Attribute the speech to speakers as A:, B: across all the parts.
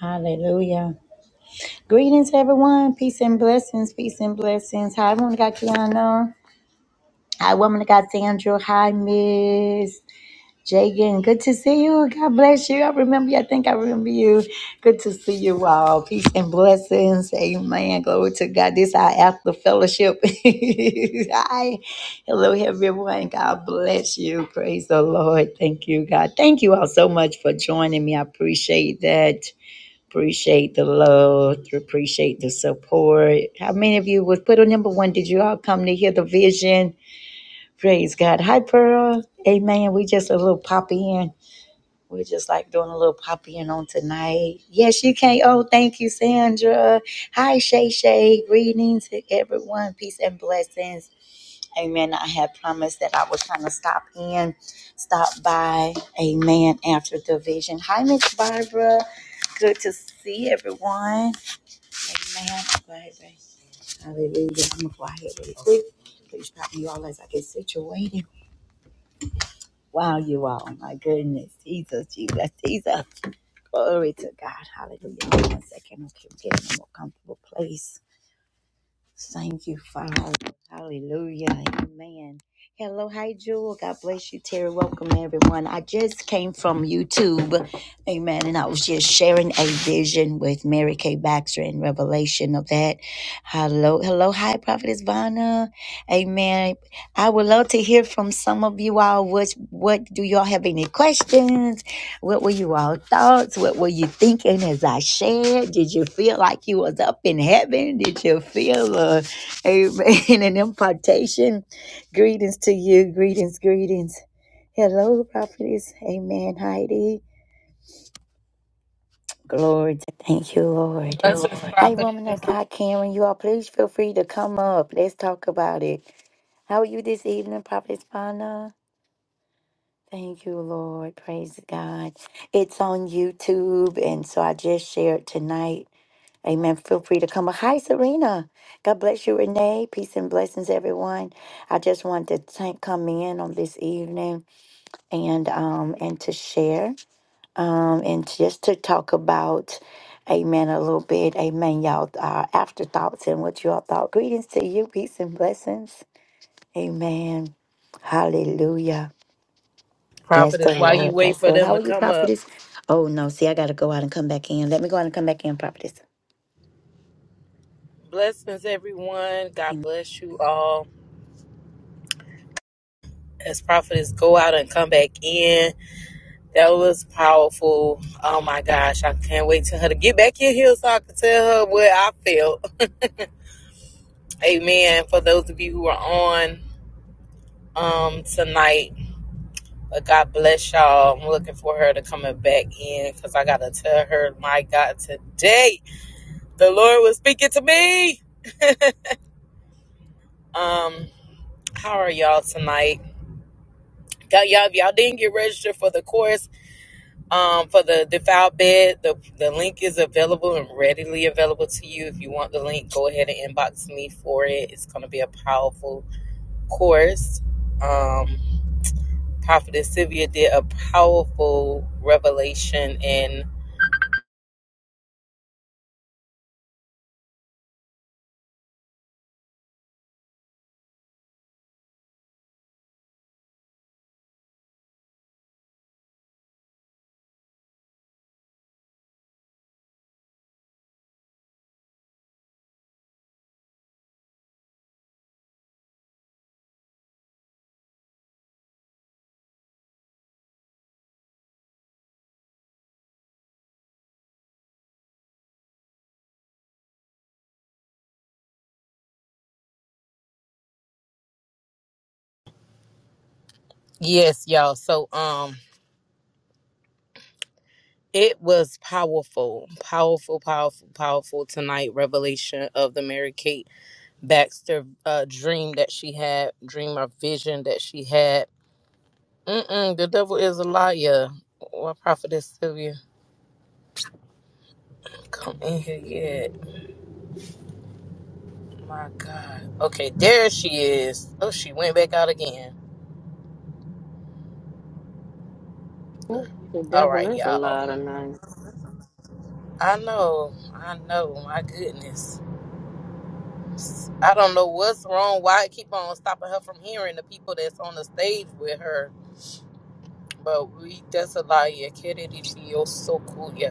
A: Hallelujah. Greetings, everyone. Peace and blessings. Peace and blessings. Hi, woman of God, Kiana. Hi, woman of God, Sandra. Hi, Miss Jagan. Good to see you. God bless you. I remember you. I think I remember you. Good to see you all. Peace and blessings. Amen. Glory to God. This is our after fellowship. Hi. Hello, everyone. God bless you. Praise the Lord. Thank you, God. Thank you all so much for joining me. I appreciate that. Appreciate the love. Appreciate the support. How many of you was put on number one? Did you all come to hear the vision? Praise God. Hi, Pearl. Amen. We just a little pop in. We're just like doing a little pop in on tonight. Yes, you can. Oh, thank you, Sandra. Hi, Shay Shay. Greetings to everyone. Peace and blessings. Amen. I had promised that I was trying to stop in, stop by. Amen. After the vision. Hi, Miss Barbara. Good to see everyone. Amen. I'm glad they. Hallelujah. I'm quiet really quick. Please stop me all as I get situated. Wow, you all. My goodness. Jesus, Jesus, Jesus. Glory to God. Hallelujah. Hold on One second. Okay, I'm getting in a more comfortable place. Thank you, Father. Hallelujah. Amen. Hello. Hi, Jewel. God bless you, Terry. Welcome, everyone. I just came from YouTube. Amen. And I was just sharing a vision with Mary Kay Baxter in Revelation of that. Hello. Hello. Hi, Prophetess Vanna. Amen. I would love to hear from some of you all. What, what do y'all have any questions? What were you all thoughts? What were you thinking as I shared? Did you feel like you was up in heaven? Did you feel uh, amen an impartation? Greetings to you. Greetings, greetings. Hello, prophetess. Amen, Heidi. Glory to thank you, Lord.
B: Blessings,
A: Hi, woman of
B: prophetess.
A: God, Karen. You all please feel free to come up. Let's talk about it. How are you this evening, Prophetess Pana? Thank you, Lord. Praise God. It's on YouTube. And so I just shared tonight. Amen. Feel free to come. Hi, Serena. God bless you, Renee. Peace and blessings, everyone. I just wanted to thank, come in on this evening and um and to share um and just to talk about, Amen, a little bit. Amen, y'all. Our afterthoughts and what you all thought. Greetings to you. Peace and blessings. Amen. Hallelujah. Bless the
B: Prophetess, while you
A: Lord.
B: wait
A: Bless the
B: for
A: Lord.
B: them
A: How
B: to
A: are you,
B: come up.
A: prophetess? Oh, no. See, I got to go out and come back in. Let me go out and come back in, prophetess.
B: Blessings, everyone. God
A: Amen.
B: bless you all. As prophetess go out and come back in. That was powerful. Oh my gosh. I can't wait to her to get back in here so I can tell her what I felt. Amen. For those of you who are on um tonight. But God bless y'all. I'm looking for her to coming back in because I gotta tell her, my God, today the Lord was speaking to me. um How are y'all tonight? y'all if y'all didn't get registered for the course, um, for the defiled bed, the the link is available and readily available to you. If you want the link, go ahead and inbox me for it. It's gonna be a powerful course. Um Prophetess Sylvia did a powerful revelation and Yes, y'all. So um it was powerful, powerful, powerful, powerful tonight revelation of the Mary Kate Baxter uh, dream that she had, dream or vision that she had. Mm-mm, the devil is a liar. What prophetess Sylvia? Come in here yet. My God. Okay, there she is. Oh, she went back out again.
C: The
B: All
C: devil
B: right,
C: is a
B: y'all.
C: lot of tonight.
B: I know. I know. My goodness. I don't know what's wrong. Why it keep on stopping her from hearing the people that's on the stage with her. But we that's a lie. Yeah, so cool. Yeah,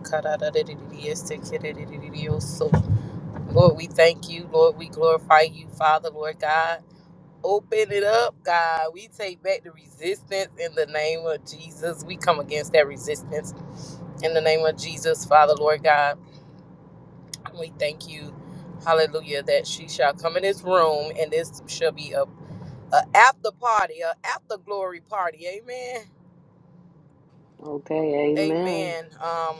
B: Lord, we thank you. Lord, we glorify you, Father, Lord God. Open it up, God. We take back the resistance in the name of Jesus. We come against that resistance in the name of Jesus, Father, Lord God. We thank you, hallelujah, that she shall come in this room and this shall be a, a after party, a after glory party. Amen.
C: Okay, amen.
B: Amen. Um,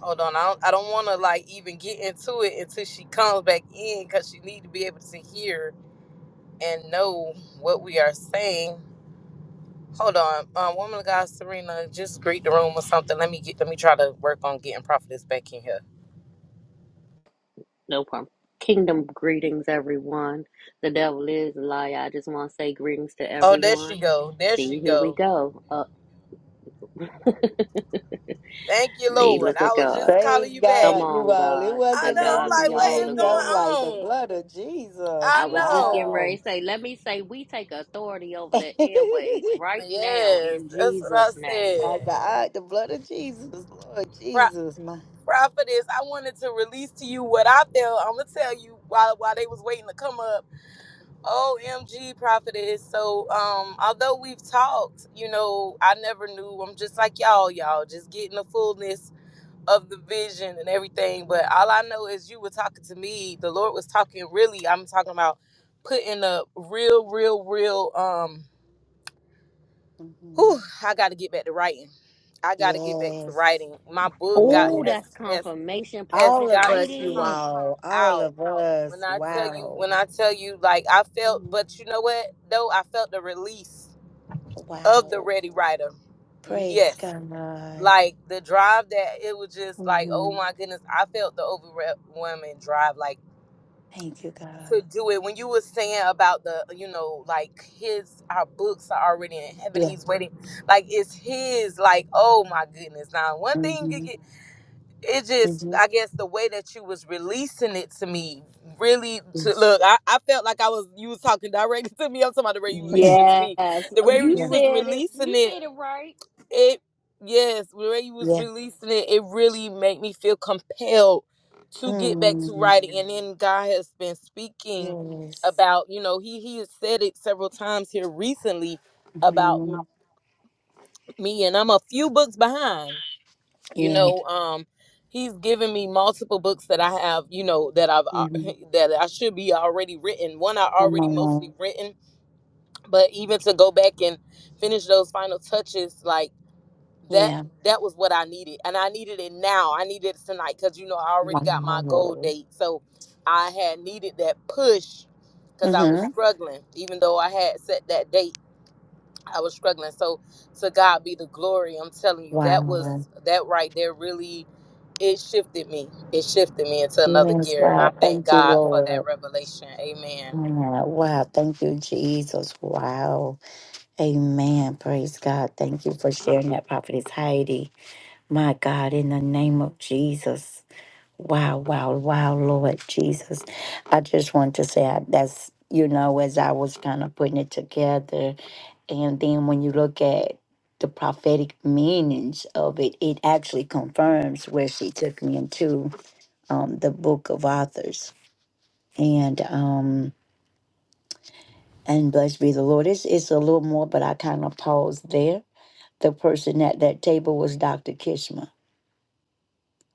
B: hold on. I don't, I don't want to like even get into it until she comes back in because she need to be able to hear and know what we are saying. Hold on, um, woman of God, Serena, just greet the room or something. Let me get, let me try to work on getting prophetess back in here.
C: No problem. Kingdom greetings, everyone. The devil is a lie. I just want to say greetings to
B: Oh, there
C: everyone.
B: she go, there she
C: See, here we
B: go.
C: go. Up. See,
B: Thank you, Lord.
C: look
B: I
C: at
B: was
C: God.
B: just calling
A: Praise
B: you back.
C: Come
A: God, you
C: on,
A: all. It
C: God.
B: I
C: To
A: wasn't
B: know.
A: letting
B: I'm
C: God
A: me
B: like,
C: be
A: get
B: what
C: all
B: is
C: the
A: in here. I'm
C: glory.
A: like, the
B: going on?
A: blood of Jesus.
B: I
C: I was just getting
B: know.
C: ready
A: Wow.
C: to say, let me say, we take authority over the airways right now
B: Yes,
C: in
B: that's what I
C: Jesus' name.
A: My
B: said.
A: God, the blood of Jesus, Lord
B: Pro-
A: Jesus. My.
B: prophetess, I wanted to release to you what I felt. I'm gonna tell you while while they was waiting to come up. OMG, prophetess. So, um, although we've talked, you know, I never knew. I'm just like y'all, y'all, just getting the fullness of the vision and everything. But all I know is you were talking to me. The Lord was talking really. I'm talking about putting up real, real, real. Um,
A: Mhm.
B: whew, I got to get back to writing. I got to get back to
A: Yes,
B: writing. My book got
C: Oh,
A: yes.
B: has
C: that's
B: has
C: confirmation,
B: has
A: All
C: Prophetess
A: of
B: got to
A: us, you
C: Heidi.
B: come
A: all. All
B: out.
A: of us.
B: When I tell you, when
A: Wow.
B: I tell you, like I felt, but you know what? Though I felt the release of the
A: Wow.
B: Ready Rider.
A: Praise
B: Yes,
A: God.
B: like the drive that it was just like, oh
A: hmm
B: my goodness, I felt the overwhelming drive, like
A: Thank you,
B: to
A: God.
B: do it. When you were saying about the, you know, like his, our books are already in heaven.
A: Yeah.
B: He's waiting, like it's his. Like, oh my goodness. Now, one thing
A: Mm-hmm.
B: it just
A: Mm-hmm.
B: i guess the way that you was releasing it to me really to
A: Yes.
B: look I, I felt like i was you was talking directly to me i'm talking about the way you releasing it to
C: Yes.
B: me the
C: Oh,
B: way
C: You
B: you
A: yeah.
B: was
C: said it.
B: releasing
C: You
B: it
C: said it right.
B: it yes the way you was
A: Yeah.
B: releasing it it really made me feel compelled to get back to writing
A: mm
B: and then god has been speaking
A: Yes.
B: about you know he he has said it several times here recently about me
A: mm
B: me, and i'm a few books behind you
A: Yeah.
B: know um he's given me multiple books that i have you know that i've uh,
A: Mm-hmm.
B: that i should be already written one i
A: Come
B: already mostly
A: on.
B: written but even to go back and finish those final touches like that
A: Yeah.
B: that was what i needed and i needed it now i needed it tonight because you know i
A: Wow.
B: already got my goal date so i had needed that push because i was
A: Mm-hmm.
B: struggling even though i had set that date I was struggling. So to God be the glory. I'm telling you, that was
A: Wow.
B: that right there really it shifted me. It shifted me into another
A: Yes.
B: gear. And I
A: Wow.
B: thank
A: Thank you,
B: God for that
A: Lord.
B: revelation. Amen.
A: Wow. Wow. Thank you, Jesus. Wow. Amen. Praise God. Thank you for sharing that, Prophetess Heidi. My God, in the name of Jesus. Wow, wow, wow, Lord Jesus. I just want to say I, that's, you know, as I was kind of putting it together. And then when you look at the prophetic meanings of it, it actually confirms where she took me into um, the book of authors. And, um, and blessed be the Lord. It's, it's a little more, but I kind of paused there. The person at that table was Dr. Kishma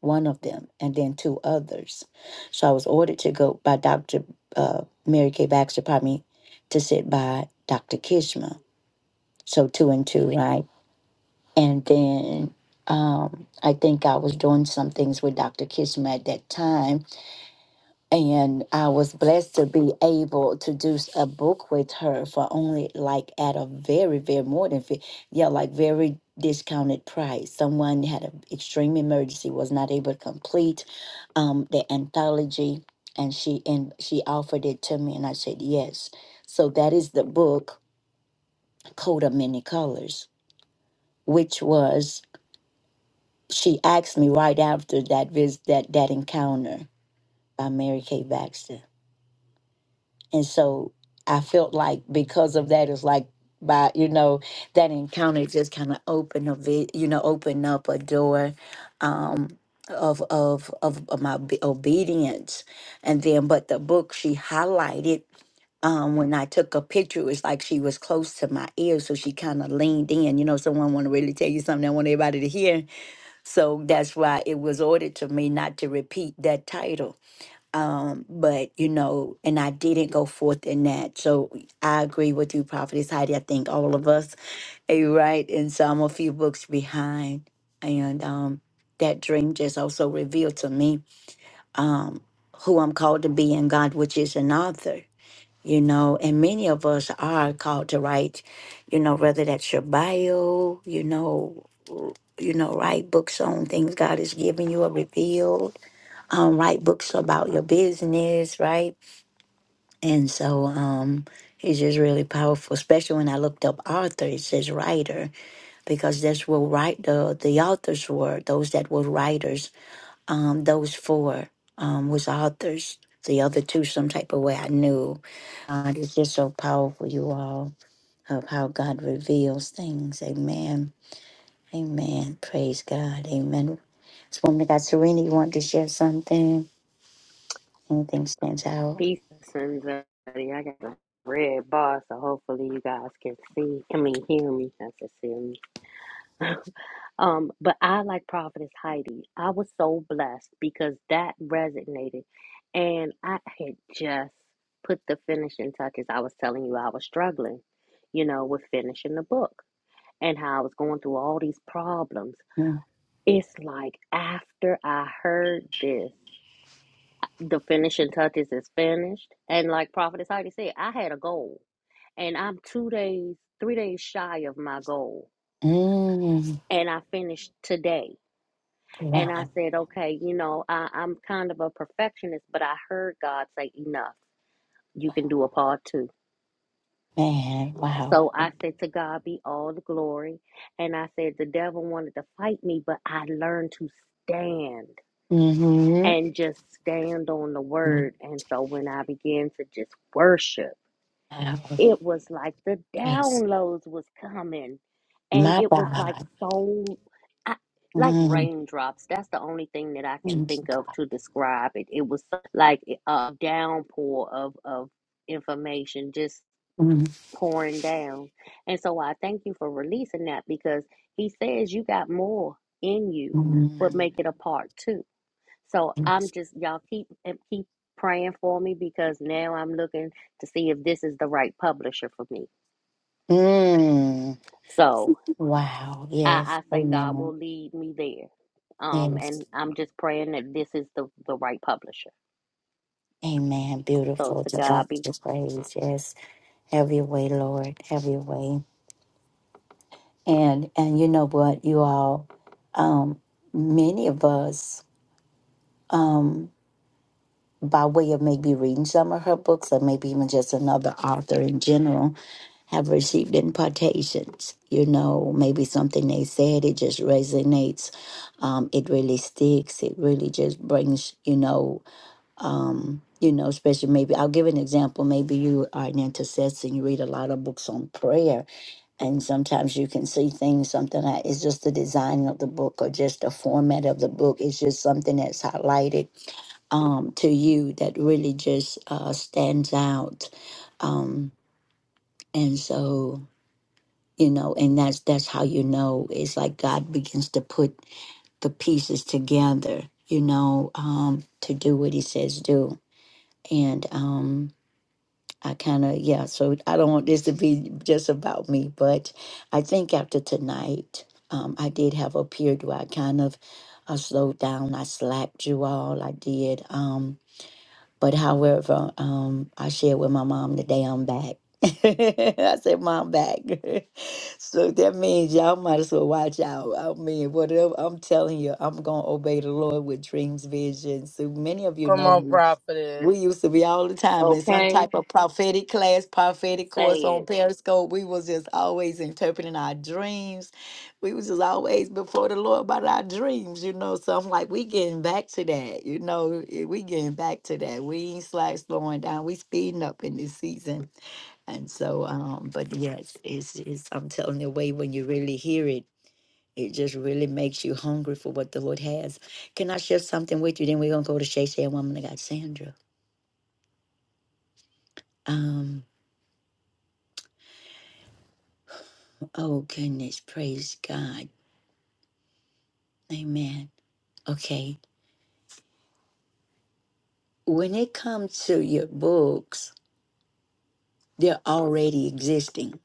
A: one of them, and then two others. So I was ordered to go by Dr. Uh, Mary Kay Baxter, pardon me, to sit by Dr. Kishma. So two and two, right? And then um, I think I was doing some things with Dr. Kishma at that time and I was blessed to be able to do s- a book with her for only like at a very, very more than fif- yeah, like very discounted price. Someone had an extreme emergency, was not able to complete um, the anthology, and she and she offered it to me, and I said yes. So that is the book, Coat of Many Colors, which was she asked me right after that visit that that encounter by Mary Kay Baxter And so I felt like because of that, it's like by you know that encounter just kind of opened a vi- you know opened up a door um, of, of of of my obe- obedience. And then, but the book she highlighted. Um, when I took a picture, it was like she was close to my ear, so she kind of leaned in. You know, someone want to really tell you something. I want everybody to hear, so that's why it was ordered to me not to repeat that title um, but you know, and I didn't go forth in that. So I agree with you, Prophetess Heidi. I think all of us are you right. And so I'm a few books behind. And um that dream just also revealed to me um who I'm called to be in God, which is an author, you know, and many of us are called to write, you know, whether that's your bio, you know, you know, write books on things God has given you or revealed. Um, write books about your business, right? And so um, he's just really powerful, especially when I looked up author, it says writer, because that's what write the, the authors were, those that were writers, um, those four um, was authors. The other two, some type of way I knew. God is just so powerful, you all, of how God reveals things. Amen. Amen. Praise God. Amen. This woman that got Serena, you want to share something? Anything stands out?
C: Peace and Zodi. I got a red bar, so hopefully you guys can see. I mean, hear me. I said see me. um, but I like Prophetess Heidi. I was so blessed because that resonated, and I had just put the finishing touches. I was telling you I was struggling, you know, with finishing the book and how I was going through all these problems.
A: mm
C: It's like after I heard this. the finishing touches is finished. And like Prophetess Heidi said, I had a goal and I'm two days, three days shy of my goal.
A: Mm.
C: And I finished today. And
A: Wow.
C: I said, okay, you know, I, I'm kind of a perfectionist, but I heard God say, enough. You can do a part two.
A: Man, wow.
C: So
A: um,
C: I said, to God be all the glory. And I said, the devil wanted to fight me, but I learned to stand
A: Mm-hmm.
C: and just stand on the word. And so when I began to just worship,
A: Wow.
C: it was like the
A: Yes.
C: downloads was coming and
A: My
C: it was like
A: God.
C: so I, like
A: Mm,
C: raindrops that's the only thing that i can
A: thank you,
C: think of
A: God.
C: to describe it it was like a downpour of of information just
A: Mm,
C: pouring down and so i thank you for releasing that because he says you got more in you but
A: mm,
C: make it a part two so i'm
A: yes.
C: just y'all keep keep praying for me because now i'm looking to see if this is the right publisher for me
A: mm.
C: so
A: Wow.
C: I,
A: Yes.
C: I say God
A: Amen.
C: will lead me there. Um,
A: Yes.
C: and I'm just praying that this is the, the right publisher.
A: Amen.
C: So
A: Beautiful.
C: to
A: To God
C: God
A: be
C: be
A: the praise. Yes. Have your way, Lord. Have your way. And and you know what, you all, um, many of us, um, by way of maybe reading some of her books or maybe even just another author in general, have received impartations. You know, maybe something they said, it just resonates. Um, it really sticks. It really just brings, you know, um, you know, especially maybe I'll give an example. Maybe you are an intercessor and you read a lot of books on prayer, and sometimes you can see things, something that it's just the design of the book or just the format of the book. It's just something that's highlighted um, to you that really just uh, stands out. Um, and so you know and that's that's how you know it's like god begins to put the pieces together you know um to do what he says do and um i kind of yeah so i don't want this to be just about me but i think after tonight um i did have a period where i kind of I slowed down. I slacked you all. I did. Um, but however, um, I shared with my mom the day I'm back. I said, Mom, back. so that means y'all might as well watch out. I mean, whatever I'm telling you, I'm going to obey the Lord with dreams, visions. So many of you
B: Come
A: know
B: on,
A: me.
B: prophetess.
A: We used to be all the time in some
C: okay,
A: type of prophetic class, prophetic
C: say
A: course on
C: it.
A: Periscope. We was just always interpreting our dreams. We was just always before the Lord about our dreams, you know. So I'm like, we getting back to that, you know. eh, We getting back to that. We ain't slack slowing down. We speeding up in this season. And so, um, but yes, it's, it's I'm telling you, way when you really hear it, it just really makes you hungry for what the Lord has. Can I share something with you? Then we're gonna go to Shay Shay and Woman of God, Sandra. um. Oh, goodness. Praise God. Amen. Okay. When it comes to your books, they're already existing,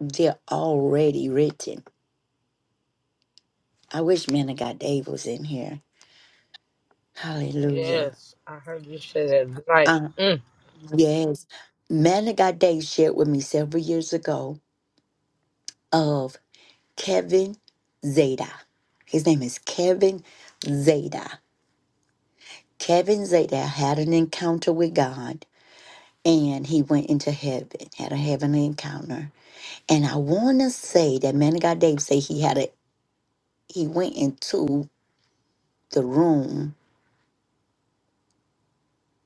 A: they're already written. I wish Man of God Dave was in here. Hallelujah.
B: Yes, I heard you say that Good
A: Uh,
B: Mm,
A: yes. Man of God Dave shared with me several years ago of Kevin Zeta. His name is Kevin Zeta. Kevin Zeta had an encounter with God and he went into heaven, had a heavenly encounter And I want to say that Man of God Dave said he had a he went into the room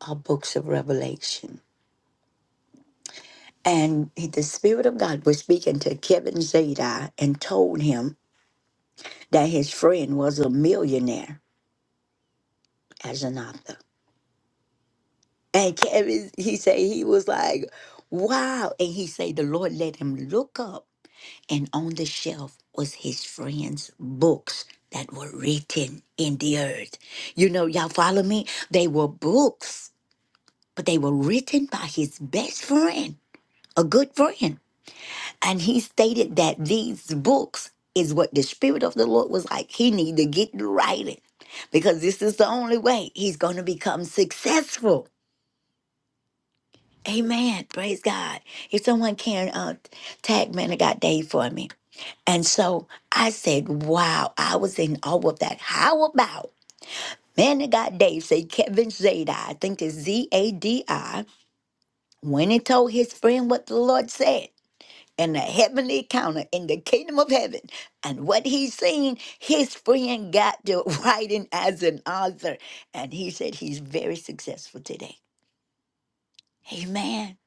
A: of Books of Revelation, and he- the Spirit of God was speaking to Kevin Zadok and told him that his friend was a millionaire as an author. And Kevin, he said he was like, "Wow!" And he said the Lord let him look up, and on the shelf was his friend's books that were written in the earth. You know, y'all follow me? They were books but they were written by his best friend, a good friend. And he stated that these books is what the Spirit of the Lord was like. He need to get to writing because this is the only way he's going to become successful. Amen. Praise God. If someone can uh, tag man of God Dave for me. And so I said, wow, I was in awe of that. How about man of God Dave Said Kevin Zadai, I think it's Z-A-D-I, when he told his friend what the Lord said. in the heavenly counter in the kingdom of heaven. And what he seen, his friend got to writing as an author. And he said he's very successful today. Amen.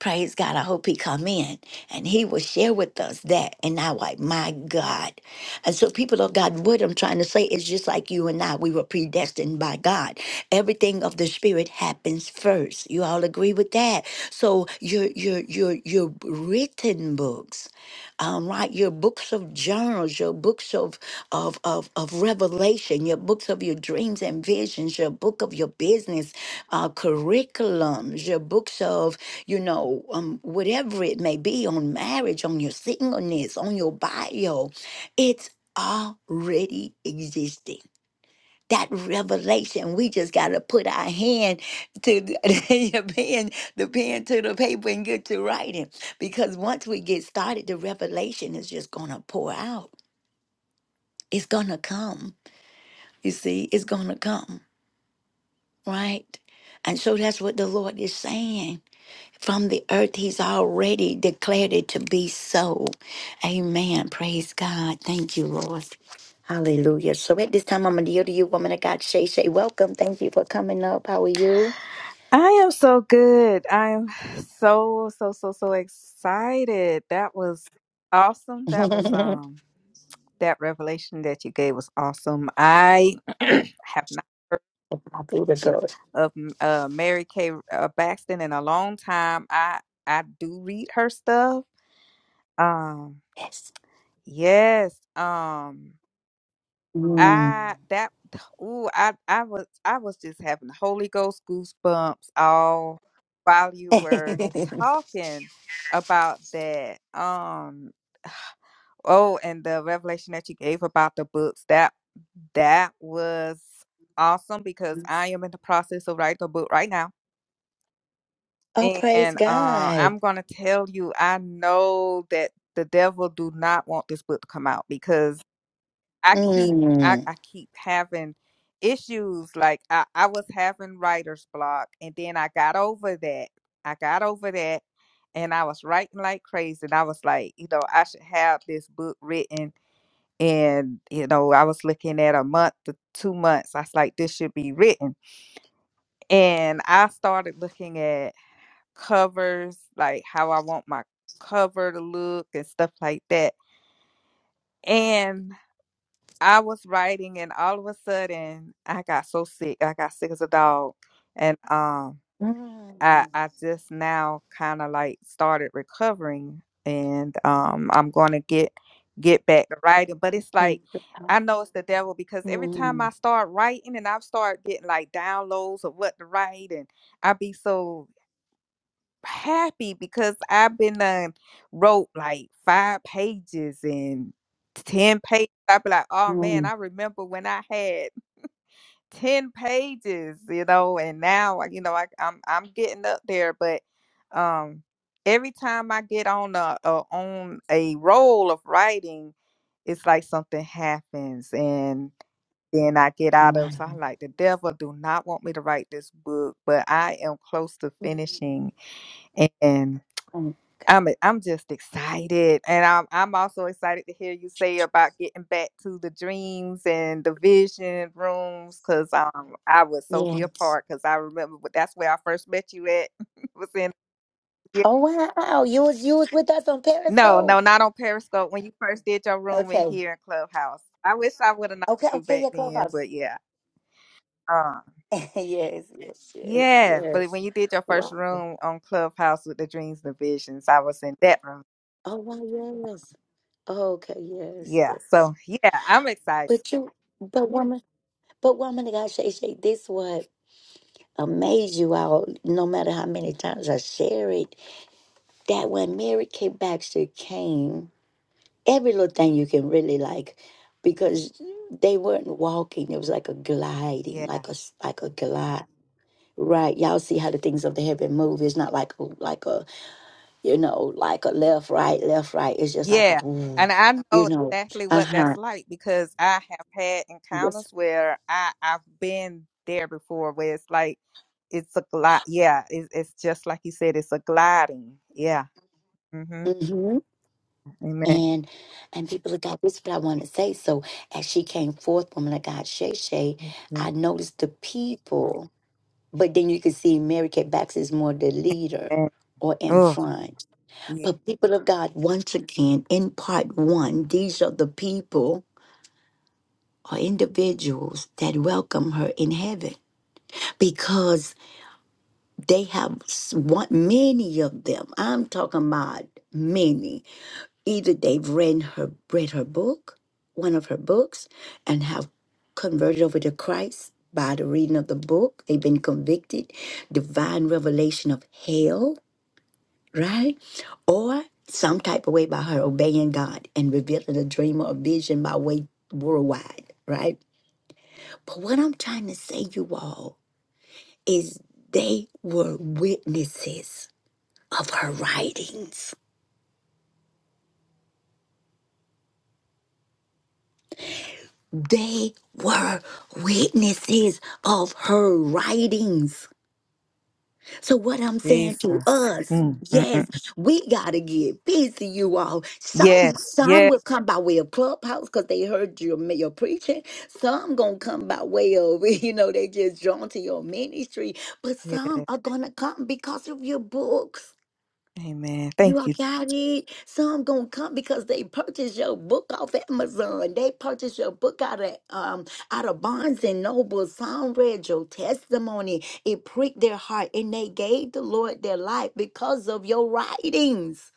A: Praise God. I hope he come in and he will share with us that. And I like, my God. And so people of God, what I'm trying to say is just like you and I, we were predestined by God. Everything of the spirit happens first. You all agree with that. So your your your your written books um, right? Your books of journals, your books of, of, of, of revelation, your books of your dreams and visions, your book of your business, uh, curriculums, your books of, you know, um, whatever it may be on marriage, on your singleness, on your bio. It's already existing that revelation. We just got to put our hand to the your pen, the pen to the paper, and get to writing. Because once we get started, the revelation is just going to pour out. It's going to come. You see, it's going to come, right? And so that's what the Lord is saying. from the earth. He's already declared it to be so. Amen. Praise God. Thank you, Lord. Hallelujah. So at this time, I'm going to yield to you, woman of God, Shay Shay. Welcome. Thank you for coming up. How are you?
D: I am so good. I am so so so so excited. That was awesome. That was
A: I
D: um that revelation that you gave was awesome. I have not
A: feel the glory.
D: of uh Mary Kay uh, Baxton in a long time. I I do read her stuff. Um
A: Yes.
D: yes. Um
A: Mm.
D: I that ooh, I I was I was just having Holy Ghost goosebumps all while you were talking about that. Um oh, and the revelation that you gave about the books that that was awesome because I am in the process of writing a book right now.
A: oh, praise
D: And uh,
A: God.
D: I'm gonna tell you, I know that the devil do not want this book to come out because I keep I,
A: Mm.
D: I keep having issues. Like I, I was having writer's block and then I got over that. I got over that and I was writing like crazy. And I was like, you know, I should have this book written. And, you know, I was looking at a month to two months. I was like, this should be written. And I started looking at covers, like how I want my cover to look and stuff like that. And I was writing and all of a sudden I got so sick. I got sick as a dog. And um I
A: Mm.
D: I just now kind of like started recovering and um I'm going to get get back to writing, but it's
A: Thank
D: like
A: you.
D: I know it's the devil because every time I
A: Mm. Mm.
D: start writing and I've started getting like downloads of what to write and I be so happy because I've been done wrote like five pages and ten pages. I'd be like, oh man, I
A: Mm.
D: remember when I had ten pages, you know, and now like, you know I, I'm I'm getting up there, but um, every time I get on a, a on a roll of writing, it's like something happens and. Then I get out of, so I'm
A: Wow.
D: like, the devil do not want me to write this book, but I am close to
A: Mm.
D: finishing and.
A: Mm.
D: I'm i I'm just excited, and I'm I'm also excited to hear you say about getting back to the dreams and the vision rooms, cause um I would so
A: Yeah.
D: be a part, cause I remember wh- that's where I first met you at was in yeah.
A: Oh wow, you was you was with us on
D: no no
A: Periscope.
D: not on Periscope when you first did your room in
A: Okay,
D: here in Clubhouse. I wish I would have known
A: okay,
D: you
A: okay.
D: back
A: Yeah,
D: then,
A: Clubhouse.
D: but yeah, um
A: yes, yes, yes,
D: yeah, but
A: yes.
D: when you did your first
A: Wow.
D: room on Clubhouse with the dreams and the visions, I was in that room.
A: Oh wow, yes. Okay, yes,
D: Yeah,
A: yes.
D: so yeah, I'm excited.
A: But you, but woman, but woman, of God, Shay, Shay, this what amazed you all. No matter how many times I share it, that when Mary Kate Baxter came, every little thing you can really like, because they weren't walking. It was like a gliding,
D: Yeah.
A: like a s- like a glide. Right. Y'all see how the things of the heaven move. It's not like a- like a, you know, like a left, right, left, right. It's just like a
D: Yeah,
A: ooh,
D: and I
A: you
D: know
A: know.
D: exactly what that's
A: Uh-huh.
D: like because I have had
A: Yes.
D: encounters where I I've been there before, where it's like it's a glide. Yeah, it's it's just like you said, it's a gliding. Yeah. Mm-hmm.
A: Mm-hmm.
D: Amen.
A: And and people of God, this is what I want to say. So as she came forth, woman of God, Shay Shay, I noticed the people, but then you can see Mary Kay Baxter is more the leader
D: Amen.
A: or in
D: Oh,
A: front.
D: yeah,
A: But people of God, once again, in part one, these are the people or individuals that welcome her in heaven because they have s- one, many of them. I'm talking about many. Either they've read her read her book, one of her books, and have converted over to Christ by the reading of the book. They've been convicted, divine revelation of hell, right? Or some type of way by her obeying God and revealing a dream or a vision by way worldwide, right? But what I'm trying to say, you all, is they were witnesses of her writings. They were witnesses of her writings. So, what I'm saying to
D: Jesus.
A: us,
D: Mm, mm,
A: yes,
D: mm.
A: we got to get busy, you all. Some
D: Yes.
A: some
D: Yeah.
A: will come by way of clubhouse because they heard your, your preaching. Some going to come by way of, you know, they just drawn to your ministry. But
D: Yeah.
A: some are going to come because of your books
D: Amen.
A: You
D: Thank
A: all
D: you.
A: got it. Some gonna come because they purchased your book off Amazon. They purchased your book out of um out of Barnes and Noble. Some read your testimony. It pricked their heart, and they gave the Lord their life because of your writings.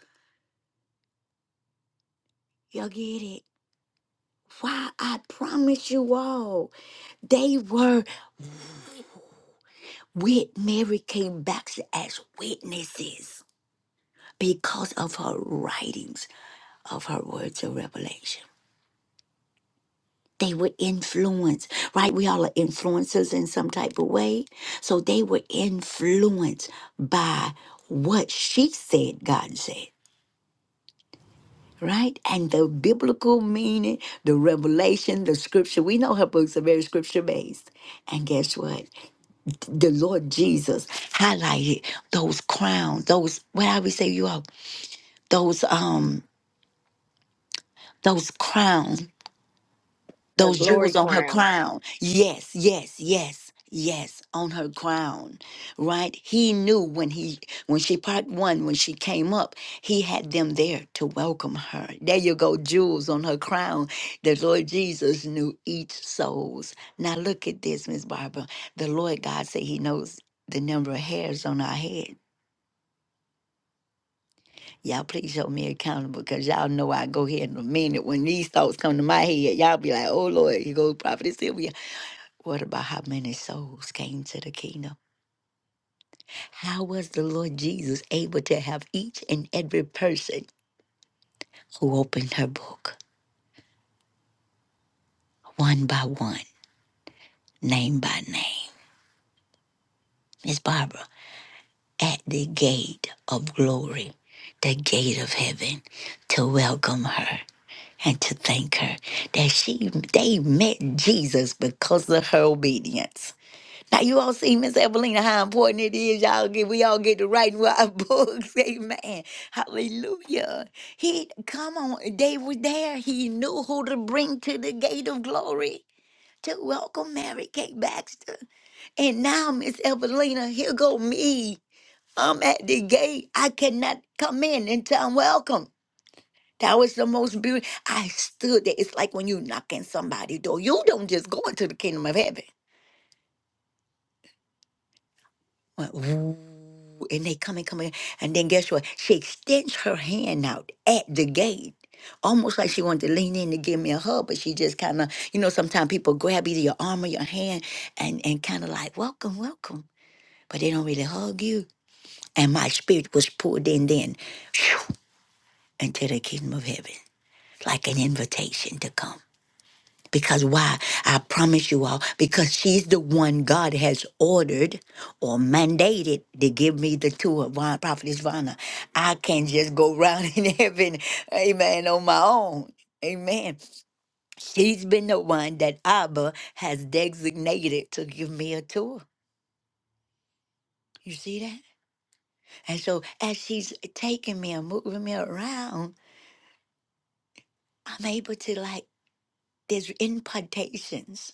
A: Y'all get it? Why? I promise you all, they were with Mary came back as witnesses because of her writings of her words of revelation. They would influence, right? We all are influencers in some type of way. So they were influenced by what she said God said, right? And the biblical meaning, the revelation, the scripture. We know her books are very scripture based. And guess what? The Lord Jesus highlighted those crowns, those, what I would say, you all, those, um, those crowns
C: Her
A: those
C: glory
A: jewels on her
C: crown.
A: crown. Yes, yes, yes, yes, on her crown. Right? He knew when he when she part one, when she came up, he had them there to welcome her. There you go, jewels on her crown. The Lord Jesus knew each soul's. Now look at this, Miss Barbara. The Lord God said he knows the number of hairs on our head. Y'all please hold me accountable because y'all know I go here in a minute. When these thoughts come to my head, y'all be like, oh Lord, you go prophetess Sylvia. What about how many souls came to the kingdom? How was the Lord Jesus able to have each and every person who opened her book one by one, name by name? Miss Barbara, at the gate of glory, the gate of heaven, to welcome her and to thank her that she they met Jesus because of her obedience. Now you all see, Miss Evelina, how important it is. Y'all get we all get to writing our books. Amen. Hallelujah. He come on, they were there. He knew who to bring to the gate of glory to welcome Mary Kate Baxter. And now, Miss Evelina, here go me. I'm at the gate. I cannot come in until I'm welcome. That was the most beautiful. I stood there. It's like when you knock in somebody's door. You don't just go into the kingdom of heaven. went, "Ooh," and they come and come in. And then guess what? She extends her hand out at the gate, almost like she wanted to lean in to give me a hug, but she just kind of, you know, sometimes people grab either your arm or your hand and, and kind of like, welcome, welcome, but they don't really hug you. And my spirit was pulled in then phew, into the kingdom of heaven, like an invitation to come. Because why? I promise you all, because she's the one God has ordered or mandated to give me the two of Von, Prophetess Vana. I can't just go round in heaven, amen, on my own. Amen. She's been the one that Abba has designated to give me a tour. You see that? And so as she's taking me and moving me around, I'm able to like, there's impartations.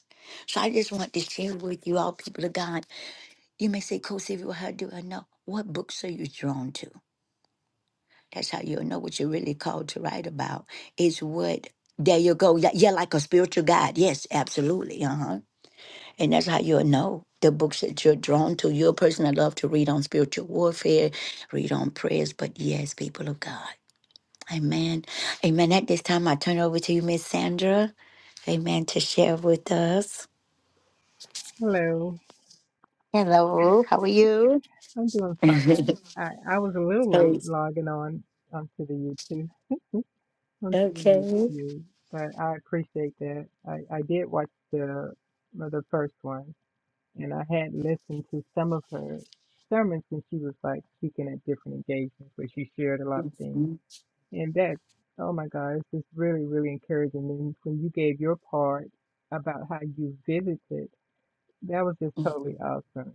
A: So I just want to share with you all, people of God You may say, Coach Sylvia, well, how do I know? What books are you drawn to? That's how you'll know what you're really called to write about. Is what there you go. Yeah, yeah, like a spiritual guide. Yes, absolutely. Uh-huh. And that's how you'll know the books that you're drawn to. You're a person that love to read on spiritual warfare, read on prayers, but yes, people of God. Amen. Amen. At this time I turn over to you, Miss Sandra. Amen. To share with us.
E: Hello,
A: Hello, how are you?
E: I'm doing fine. I, I was a little late
A: Hey,
E: logging on onto the YouTube, onto the
A: okay.
E: YouTube, but I appreciate that. I, I did watch the uh, the first one, and I had listened to some of her sermons when she was like speaking at different engagements where she shared a lot of things. And that's, oh my God, it's just really, really encouraging. And when you gave your part about how you visited, that was just totally
A: Mhm.
E: awesome.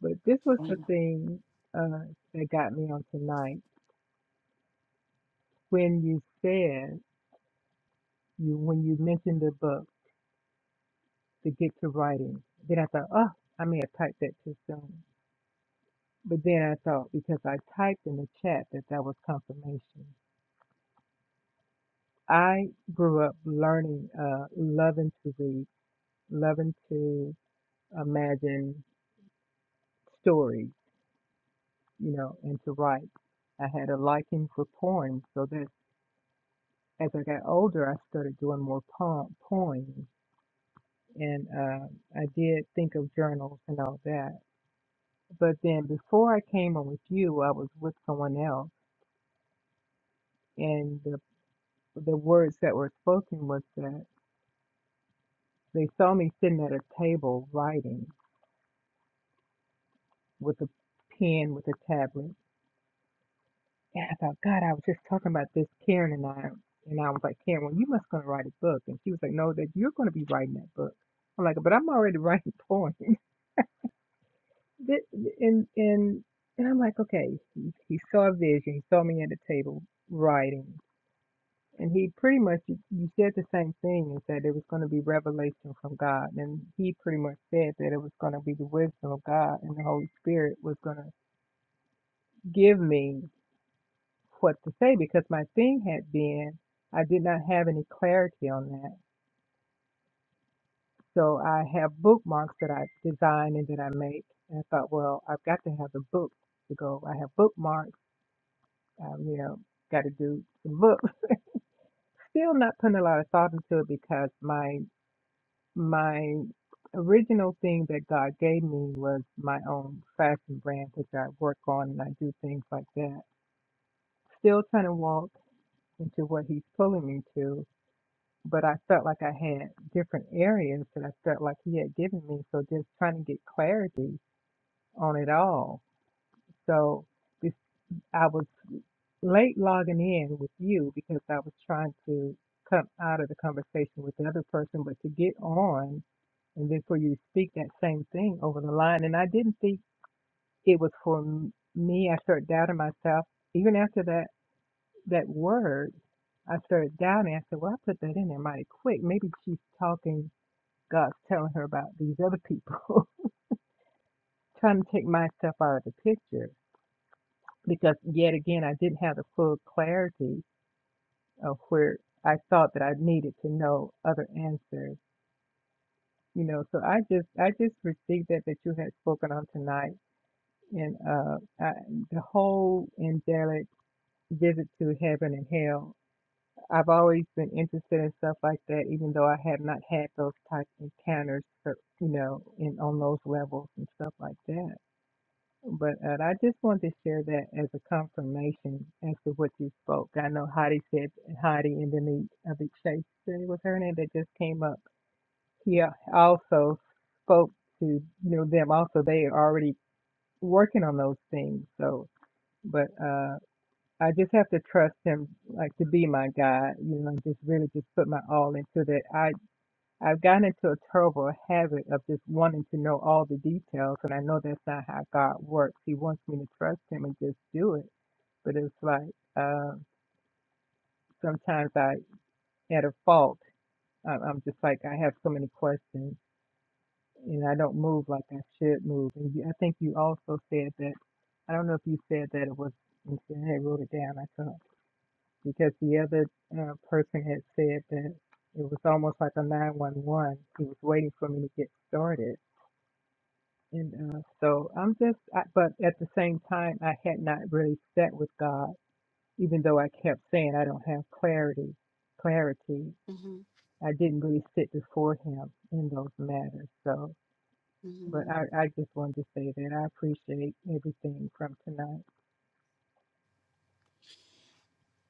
E: But this was the
A: Wow.
E: thing uh, that got me on tonight when you said you when you mentioned the book to get to writing. Then I thought, oh, I may have typed that too soon. But then I thought because I typed in the chat that that was confirmation. I grew up learning, uh, loving to read, loving to imagine stories, you know, and to write. I had a liking for poems, so that as I got older, I started doing more poem, poems and uh, I did think of journals and all that. But then before I came on with you, I was with someone else, and the the words that were spoken was that they saw me sitting at a table writing with a pen with a tablet, and I thought, God, I was just talking about this, Karen and I, and I was like, Karen, well, you must gonna write a book, and she was like, No, that you're gonna be writing that book. I'm like, but I'm already writing poems. Th- and and and I'm like, okay, he, he saw a vision. He saw me at the table writing, and he pretty much you you said the same thing and said it was going to be revelation from God, and he pretty much said that it was going to be the wisdom of God and the Holy Spirit was going to give me what to say because my thing had been I did not have any clarity on that. So I have bookmarks that I design and that I make. And I thought, well, I've got to have the book to go. I have bookmarks um, you know, got to do some book. Still not putting a lot of thought into it because my my original thing that God gave me was my own fashion brand, which I work on and I do things like that. Still trying to walk into what He's pulling me to, but I felt like I had different areas that I felt like He had given me. So just trying to get clarity on it all. So this. I was. late logging in with you because I was trying to come out of the conversation with the other person, but to get on and then for you to speak that same thing over the line. And I didn't think it was for m- me. I started doubting myself. Even after that, that word, I started doubting. I said, well, I put that in there mighty quick. Maybe she's talking, God's telling her about these other people, trying to take myself out of the picture. Because yet again, I didn't have the full clarity of where I thought that I needed to know other answers. You know, so I just I just received that that you had spoken on tonight, and uh, I, the whole angelic visit to heaven and hell. I've always been interested in stuff like that, even though I have not had those type encounters, but, you know, in on those levels and stuff like that. But uh, I just wanted to share that as a confirmation as to what you spoke. I know Heidi said Heidi and then the other Chase was her name that just came up. He al- also spoke to you know them. Also, they are already working on those things. So, but uh, I just have to trust him, like to be my guide. You know, and just really just put my all into that. I. I've gotten into a terrible habit of just wanting to know all the details, and I know that's not how God works. He wants me to trust Him and just do it, but it's like uh, sometimes I, at a fault, I- I'm just like I have so many questions, and I don't move like I should move. And you, I think you also said that. I don't know if you said that it was. you said- I wrote it down. I thought because the other uh, person had said that it was almost like a 911. He was waiting for me to get started And uh, so I'm just, I, but at the same time, I had not really sat with God, even though I kept saying I don't have clarity. Clarity.
A: Mhm.
E: I didn't really sit before Him in those matters. So, but
A: Mhm.
E: I, I just wanted to say that I appreciate everything from tonight.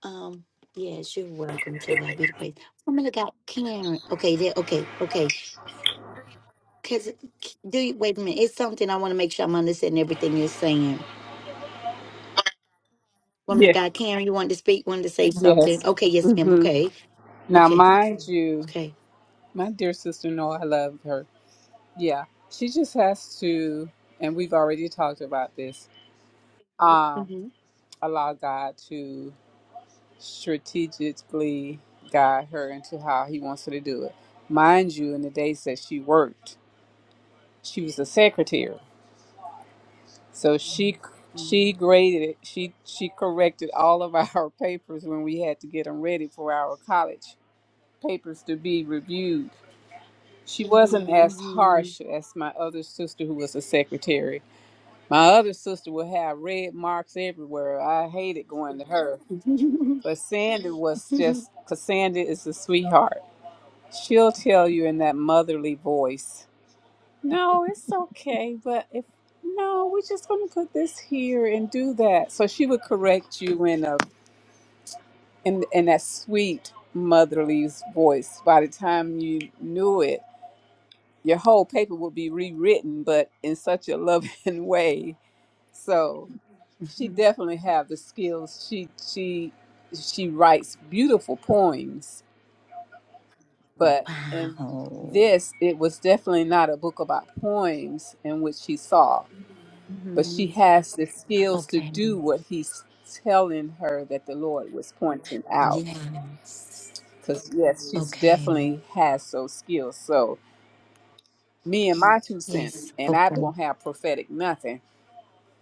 A: Um, yes, you're welcome to God be the praise. I'm gonna got Karen. Okay, there, okay, okay. Cause do you wait a minute? It's something I want to make sure I'm understanding everything you're saying. Woman of
F: Yes.
A: God, Karen, you wanted to speak, wanted to say something.
F: Yes.
A: Okay, yes, ma'am.
F: hmm
A: Okay,
F: Now,
A: okay,
F: mind you,
A: okay.
F: my dear sister, no, I love her. Yeah. She just has to, and we've already talked about this, um,
A: Mm-hmm.
F: allow God to strategically guide her into how He wants her to do it. Mind you, in the days that she worked, she was a secretary. So she she graded it. She she corrected all of our papers when we had to get them ready for our college papers to be reviewed She wasn't as
A: Mm-hmm.
F: harsh as my other sister who was a secretary. My other sister would have red marks everywhere. I hated going to her. But Sandy was just, because Sandy is a sweetheart. She'll tell you in that motherly voice, no, it's okay, but if, no, we're just going to put this here and do that. So she would correct you in a, in, in that sweet motherly voice. By the time you knew it, your whole paper would be rewritten, but in such a loving way. So she
A: Mm-hmm.
F: definitely have the skills. She she she writes beautiful poems, but in
A: wow.
F: this it was definitely not a book about poems in which she saw, but she
A: Mm-hmm.
F: has the skills to
A: Okay.
F: do what he's telling her that the Lord was pointing out.
A: Yes.
F: Because yes, she's
A: Okay.
F: definitely has those skills. So me and my two cents,
A: Yes.
F: and I
A: Okay.
F: don't have prophetic nothing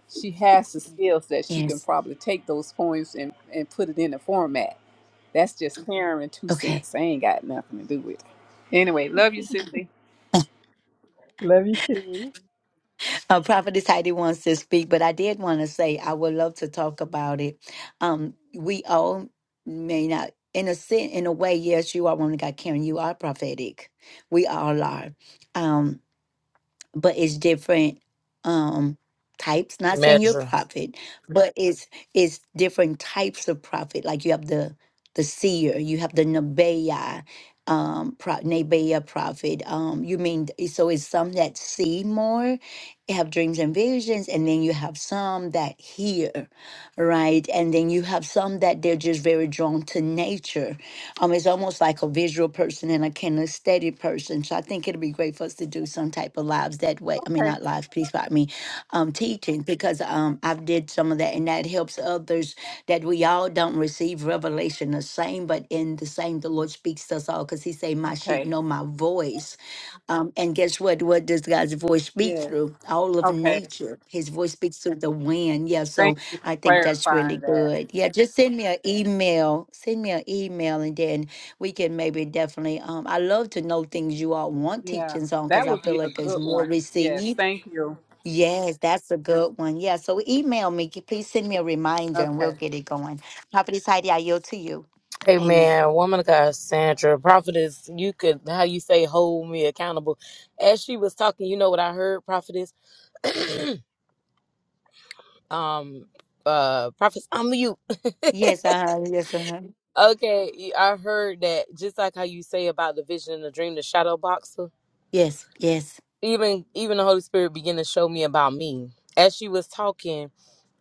F: she has the skills that she can
A: Yes.
F: probably take those poems and, and put it in a format. That's just Karen two
A: Okay.
F: cents. I ain't got nothing to do with it. Anyway, love you, Cindy.
E: Love you too.
A: Uh, Prophetess Heidi wants to speak, but I did want to say I would love to talk about it. Um, we all may not, in a sense, in a way, yes, you are woman of God, Karen. You are prophetic. We all are. Um, but it's different um types not saying you're a
B: measure.
A: prophet but it's it's different types of prophet like you have the the seer you have the nebeah um pro, nebeah prophet um you mean so it's some that see more have dreams and visions and then you have some that hear right and then you have some that they're just very drawn to nature um, is almost like a visual person and a kinesthetic person. So I think it will be great for us to do some type of lives that way. I mean,
F: Okay.
A: not lives, please, but I mean, um, teaching because um, I've did some of that, and that helps others that we all don't receive revelation the same, but in the same, the Lord speaks to us all because He say, "My sheep
F: Okay.
A: know My voice," Um, and guess what? What does God's voice speak
F: Yes.
A: through? All of
F: Okay.
A: nature. His voice speaks through the wind. Yeah. so.
F: Thank you for
A: I think that's really
F: clarifying that.
A: good. Yeah, just send me an email. Send me an email, and then we can maybe definitely. Um, I love to know things you all want
F: Yeah.
A: teachings on
F: That
A: because I
F: would
A: feel
F: be a
A: like it's
F: good
A: more
F: one. Yes.
A: received.
F: Thank you.
A: Yes, that's a good one. Yeah, so email me. c- Please send me a reminder, and we'll
F: Okay.
A: get it going. Prophetess Heidi, I yield to you.
B: Amen.
A: Amen.
B: Woman of God, Sandra, prophetess, you could how you say hold me accountable. As she was talking, you know what I heard, prophetess? um uh prophets, I'm you.
A: Yes, uh huh. Yes, uh huh.
B: Okay, you- I heard that just like how you say about the vision and the dream, the shadow boxer.
A: Yes, yes.
B: Even even the Holy Spirit began to show me about me. As she was talking,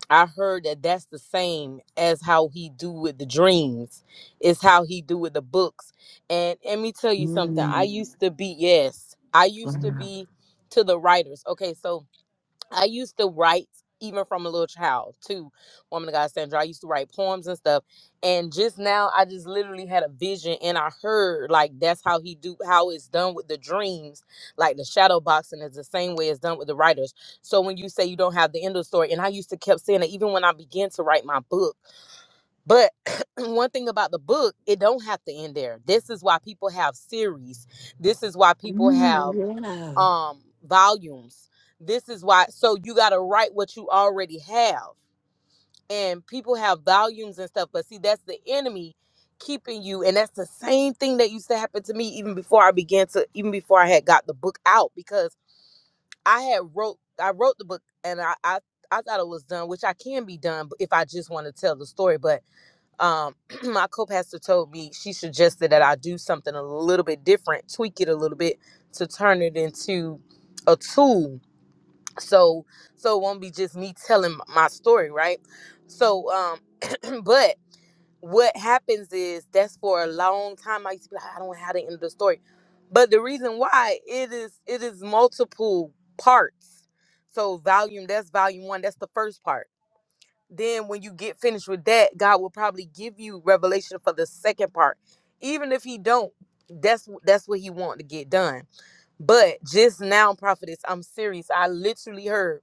B: I heard that that's the same as how he do with the dreams. It's how he do with the books. And let me tell you something. I
A: Mm.
B: used to be yes. I used to
A: Wow.
B: be to the writers. Okay, so I used to write even from a little child too. Woman of God Sandra. I used to write poems and stuff. And just now I just literally had a vision and I heard like that's how he do how it's done with the dreams. Like the shadow boxing is the same way it's done with the writers. So when you say you don't have the end of the story, and I used to kept saying that even when I began to write my book. But one thing about the book, it don't have to end there. This is why people have series. This is why people have
A: Mm, yeah.
B: um volumes. This is why so you got to write what you already have. And people have volumes and stuff, but see that's the enemy keeping you and that's the same thing that used to happen to me even before I began to even before I had got the book out because I had wrote I wrote the book and I I I thought it was done, which I can be done if I just want to tell the story. But um, my co-pastor told me she suggested that I do something a little bit different, tweak it a little bit to turn it into a tool. So so it won't be just me telling m- my story, right? So um, but what happens is that's for a long time I used to be like, I don't know how to end the story. But the reason why it is it is multiple parts. So volume, that's volume one, that's the first part then when you get finished with that god will probably give you revelation for the second part even if he don't that's that's what he want to get done but just now prophetess i'm serious i literally heard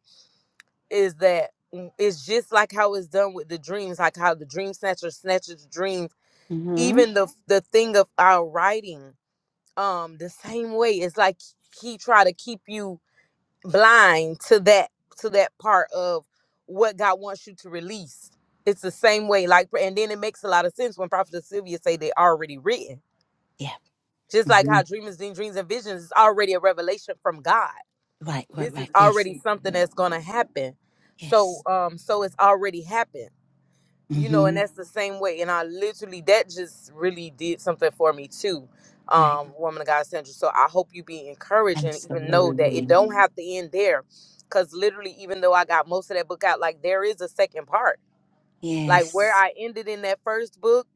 B: is that mm, it's just like how it's done with the dreams like how the dream snatcher snatches dreams
A: Mm-hmm.
B: even the Mhm. the thing of our writing um the same way it's like he try to keep you blind to that to that part of what God wants you to release. It's the same way, like, and then it makes a lot of sense when Prophet Sylvia say they already written.
A: Yeah.
B: Just like
A: Mm-hmm.
B: how dreamers dream dreams and visions is already a revelation from God.
A: Right, right,
B: This is
A: right. Yes,
B: already something that's gonna happen.
A: yes.
B: So, um, so it's already happened you know, and
A: Mm-hmm.
B: that's the same way. And I literally that just really did something for me too.
A: Right.
B: Um, woman of God central. So I hope you be encouraged and even know that it
A: Absolutely.
B: don't have to end there. Cause literally, even though I got most of that book out, like there is a second part. Like where
A: Yes.
B: I ended in that first book,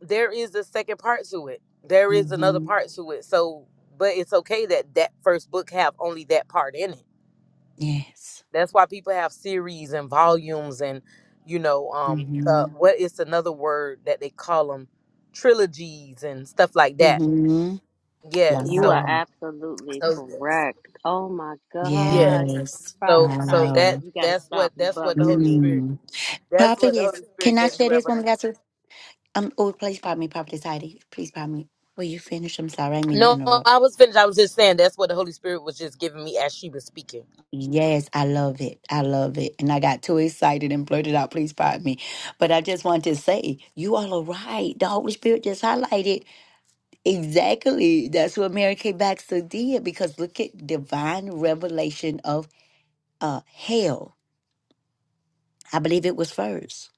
B: there is a second part to it. There is another
A: Mm-hmm.
B: part to it. So but it's okay that that first book have only that part in it
A: Yes.
B: that's why people have series and volumes and you know um uh,
A: Mm-hmm.
B: what is another word that they call them trilogies and stuff like that.
A: Mm-hmm.
B: Yes.
C: You
B: So
C: are
A: Wow.
C: absolutely
B: so yes.
C: correct. Oh my
B: Yes.
C: gosh.
A: Yes.
C: Prophet
B: So so
C: Heidi,
B: that
A: Wow.
C: you gotta
B: that's
C: stop.
B: what
C: You
B: that's what the
C: bubbling
B: Holy
C: me.
B: Spirit
A: Mm.
B: that's what the
A: Prophetess,
B: Holy Spirit
A: can I
B: gave me
A: share this When we
B: revelation.
A: got to? Um, oh, please pardon me, Prophetess Heidi. Please pardon me. Will you finish? I'm sorry, I didn't mean to
B: No,
A: interrupt.
B: I was finished. I was just saying that's what the Holy Spirit was just giving me as she was speaking.
A: Yes, I love it. I love it. And I got too excited and blurted out, please pardon me. But I just want to say, you all are right. The Holy Spirit just highlighted. Exactly. That's what Mary Kay Baxter did because look at divine revelation of uh, hell. I believe it was first.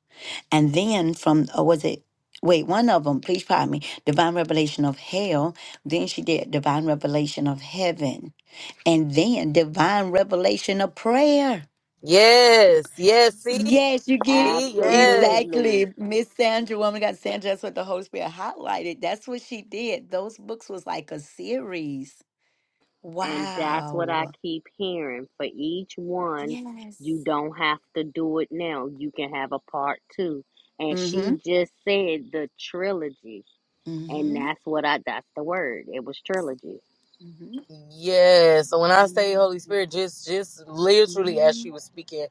A: And then from, or was it, wait, one of them, please pardon me, divine revelation of hell. Then she did divine revelation of heaven. And then divine revelation of prayer.
B: Yes, yes, see?
A: Yes, you get
B: See, yes.
A: exactly
C: Absolutely.
A: Miss Sandra, woman got Sandra. That's what the Holy Spirit highlighted. That's what she did. Those books was like a series.
C: And that's what I
A: Wow.
C: keep hearing. For each one,
A: Yes.
C: you don't have to do it now. You can have a part two. And
A: Mm-hmm.
C: she just said the trilogy. And
A: Mm-hmm.
C: that's what I, that's the word. It was trilogy.
A: Mm-hmm.
B: Yeah. So when I say Holy Spirit, just just literally as
A: Mm-hmm.
B: she was speaking,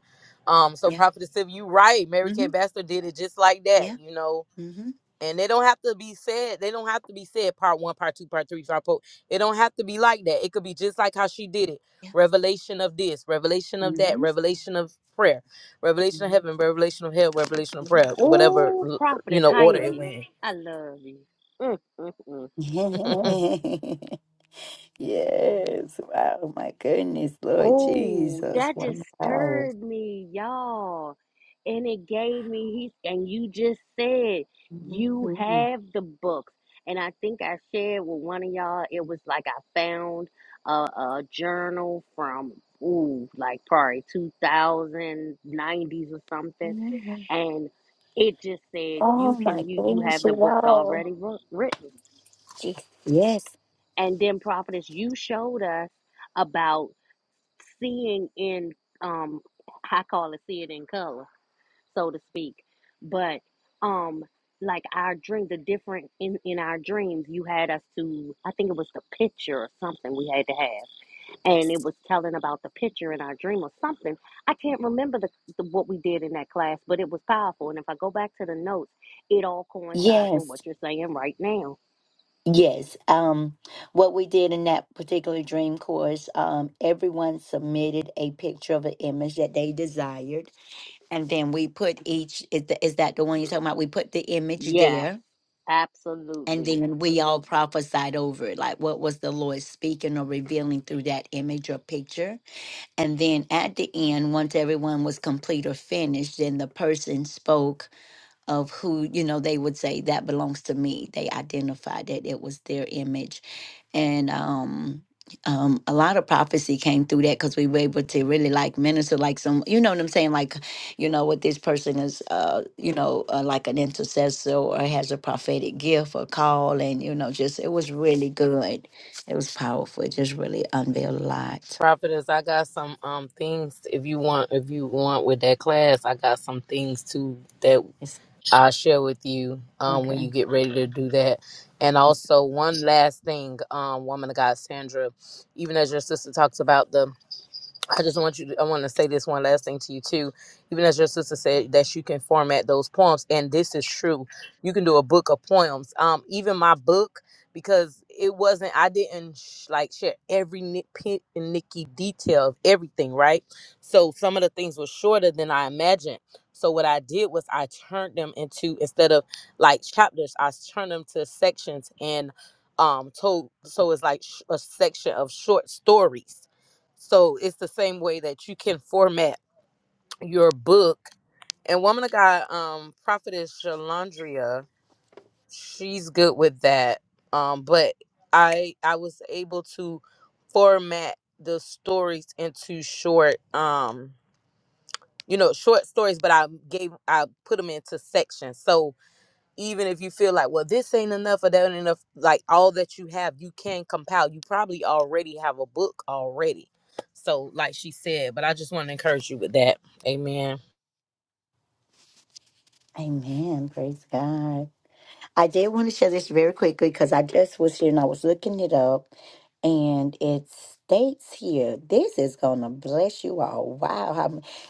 B: um, so
A: Yeah.
B: Prophetess Sylvia, you right. Mary Kay
A: Mm-hmm.
B: Baxter did it just like that,
A: Yeah.
B: you know.
A: Mm-hmm.
B: And they don't have to be said. They don't have to be said. Part one, part two, part three, part four. It don't have to be like that. It could be just like how she did it.
A: Yeah.
B: Revelation of this, revelation of that,
A: Mm-hmm.
B: revelation of prayer, revelation of
A: Mm-hmm.
B: heaven, revelation of hell, revelation of
A: Yeah.
B: prayer, whatever
C: Oh,
B: you
C: Prophetess
B: know order it
C: Heidi,
B: went.
C: I love you. Mm, mm, mm.
B: in.
A: yes. Wow. My goodness, Lord
C: Oh,
A: Jesus.
C: that just
A: Wow.
C: stirred me, y'all. And it gave me he and you just said you
A: Mm-hmm.
C: have the books. And I think I shared with one of y'all, it was like I found a, a journal from ooh, like probably 2090s or something. And it just said
A: Oh
C: you
A: my
C: can you you
A: goodness.
C: have the books
A: Wow.
C: already wr- written.
A: Jeez. Yes.
C: And then prophetess, you showed us about seeing in um I call it see it in color, so to speak. But um like our dream the different in, in our dreams you had us to I think it was the picture or something we had to have. And it
A: Yes.
C: was telling about the picture in our dream or something. I can't remember the, the what we did in that class, but it was powerful. And if I go back to the notes, it all coincides with
A: Yes.
C: what you're saying right now.
A: Yes. Um, what we did in that particular dream course, um, everyone submitted a picture of an image that they desired, and then we put each. Is, the, is that the one you're talking about? We put the image
C: Yes,
A: there, and
C: absolutely.
A: then we all prophesied over it, like what was the Lord speaking or revealing through that image or picture. And then at the end, once everyone was complete or finished, then the person spoke of who you know they would say that belongs to me they identified that it was their image and um um a lot of prophecy came through that because we were able to really like minister like some you know what i'm saying like you know what this person is uh you know uh, like an intercessor or has a prophetic gift or call and you know just it was really good it was powerful it just really unveiled a lot
B: Prophetess, I got some um things if you want if you want with that class, I got some things too that
A: it's
B: I'll share with you um when
A: okay
B: you get ready to do that. And
A: It's-
B: also one last thing, um, woman of God Sandra, even as your sister talks about the I just want you to, I want to say this one last thing to you too. Even as your sister said that you can format those poems and this is true. You can do a book of poems. Um even my book because it wasn't I didn't sh- like share every nitpick and nicky detail of everything, right? So some of the things were shorter than I imagined. So what I did was I turned them into instead of like chapters, I turned them to sections and um told so it's like sh- a section of short stories so it's the same way that you can format your book. And woman of God, um, prophetess Shalandria, she's good with that. Um, but I I was able to format the stories into short, um, you know, short stories. But I gave I put them into sections. So even if you feel like, well, this ain't enough or that ain't enough, like all that you have, you can compile. You probably already have a book already. So, like she said, but I just want to encourage you with that. Amen.
A: amen praise god I did want to share this very quickly because I just was here and I was looking it up, and it states here, "This is gonna bless you all." Wow, how,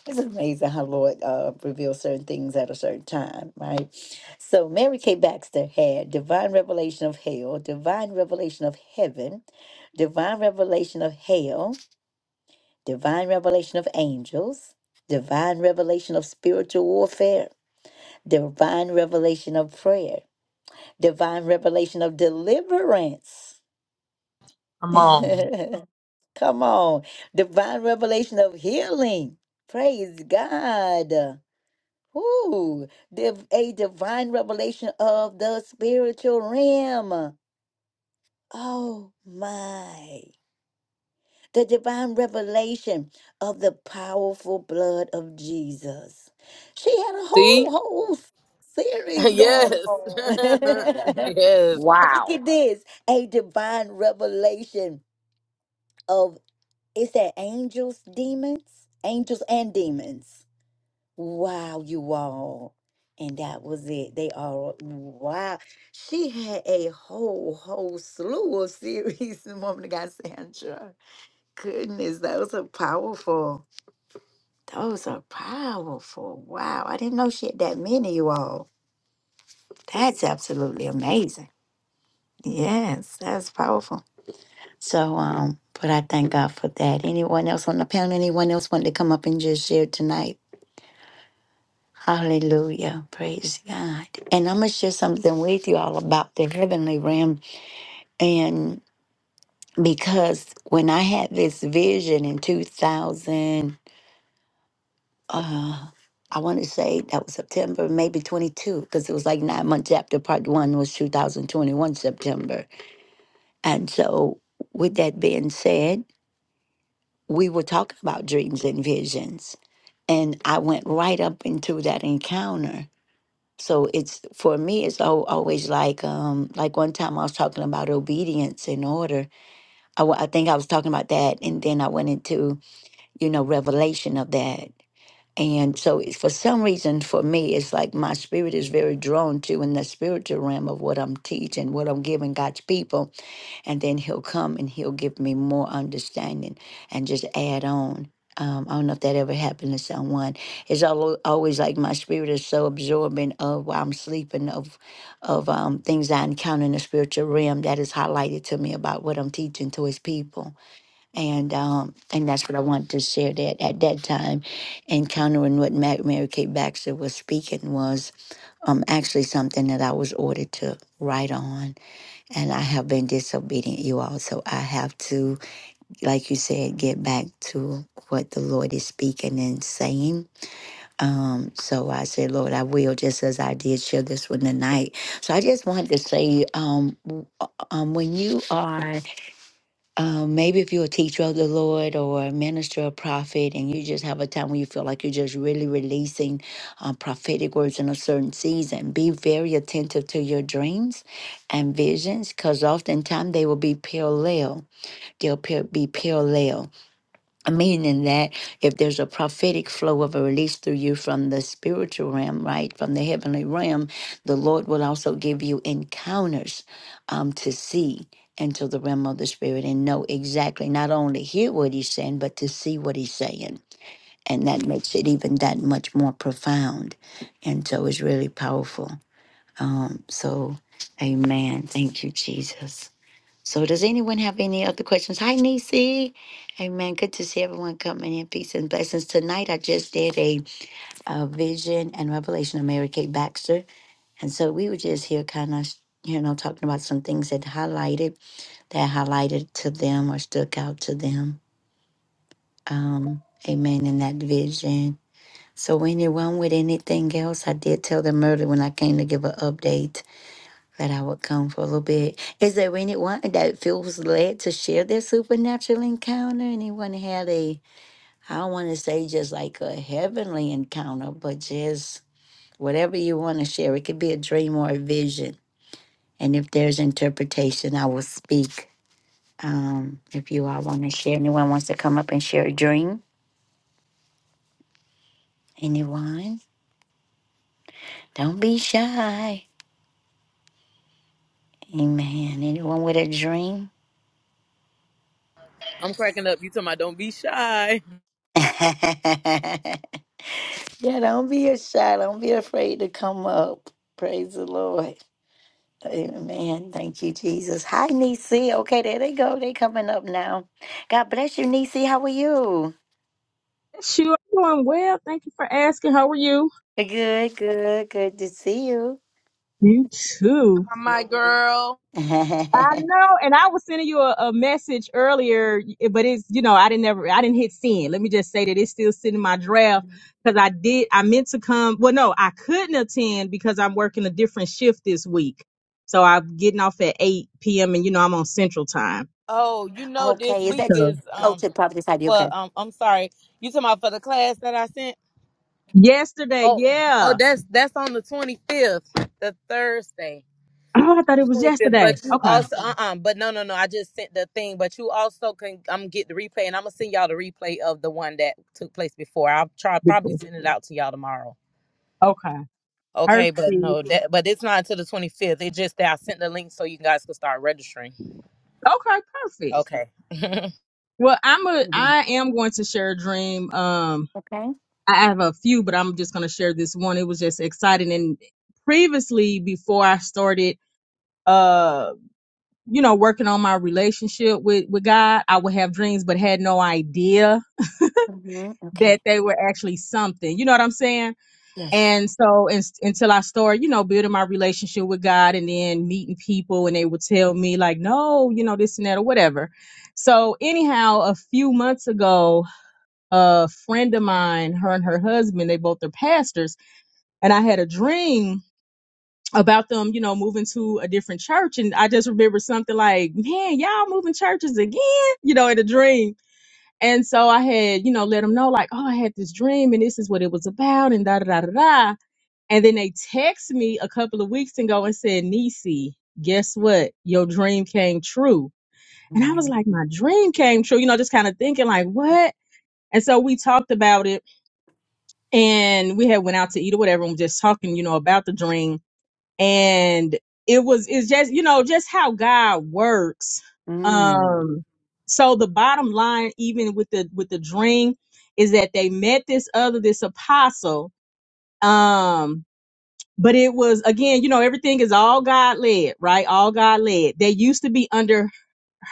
A: it's amazing how Lord uh, reveals certain things at a certain time, right? So Mary Kay Baxter had divine revelation of hell, divine revelation of heaven, divine revelation of hell, divine revelation of angels, divine revelation of spiritual warfare, divine revelation of prayer divine revelation of deliverance.
B: Come on.
A: Come on, divine revelation of healing. Praise God. Ooh, div- a divine revelation of the spiritual realm. Oh my. The divine revelation of the powerful blood of Jesus. She had a whole,
B: See?
A: whole series
B: yes.
A: going on.
B: yes.
A: Look
C: Wow.
A: at this. A divine revelation of is that angels, demons? Angels and demons. Wow, you all. And that was it. They are wow. She had a whole, whole slew of series, the woman that got Sandra. Goodness, those are powerful. Those are powerful. Wow. I didn't know she had that many, you all. That's absolutely amazing. Yes, that's powerful. So, um, but I thank God for that. Anyone else on the panel? Anyone else want to come up and just share tonight? Hallelujah. Praise God. And I'm going to share something with you all about the heavenly realm. And because when I had this vision in 2000, uh, I want to say that was September, maybe 22, because it was like nine months after part one was 2021 September. And so, with that being said, we were talking about dreams and visions. and I went right up into that encounter. So it's for me, it's al- always like um like one time I was talking about obedience and order. I, wa- I think I was talking about that, and then I went into you know revelation of that. And so it's, for some reason, for me, it's like my spirit is very drawn to in the spiritual realm of what I'm teaching, what I'm giving God's people and then he'll come and he'll give me more understanding and just add on. Um, I don't know if that ever happened to someone. It's al- always like my spirit is so absorbent of while I'm sleeping of of um, things I encounter in the spiritual realm that is highlighted to me about what I'm teaching to His people, and um, and that's what I want to share. That at that time, encountering what Ma- Mary Kate Baxter was speaking was um, actually something that I was ordered to write on and I have been disobedient, you all. So I have to, like you said, get back to what the Lord is speaking and saying. Um, so I said, Lord, I will, just as I did share this one tonight. So I just wanted to say, um, w- uh, um, when you are um, maybe if you're a teacher of the Lord or a minister or prophet, and you just have a time when you feel like you're just really releasing um, prophetic words in a certain season, be very attentive to your dreams and visions because oftentimes they will be parallel. They'll par- be parallel meaning that if there's a prophetic flow of a release through you from the spiritual realm, right, from the heavenly realm, the Lord will also give you encounters um, to see into the realm of the spirit and know exactly not only hear what he's saying, but to see what he's saying. And that makes it even that much more profound. And so it's really powerful. Um, so, amen. Thank you, Jesus. So, does anyone have any other questions? Hi, Nisi. Amen. Good to see everyone coming in. Peace and blessings. Tonight, I just did a, uh vision and revelation of Mary Kay Baxter. And so we were just here kind of, you know, talking about some things that highlighted, that highlighted to them or stuck out to them. Um, amen. In that vision. So, anyone with anything else, I did tell them earlier when I came to give an update that I would come for a little bit. Is there anyone that feels led to share their supernatural encounter? Anyone had a, I don't want to say just like a heavenly encounter, but just whatever you want to share. It could be a dream or a vision. And if there's interpretation, I will speak. Um, if you all want to share, anyone wants to come up and share a dream? Anyone? Don't be shy. Amen. Anyone with a dream?
B: I'm cracking up. You talking about don't be shy.
A: Yeah, don't be shy. Don't be afraid to come up. Praise the Lord. Amen. Thank you, Jesus. Hi, Nisi. Okay, there they go. They coming up now. God bless you, Nisi. How are you?
G: You are doing well. Thank you for asking. How are you?
A: Good, good, good to see you.
G: You too.
B: My
A: Mhm.
B: girl.
G: I know. And I was sending you a, a message earlier, but it's you know I didn't never I didn't hit send. Let me just say that it's still sitting in my draft because I did I meant to come. Well, no, I couldn't attend because I'm working a different shift this week. So I'm getting off at 8 p.m. and you know I'm on Central Time.
B: Oh, you know this
A: okay, is
B: week
A: that
G: So
B: is
A: oh
B: um
A: to Prophet Heidi?
B: for
A: Okay.
B: um I'm sorry. You talking about for the class that I sent?
G: yesterday,
B: Oh oh
G: yeah.
B: that's that's on the twenty fifth, the Thursday.
G: Oh, I thought it was
B: 25th,
G: yesterday.
B: but you
G: Okay.
B: also, uh uh but no, no, no. I just sent the thing, but you also can i um, get the replay, and I'm gonna send y'all the replay of the one that took place before. I'll try
G: Good.
B: probably
G: point.
B: send it out to y'all tomorrow.
G: Okay.
B: Okay,
G: Perfect.
B: but no, that but it's not until the 25th. It just that I sent the link so you guys can start registering.
G: Okay. Perfect.
B: Okay,
G: Well, I'm a
A: Mhm.
G: I am going to share a dream. Um
A: Okay.
G: I have a few, but I'm just gonna share this one. It was just exciting. And previously before I started uh you know working on my relationship with with God, I would have dreams but had no idea
A: hmm
G: that
A: Okay.
G: they were actually something. You know what I'm saying?
A: Yes.
G: And so in, until I started, you know, building my relationship with God and then meeting people and they would tell me like, no, you know, this and that or whatever. So anyhow, a few months ago, a friend of mine, her and her husband, they both are pastors, and I had a dream about them, you know, moving to a different church. And I just remember something like, man, y'all moving churches again, you know, in a dream. And so I had, you know, let them know, like, oh, I had this dream and this is what it was about, and da da da da da. And then they text me a couple of weeks ago and said, Nisi, guess what? Your dream came true. And I
A: Why
G: was like,
A: not?
G: my dream came true, you know, just kind of thinking, like, what? And so we talked about it and we had went out to eat or whatever and was just talking you know about the dream and it was it's just you know just how god works
A: Mm.
G: um so the bottom line even with the with the dream is that they met this other this apostle um but it was again, you know, everything is all God led, right? All God led. They used to be under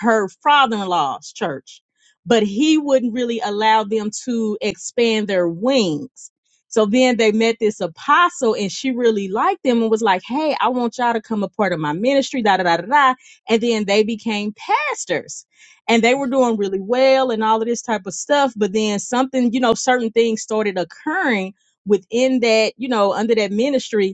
G: her father-in-law's church, but he wouldn't really allow them to expand their wings. So then they met this apostle and she really liked them and was like, Hey, I want y'all to come a part of my ministry, da da da da da. And then they became pastors and they were doing really well and all of this type of stuff. But then something, you know, certain things started occurring within that, you know, under that ministry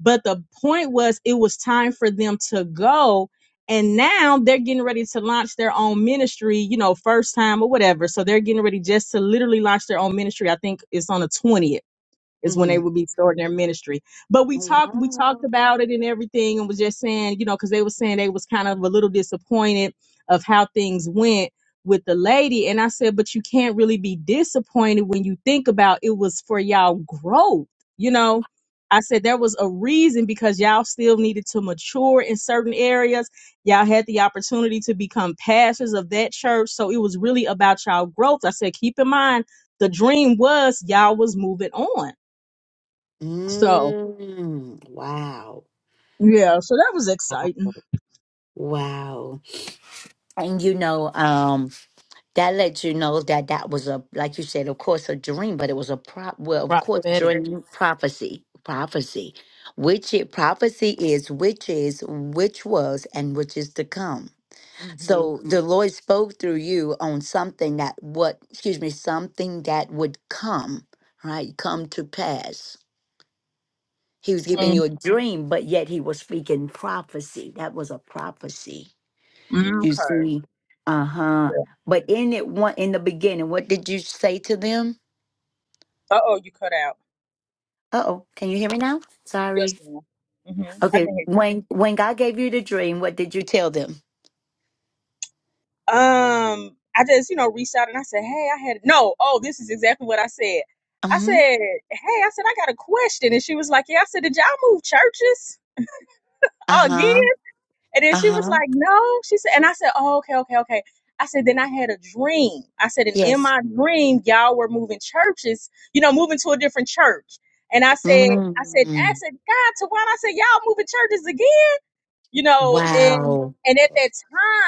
G: but the point was, it was time for them to go. And now they're getting ready to launch their own ministry, you know, first time or whatever. So they're getting ready just to literally launch their own ministry. I think it's on the 20th is when they
A: Mm-hmm.
G: would be starting their ministry. But we talked, we talked
A: Wow.
G: about it and everything, and was just saying, you know, because they were saying they was kind of a little disappointed of how things went with the lady. And I said, but you can't really be disappointed when you think about it was for y'all growth, you know. I said there was a reason because y'all still needed to mature in certain areas. Y'all had the opportunity to become pastors of that church. So it was really about y'all growth. I said, keep in mind the dream was y'all was moving on so
A: Mm. Wow.
G: yeah, so that was exciting.
A: Wow. And you know, um, that lets you know that that was a, like you said, of course, a dream, but it was a prop. Well, of course,
B: Prophetic.
A: dream prophecy, prophecy, which it prophecy is, which is, which was, and which is to come.
G: hmm
A: So the Lord spoke through you on something that what, excuse me, something that would come, right, come to pass. He was giving
G: mm
A: you a dream, but yet he was speaking prophecy. That was a prophecy. You
G: Okay.
A: see? Uh-huh.
G: Yeah.
A: But in it one in the beginning, what did you say to them?
G: Uh oh, you cut out.
A: Uh-oh. Can you hear me now?
G: Yes,
A: Sorry.
G: ma'am. hmm I
A: Okay.
G: can hear you.
A: When when God gave you the dream, what did you tell them?
G: Um, I just you know reached out and I said, hey, I had no. Oh, this is exactly what I said. I said,
A: Uh-huh.
G: hey, I said I got a question, and she was like, yeah. I said, did y'all move churches again?
A: Uh-huh.
G: And then she was
A: Uh-huh.
G: like, no. She said, and I said, oh, okay, okay, okay. I said, then I had a dream. I said, and in
A: Yes.
G: my dream, y'all were moving churches, you know, moving to a different church. And I said, I said, I
A: Mm.
G: said, God, to why? I said, y'all moving churches you know, and
A: Wow.
G: and at that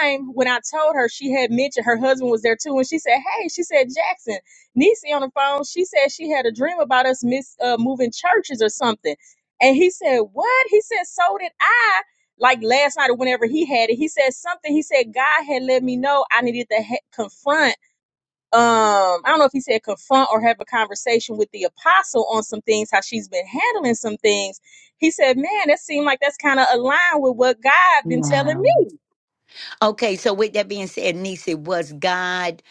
G: time when I told her, she had mentioned her husband was there too, and she said, "Hey," she said, "Jackson, Niecy on the phone." She said she had a dream about us miss uh, moving churches or something, and he said, "What?" He said, "So did I." Like last night or whenever he had it, he said something. He said God had let me know I needed to he- confront um, I don't know if he said confront or have a conversation with the apostle on some things, how she's been handling some things. He said, Man, that seemed like that's kind of aligned with what God been telling
A: Wow.
G: me.
A: Okay, so with that being said, Nisi, was God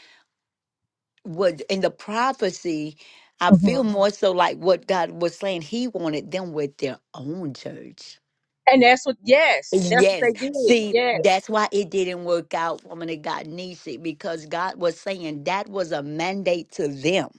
A: was in the prophecy, I
G: hmm
A: feel more so like what God was saying, he wanted them with their own church.
G: And that's what, yes, that's what
A: Yes.
G: they did.
A: See,
G: Yes.
A: that's why it didn't work out, woman of God, Nisi, because God was saying that was a mandate to them.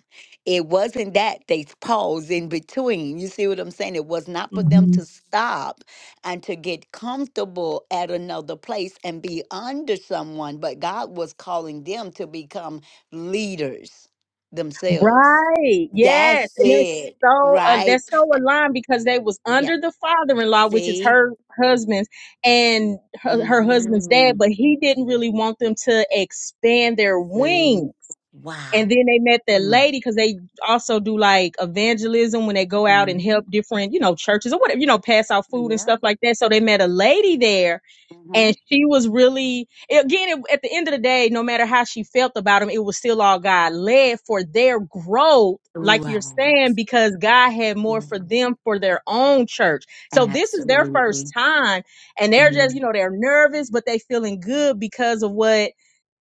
A: It wasn't that they paused in between. You see what I'm saying? It was not for them
G: hmm
A: to stop and to get comfortable at another place and be under someone, but God was calling them to become leaders themselves.
G: Right. Yes.
A: That's
G: And that's
A: it,
G: so uh,
A: right?
G: that's so aligned because they was
A: Yeah.
G: under the father-in-law, which is
A: See?
G: her husband's and her, her husband's
A: hmm
G: dad, but he didn't really want them to expand their
A: Say
G: wings and
A: Wow.
G: then they met that lady because they also do like evangelism when they go out and
A: Mm-hmm.
G: help different you know churches or whatever you know pass out food and
A: Yeah.
G: stuff like that so they met a lady there
A: Mm-hmm.
G: and she was really again it, at the end of the day no matter how she felt about him it was still all god led for their growth like you're
A: Right.
G: saying because god had more for
A: Yeah.
G: them for their own church so this is their first
A: Absolutely.
G: time and they're just
A: Mm.
G: you know they're nervous but they feeling good because of what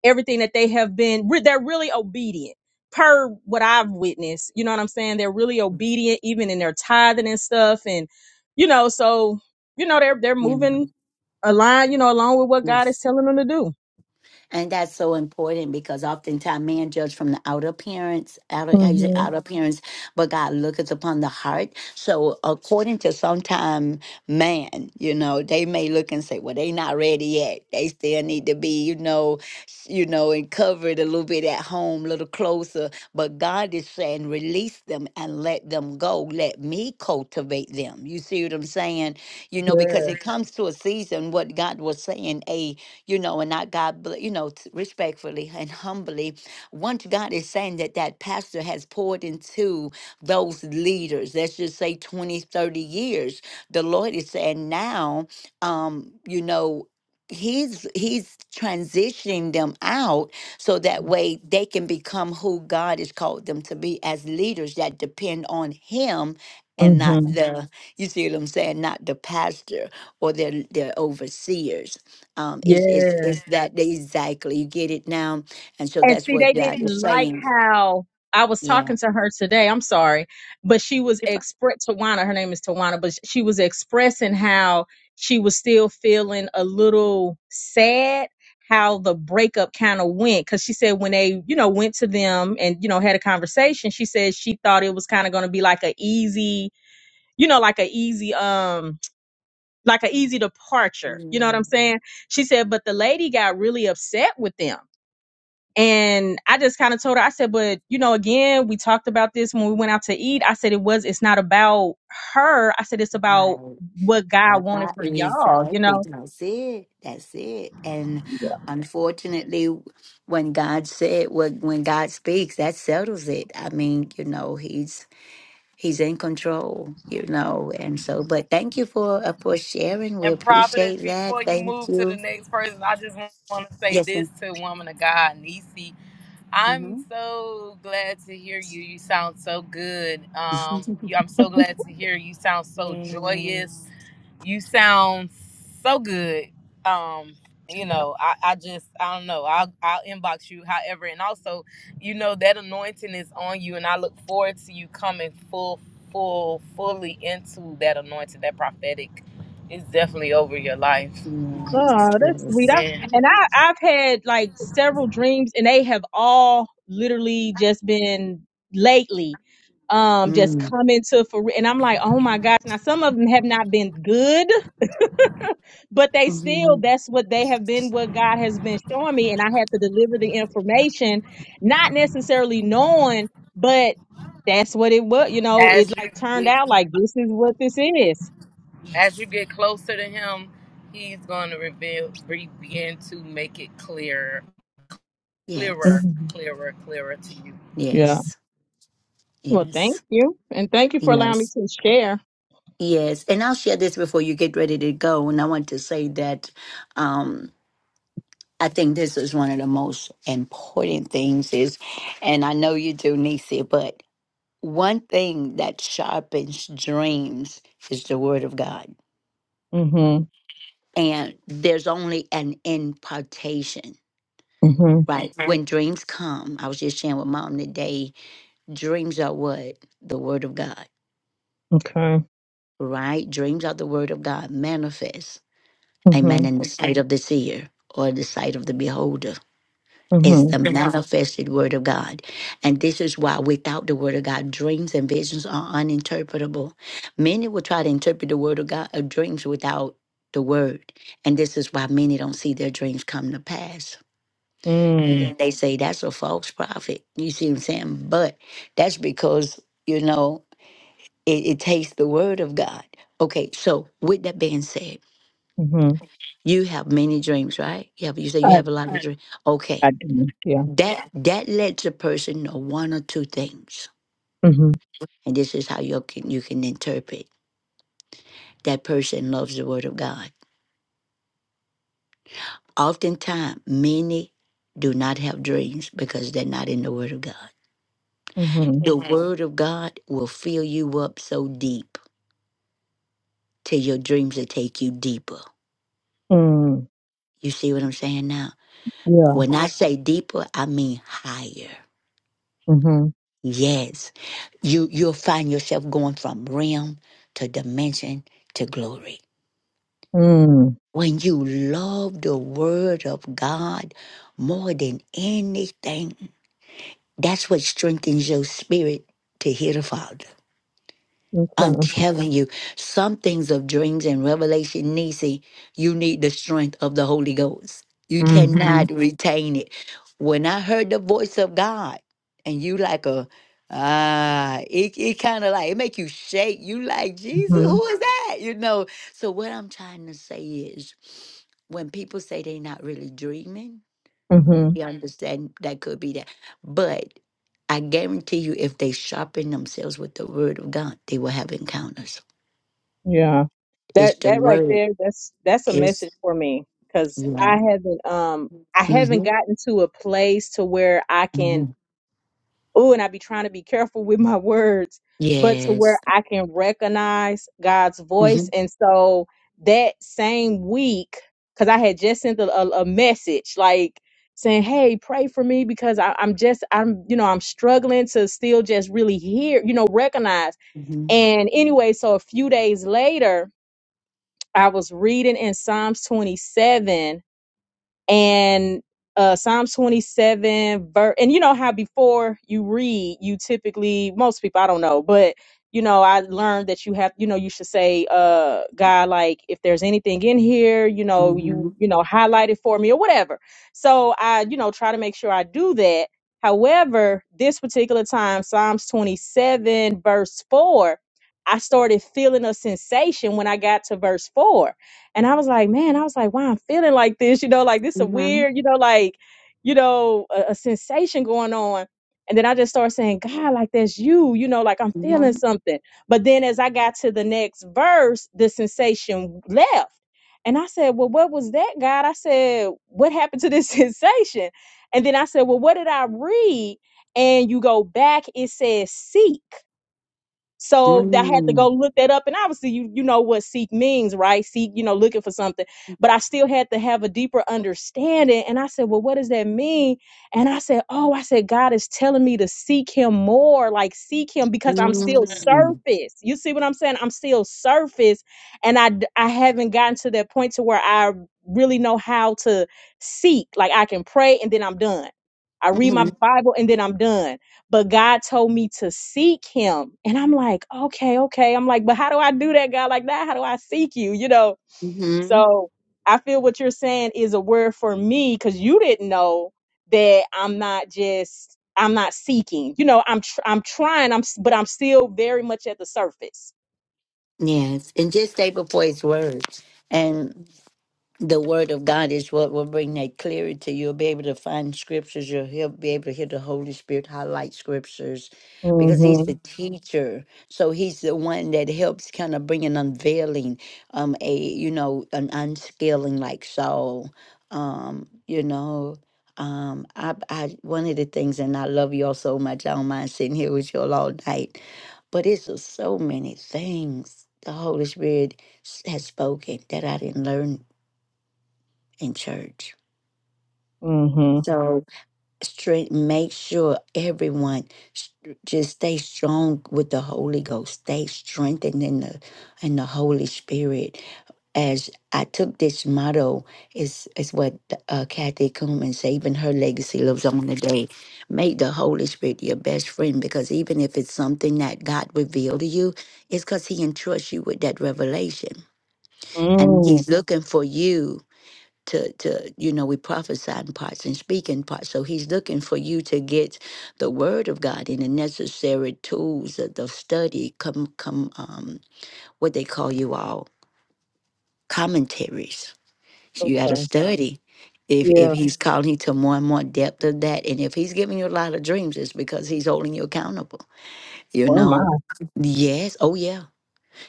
G: everything that they have been re- they're really obedient per what i've witnessed you know what i'm saying they're really obedient even in their tithing and stuff and you know so you know they're they're
A: You know,
G: moving align, you know, along with what God is
A: yes.
G: telling them to do.
A: And that's so important because oftentimes man judge from the outer appearance, outer how you say
G: hmm
A: outer appearance, but God looketh upon the heart. So according to sometime man, you know, they may look and say, Well, they not ready yet. They still need to be, you know, s- you know, and covered a little bit at home, a little closer. But God is saying, release them and let them go. Let me cultivate them. You see what I'm saying? You know, because it Right.
G: Yes.
A: comes to a season, what God was saying, you know, and not God, bl- you know, t- respectfully and humbly. Once God is saying that that pastor has poured into those leaders, let's just say 20, 30 years, the Lord is saying now, um, you know, he's he's transitioning them out so that way they can become who God has called them to be as leaders that depend on him and not Mhm.
G: hmm
A: the you see what I'm saying not the pastor or their their overseers um, is is
G: Yes.
A: is Yeah. that exactly you get it now, and so
G: And
A: that's
G: see, they
A: what Yes, God ma'am. is
G: didn't like
A: saying.
G: how I was
A: Yeah.
G: talking to her today. I'm sorry, but she was
A: If I-
G: express Tawana. Her name is Tawana, but she was expressing how she was still feeling a little sad how the breakup kind of went because she said when they you know went to them and you know had a conversation she said she thought it was kind of going to be like a easy you know like a easy um like an easy departure. You know what I'm
A: yeah,
G: saying? She said, but the lady got really upset with them. And I just kind of told her, I said, but you know, again, we talked about this when we went out to eat. I said, it was, it's not about her. I said, it's about
A: right.
G: what God
A: That,
G: wanted
A: that
G: for
A: is
G: y'all, you
A: exactly
G: know?
A: that's it. That's it. And unfortunately, when God said when when God speaks, that settles it. I mean, you know, He's He's in control. You know, and so. But thank you for uh, for sharing. We
B: and prophetess,
A: appreciate that.
B: before you
A: Thank
B: move to the
A: you.
B: next person, I just want to say
A: Yes,
B: this
A: madam
B: to woman of God, Nisi. I'm so glad to hear you. You sound so good. Um,
A: Mm-hmm.
B: you, I'm so glad to hear you sound so joyous.
A: Yes.
B: You sound so good. Um, you know, I, I just I don't know. I'll I'll inbox you, however, and also, you know, that anointing is on you, and I look forward to you coming full, full, fully into that anointing. That prophetic is definitely over your life,
A: Yes,
G: Oh, that's sweet.
A: yes.
G: I,
B: man.
G: and I, I've had like several dreams, and they have all literally just been lately, um, just
A: Mm.
G: coming to for. And I'm like, oh my gosh! Now some of them have not been good, but they still
A: hmm
G: that's what they have been what god has been showing me and i had to deliver the information not necessarily knowing but that's what it was you know it
B: As you
G: like turned out like this is what this is
B: as
A: Yes,
B: you get closer to him, he's going to reveal, re- begin to make it clearer, clearer,
A: yes,
G: hmm
B: clearer, clearer to you.
G: yeah
A: yes,
G: well thank
A: yes,
G: you and thank you for allowing me
A: yes,
G: to share
A: yes. And I'll share this before you get ready to go. And I want to say that um, I think this is one of the most important things is, and I know you do, Nisi, but one thing that sharpens dreams is the word of God.
G: mm-hmm
A: And there's only an impartation,
G: mm-hmm
A: right? Mhm. When dreams come, I was just sharing with mom today Dreams are what? The word of God,
G: okay
A: right? Dreams are the word of God manifest. Amen.
G: mm-hmm
A: In the sight of the seer or the sight of the beholder. It's
G: mm-hmm
A: the manifested word of God. And this is why without the word of God, dreams and visions are uninterpretable. Many will try to interpret the word of God of dreams without the word. And this is why many don't see their dreams come to pass. And then they say that's a false prophet. You see what I'm saying? But that's because, you know, It, it takes the word of God. Okay, so with that being said,
G: mm-hmm
A: you have many dreams, right? You have you say you
G: i,
A: have a lot of Right. dreams. Okay.
G: I do yeah
A: That Yeah. that lets a person know one or two things.
G: mm-hmm
A: And this is how you can you can interpret that person loves the word of God. Oftentimes, many do not have dreams because they're not in the word of God.
G: mm-hmm mm,
A: The Amen. word of God will fill you up so deep till your dreams will take you deeper.
G: hmm. Mm.
A: You see what I'm saying now?
G: yeah
A: When I say deeper, I mean higher.
G: mm-hmm
A: Yes. You you'll find yourself going from realm to dimension to glory.
G: mm,
A: When you love the word of God more than anything, that's what strengthens your spirit to hear the Father. I'm
G: okay
A: telling you, some things of dreams and revelation, Nisi, you need the strength of the Holy Ghost. You
G: mm-hmm
A: cannot retain it. When I heard the voice of God, and you like a ah, it, it kind of like it make you shake. You like Jesus, who is that? You know. So what I'm trying to say is, when people say they're not really dreaming,
G: hmm
A: they understand that could be that. But I guarantee you, if they sharpen themselves with the word of God, they will have encounters.
G: Yeah.
A: It's
G: That
A: the
G: that right
A: word.
G: there, that's that's a message
A: It's
G: for me because
A: yeah.
G: I haven't um I haven't
A: Mm-hmm.
G: gotten to a place to where I
A: hmm
G: can oh and I be trying to be careful with my words, but to where
A: Yes.
G: I can recognize God's
A: Mm-hmm.
G: voice. And so that same week, because I had just sent a, a, a message like saying, Hey, pray for me because I, I'm just I'm you know, I'm struggling to still just really hear, you know, recognize. And anyway, so a few days later, I was reading in Psalms 27 and uh Psalms 27 verse and you know how before you read you typically most people I don't know but you know I learned that you have you know you should say uh God like if there's anything in here you know you
A: Mm-hmm.
G: you know highlight it for me or whatever so I you know try to make sure I do that however this particular time Psalms 27 verse 4 I started feeling a sensation when I got to verse 4 and I was like, man, I was like, why I'm feeling like this, you know, like this a
A: Mm-hmm.
G: weird, you know, like, you know, a, a sensation going on. And then I just started saying, God, like that's you, you know, like I'm feeling
A: Mm-hmm.
G: something. But then as I got to the next verse, the sensation left. And I said, Well, what was that, God? I said, What happened to this sensation? And then I said, Well, what did I read? And you go back, it says seek. So I had to go look that up. And obviously, you you know what seek means, right? Seek, you know, looking for something. But I still had to have a deeper understanding. And I said, Well, what does that mean? And I said, Oh, I said, God is telling me to seek him more, like seek him because I'm still
A: Mm-hmm.
G: surface. You see what I'm saying? I'm still surface. And I d- I haven't gotten to that point to where I really know how to seek. Like I can pray and then I'm done. I read
A: Mm-hmm.
G: my Bible and then I'm done but God told me to seek him. And I'm like, okay, okay. I'm like, but how do I do that, God? Like that, how do I seek you? You know?
A: Mm-hmm.
G: So I feel what you're saying is a word for me because you didn't know that I'm not just I'm not seeking. You know, I'm tr- I'm trying. I'm s- but I'm still very much at the surface.
A: Yes. And just stay before his word. And the word of God is what will bring that clarity. You'll be able to find scriptures. You'll hear- be able to hear the Holy Spirit highlight scriptures because he's the
G: Mhm.
A: teacher. So he's the one that helps kind of bring an unveiling, um, a, you know, an unscaling like Saul, um, you know, um, I, I, one of the things, and I love y'all so much. I don't mind sitting here with y'all all night, but it's just so many things the Holy Spirit s- has spoken that I didn't learn in church.
G: Mhm.
A: So straight, make sure everyone st- just stay strong with the Holy Ghost. Stay strengthened in the in the Holy Spirit. As I took this motto, is is what uh, Kathy Kuhlman Even her legacy lives on today. Make the Holy Spirit your best friend because even if it's something that God revealed to you, it's because He entrusts you with that revelation, and
G: Mm.
A: He's looking for you to to you know we prophesy in parts and speak in parts so he's looking for you to get the word of god and the necessary tools of the study come come um what they call you all commentaries so you got to
G: Okay.
A: study if if
G: Yeah.
A: he's Mhm. calling you to more and more depth of that and if he's giving you a lot of dreams it's because he's holding you accountable you
G: Oh my.
A: know yes oh yeah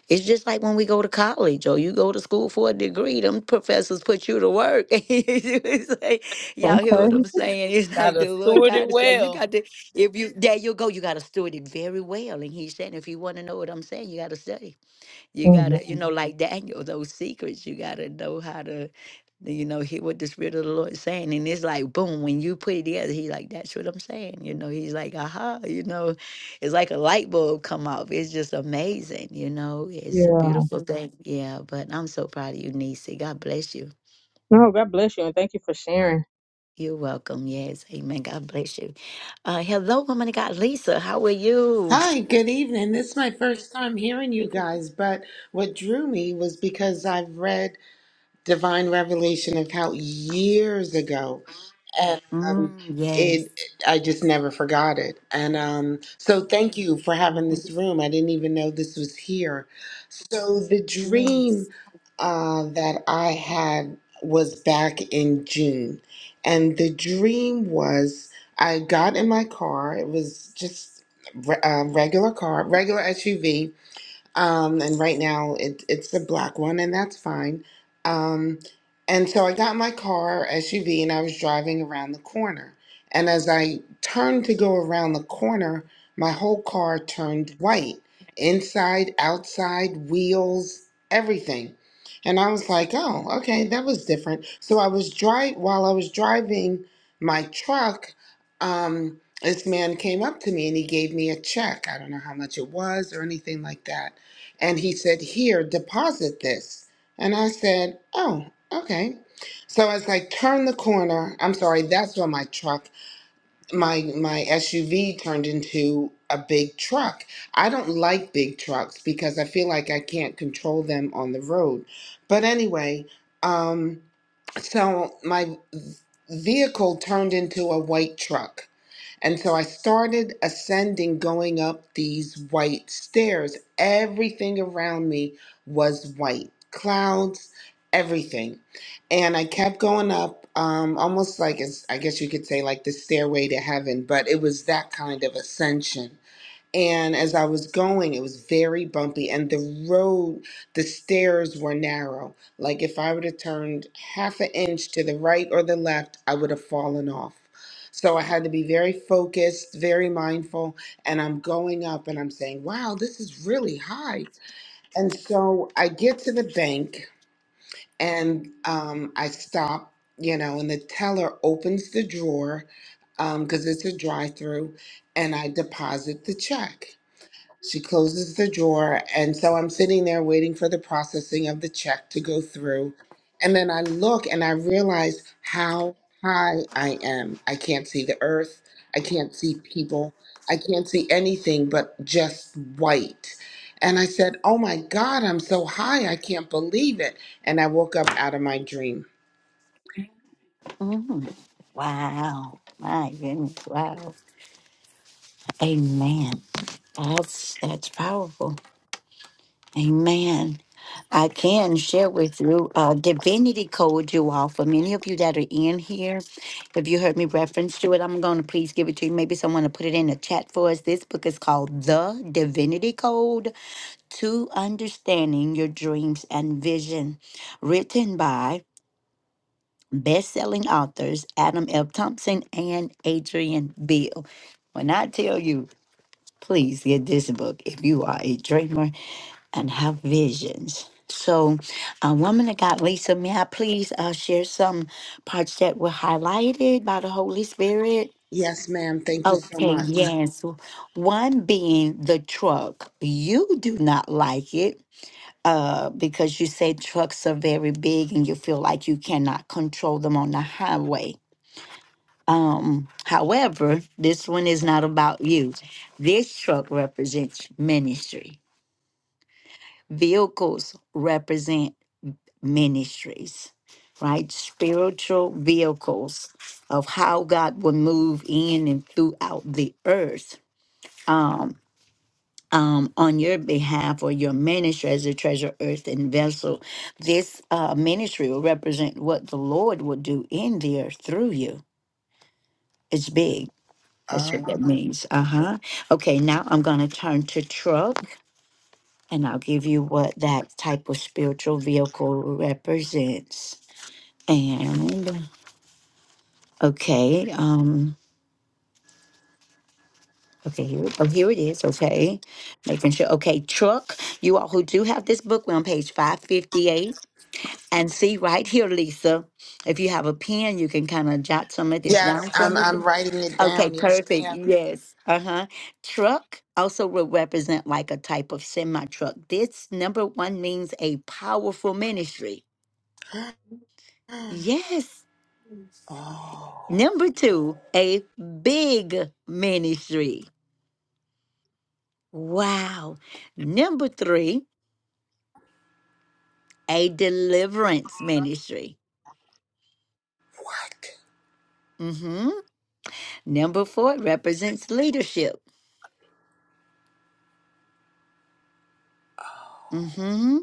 A: it's just like when we go to college or you go to school for a degree, them professors put you to work. It's like- Y'all hear what
G: Okay.
A: I'm saying? It's like
B: Gotta
A: the Lord
B: steward it
A: God is saying, you
B: well.
A: got to, if you, there you go, you got to steward it very well. And he's saying, if you want to know what I'm saying, you got to study. You
G: Mhm.
A: gotta, you know, like Daniel, those secrets, you gotta know how to, you know, hear what the Spirit of the Lord is saying. And it's like, boom, when you put it together, he's like, that's what I'm saying. You know, he's like, aha, you know, it's like a light bulb come off. It's just amazing, you know, it's a
G: Yeah.
A: beautiful Mhm. thing. Yeah, but I'm so proud of you, Nisi. God bless you.
G: No. God bless you, and thank you for sharing.
A: You're welcome. Yes, amen. God bless you. Uh, hello, woman of God, Lisa. How are you?
H: Hi, good evening. This is my first time hearing you guys, but what drew me was because I've read divine revelation of how years ago and um,
A: Mm, yes.
H: it i just never forgot it and um, so thank you for having this
A: Mhm.
H: room i didn't even know this was here so the
A: Yes.
H: dream uh, that i had was back in june and the dream was i got in my car it was just re- a regular car regular suv um, and right now it, it's the black one, and that's fine. Um, and so I got in my car SUV and I was driving around the corner. And as I turned to go around the corner, my whole car turned white inside, outside, wheels, everything. And I was like, oh, okay, that was different. So I was drive while I was driving my truck. Um, this man came up to me and he gave me a check. I don't know how much it was or anything like that and he said, Here, deposit this. And I said, Oh, okay. So as I turned the corner, I'm sorry, that's when my truck, my my SUV turned into a big truck. I don't like big trucks because I feel like I can't control them on the road. But anyway, um, so my vehicle turned into a white truck and so I started ascending, going up these white stairs. Everything around me was white clouds, everything. And I kept going up, um, almost like, as, I guess you could say, like the stairway to heaven, but it was that kind of ascension. And as I was going, it was very bumpy, and the road, the stairs were narrow. Like if I would have turned half an inch to the right or the left, I would have fallen off. So I had to be very focused, very mindful. And I'm going up and I'm saying, wow, this is really high. And so I get to the bank and um, I stop, you know, and the teller opens the drawer because it's a drive through and I deposit the check. She closes the drawer. And so I'm sitting there waiting for the processing of the check to go through. And then I look and I realize how high I am. I can't see the earth. I can't see people. I can't see anything but just white. And I said, Oh my God, I'm so high. I can't believe it. And I woke up out of my dream.
A: Mm. Wow. My goodness. Wow. Amen. That's that's powerful. Amen. I can share with you a divinity code you all for many of you that are in here. If you heard me reference to it, I'm gonna please give it to you. Maybe someone will put it in the chat for us. This book is called The Divinity Code to Understanding Your Dreams and Vision, written by best-selling authors Adam L. Thompson and Adrian Beale. When I tell you, please get this book if you are a dreamer and have visions. So, a woman of God, Lisa, may I please uh, share some parts that were highlighted by the Holy Spirit?
H: Yes, ma'am. Thank you so
A: Okay,
H: much.
A: yes. One being the truck. You do not like it uh, because you say trucks are very big and you feel like you cannot control them on the highway Um, however, this one is not about you. This truck represents ministry. Vehicles represent ministries, right? Spiritual vehicles of how God will move in and throughout the earth. Um, um, on your behalf or your ministry as a treasure, earth, and vessel, this uh, ministry will represent what the Lord will do in the earth through you. It's big
H: Uh,
A: That's what that means. Uh huh. Okay, now I'm going to turn to truck and I'll give you what that type of spiritual vehicle represents. And okay, um, okay, here, oh, here it is. Okay, making sure. Okay, truck, you all who do have this book, we're on page 558. And see right here, Lisa, if you have a pen, you can kind of jot some of this
H: yes,
A: down for
H: I'm,
A: me.
H: I'm writing it
A: Okay,
H: down. Yes,
A: perfect.
H: ma'am.
A: Yes. Uh huh. Truck also will represent like a type of semi truck. This number one means a powerful ministry. Yes.
H: Oh.
A: Number two, a big ministry. Wow. Number three, a deliverance ministry.
H: What?
A: Mm hmm. Number four represents leadership. Mm hmm.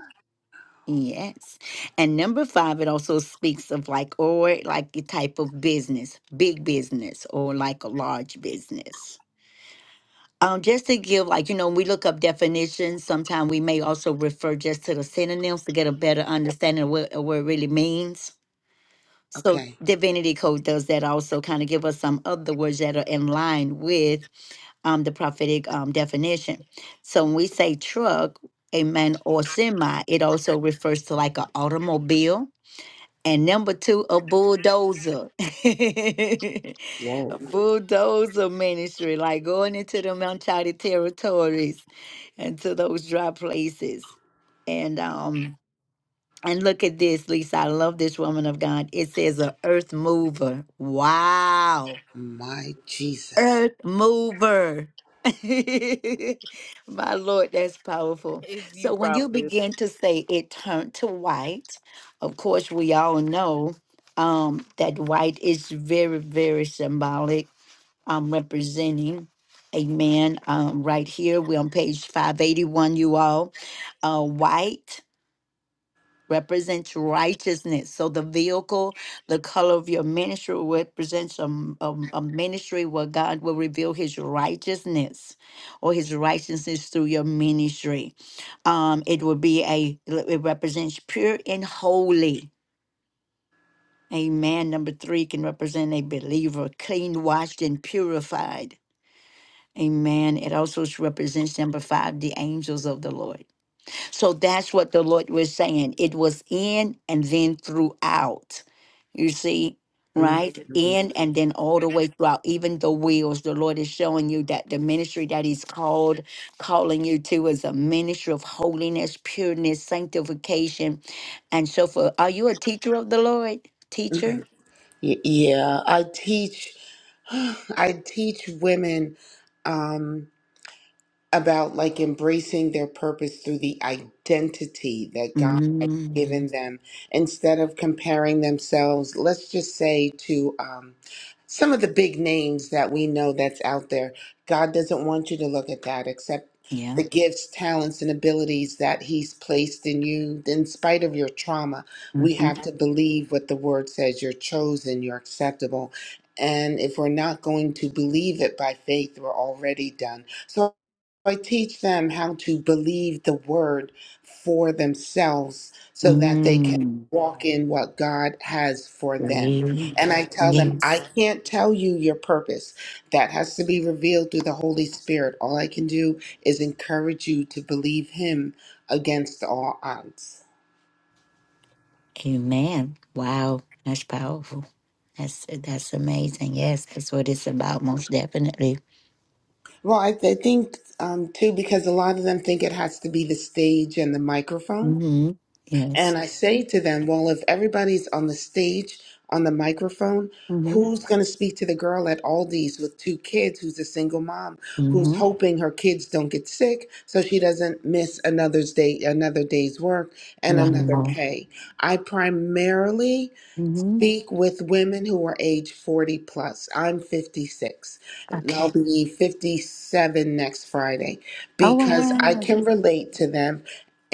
A: Yes. And number five, it also speaks of like, or like the type of business, big business, or like a large business. Um, just to give, like, you know, we look up definitions. Sometimes we may also refer just to the synonyms to get a better understanding of what, of what it really means. So,
H: Okay.
A: Divinity Code does that also kind of give us some other words that are in line with um, the prophetic um, definition. So, when we say truck, a man or semi, it also refers to like an automobile and number two, a bulldozer. a
H: Whoa.
A: bulldozer ministry, like going into the Mount territories and to those dry places. And um, and look at this, Lisa. I love this woman of God. It says a earth mover. Wow
H: My Jesus.
A: earth mover. My Lord, that's powerful.
B: It's you,
A: So when you
B: prophetess.
A: begin to say it turned to white, of course, we all know um, that white is very, very symbolic, um, representing. Amen. Um, right here, we're on page 581, you all. Uh, white represents righteousness. So the vehicle, the color of your ministry represents a, m- a m- a ministry where God will reveal his righteousness or his righteousness through your ministry. Um, it will be a, it represents pure and holy. Amen. Number three can represent a believer, clean, washed, and purified. Amen. It also represents number five, the angels of the Lord. So that's what the Lord was saying. It was in and then throughout. You see,
H: Mm,
A: right? Mhm.
H: mm,
A: In and then all the way throughout, even the wheels. The Lord is showing you that the ministry that He's called, calling you to is a ministry of holiness, pureness, sanctification, and so forth. Are you a teacher of the Lord?
H: mm.
A: Teacher?
H: Y- Yeah, I teach. I teach women. Um, about like embracing their purpose through the identity that God has given
A: Mm,
H: them instead of comparing themselves, let's just say, to um, some of the big names that we know that's out there. God doesn't want you to look at that except the
A: yeah.
H: gifts, talents, and abilities that He's placed in you. In spite of your trauma, we
A: hmm
H: have to believe what the Word says you're chosen, you're acceptable. And if we're not going to believe it by faith, we're already done. So. I teach them how to believe the word for themselves so that they can
A: Mm,
H: walk in what God has for them.
A: yeah.
H: And I tell them,
A: Yes.
H: I can't tell you your purpose. That has to be revealed through the Holy Spirit. All I can do is encourage you to believe Him against all odds.
A: Amen. Wow, that's powerful. That's that's amazing. Yes, that's what it's about, most definitely.
H: Well, I, I think um, too, because a lot of them think it has to be the stage and the microphone
A: Mm-hmm.
H: And
A: Yes.
H: I say to them, well, if everybody's on the stage, on the microphone,
A: Mm-hmm.
H: who's going to speak to the girl at Aldi's with two kids who's a single mom who's
A: Mm-hmm.
H: hoping her kids don't get sick so she doesn't miss another's day, another day's work and
A: One
H: another
A: more.
H: pay? I primarily
A: Mm-hmm.
H: speak with women who are age 40 plus. I'm 56 and I'll
A: Okay.
H: be 57 next Friday
A: Oh
H: because I
A: wow.
H: can relate to them.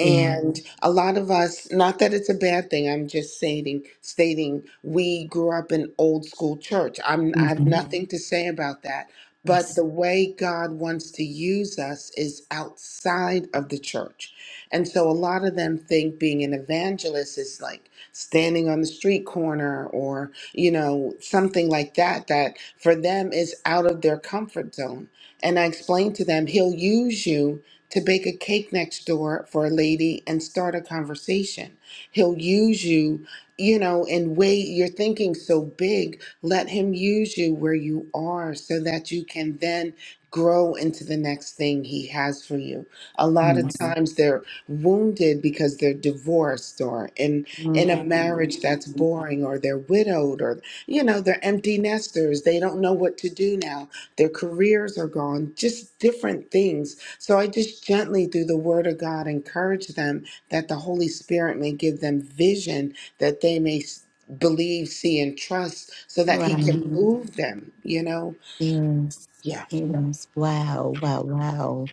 A: Yeah.
H: a lot of us, not that it's a bad thing, I'm just stating, stating we grew up in old school church. I'm, I have
A: Mm-hmm.
H: nothing to say about that. But the
A: Yes.
H: way God wants to use us is outside of the church. And so a lot of them think being an evangelist is like, standing on the street corner or, you know, something like that, that for them is out of their comfort zone. And I explained to them, he'll use you to bake a cake next door for a lady and start a conversation. He'll use you, you know, in way you're thinking so big, let him use you where you are so that you can then grow into the next thing he has for you. A lot of Mhm.
A: Yes.
H: times they're wounded because they're divorced or in in a marriage that's
A: Mm-hmm.
H: boring or they're widowed or you know they're empty nesters they don't know what to do now their careers are gone just different things so i just gently through the word of god encourage them that the holy spirit may give them vision that they may s- believe see and trust so that he
A: Wow.
H: can move them you know
A: Yes.
H: yeah
A: Yes. Wow. Wow. Wow.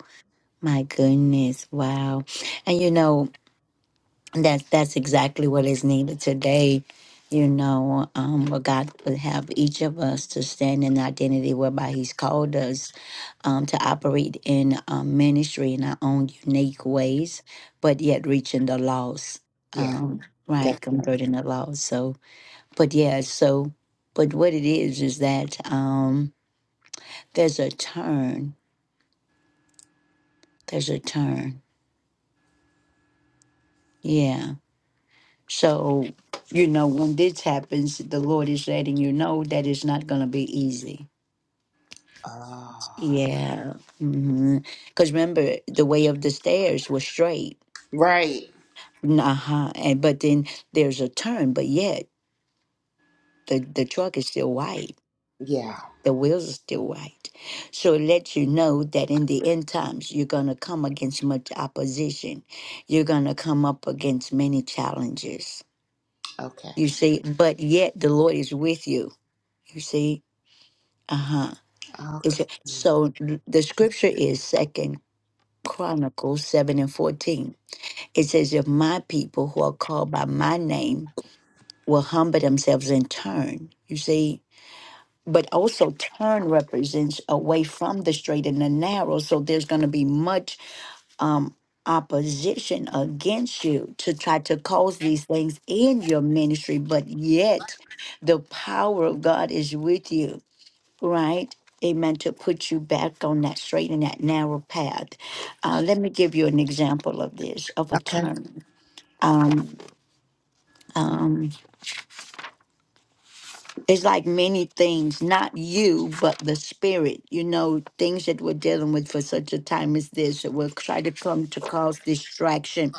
A: My goodness. Wow. And you know. That's that's exactly what is needed today. You know, um, where God would have each of us to stand in the identity whereby He's called us um, to operate in um, ministry in our own unique ways, but yet reaching the lost,
H: yeah
A: um,
H: that,
A: right? Converting the lost. So, but yeah, so, but what it is is that um, there's a turn. There's a turn. Yeah So, you know, when this happens, the Lord is letting you know that it's not going to be easy.
H: ah,
A: Yeah. Mm-hmm. Because remember, the way of the stairs was straight.
H: right
A: Uh huh. And but then there's a turn, but yet the the truck is still white.
H: yeah
A: The wheels are still white. So it lets you know that in the end times, you're going to come against much opposition. You're going to come up against many challenges.
H: okay
A: You see, but yet the Lord is with you. You see, uh huh Is
H: okay
A: it- So the scripture is Second Chronicles seven and fourteen. It says, "If my people who are called by my name will humble themselves and turn, you see." But also, turn represents away from the straight and the narrow. So there's going to be much um, opposition against you to try to cause these things in your ministry. But yet, the power of God is with you right? Amen. To put you back on that straight and that narrow path. Uh, let me give you an example of this, of a
H: okay
A: turn. Um, um, it's like many things, not you, but the spirit, you know, things that we're dealing with for such a time as this. That will try to come to cause distraction.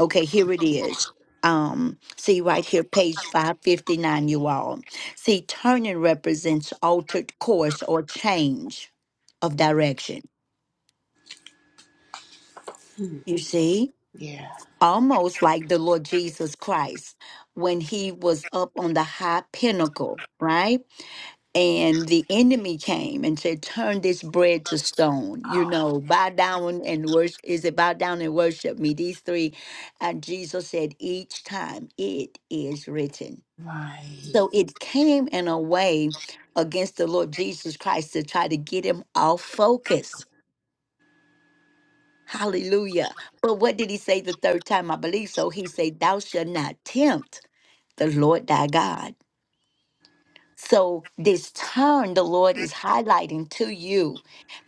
A: Okay, here it is. Um, see right here, page 559, you all. See, turning represents altered course or change of direction
H: Hmm.
A: You see,
H: yeah
A: almost like the Lord Jesus Christ when he was up on the high pinnacle, right? And the enemy came and said, Turn this bread to stone. You
H: all
A: know, bow down and worship. Is it bow down and worship me? These three. And Jesus said, Each time it is written.
H: right
A: So it came in a way against the Lord Jesus Christ to try to get him off focus Hallelujah. But what did he say the third time? I believe so. He said, Thou shalt not tempt the Lord thy God. So this turn the Lord is highlighting to you,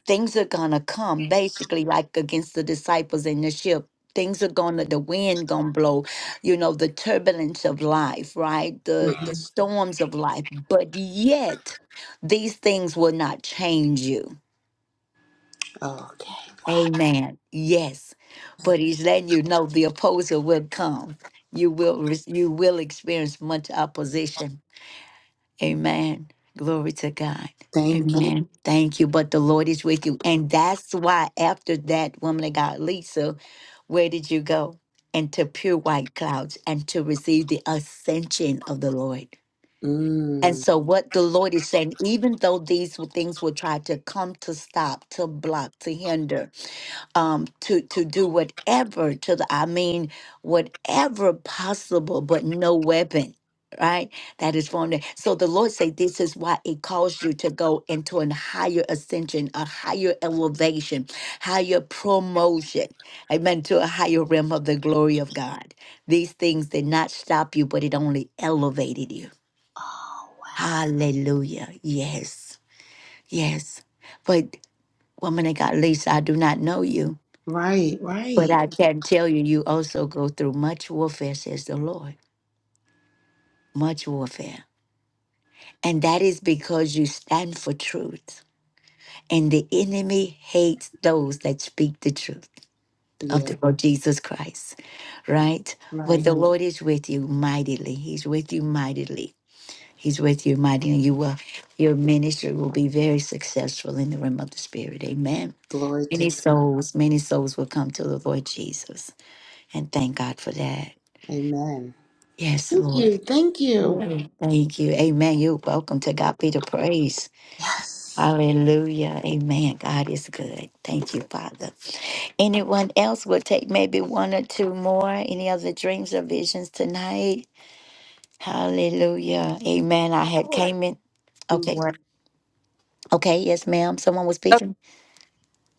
A: things are gonna come basically like against the disciples in the ship. Things are gonna the wind gonna blow, you know, the turbulence of life, right? The the
H: hmm
A: storms of life. But yet these things will not change you
H: Okay.
A: Amen. Yes. But he's letting you know the opposer will come. You will re- you will experience much opposition. Amen. Glory to God.
H: Thank you.
A: Amen. Thank you. But the Lord is with you. And that's why after that woman of God, Lisa, where did you go? Into pure white clouds and to receive the ascension of the Lord. And
H: Mm.
A: so, what the Lord is saying, even though these w- things will try to come to stop, to block, to hinder, um, to to do whatever to the I mean whatever possible, but no weapon, right? That is formed. ag- So the Lord say this is why it calls you to go into an higher ascension, a higher elevation, higher promotion, amen, to a higher realm of the glory of God. These things did not stop you, but it only elevated you.
H: Oh, wow.
A: Hallelujah. Yes. Yes. But woman of God, Lisa, I do not know you
H: right,
A: but
H: right.
A: I can tell you, you also go through much warfare, says the Lord, much warfare. And that is because you stand for truth. And the enemy hates those that speak the truth of
H: Yeah,
A: the Lord Jesus Christ, right? But
H: right.
A: the Mhm. Lord is with you mightily. He's with you mightily. He's with you mightily. You will, your ministry will be very successful in the realm of the Spirit. Amen.
H: Glory to
A: Many
H: God.
A: souls, many souls will come to the Lord Jesus. And thank God for that.
H: Amen.
A: Yes,
H: Thank
A: Lord.
H: you. Thank you.
A: Mm. Thank you. Amen. You're welcome to God be the praise.
H: Yes.
A: Hallelujah. Amen. God is good. Thank you, Father. Anyone else will take maybe one or two more. Any other dreams or visions tonight? Hallelujah. Amen. I
D: I
A: had
D: would
A: came in.
D: do
A: Okay.
D: one.
A: Okay. Yes, ma'am. Someone was
D: Okay,
A: speaking.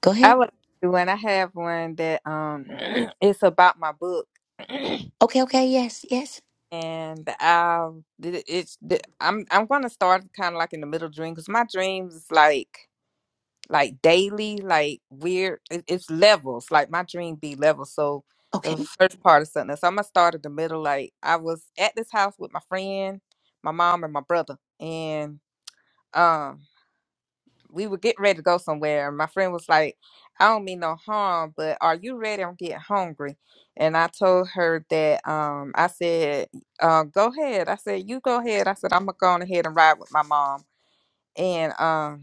A: Go
D: I
A: ahead.
D: would do one. I have one that um, it's about my book.
A: Okay. Okay. Yes. Yes.
D: and um, it, it's the I'm I'm gonna start kind of like in the middle dream because my dreams is like like daily, like weird. It, it's levels. Like my dream be levels. So
A: Okay.
D: the first part is something. So I'm gonna start at the middle. Like I was at this house with my friend, my mom, and my brother, and um we were getting ready to go somewhere and my friend was like i don't mean no harm but are you ready i'm getting hungry and i told her that um i said uh, go ahead i said you go ahead i said i'm gonna go on ahead and ride with my mom and um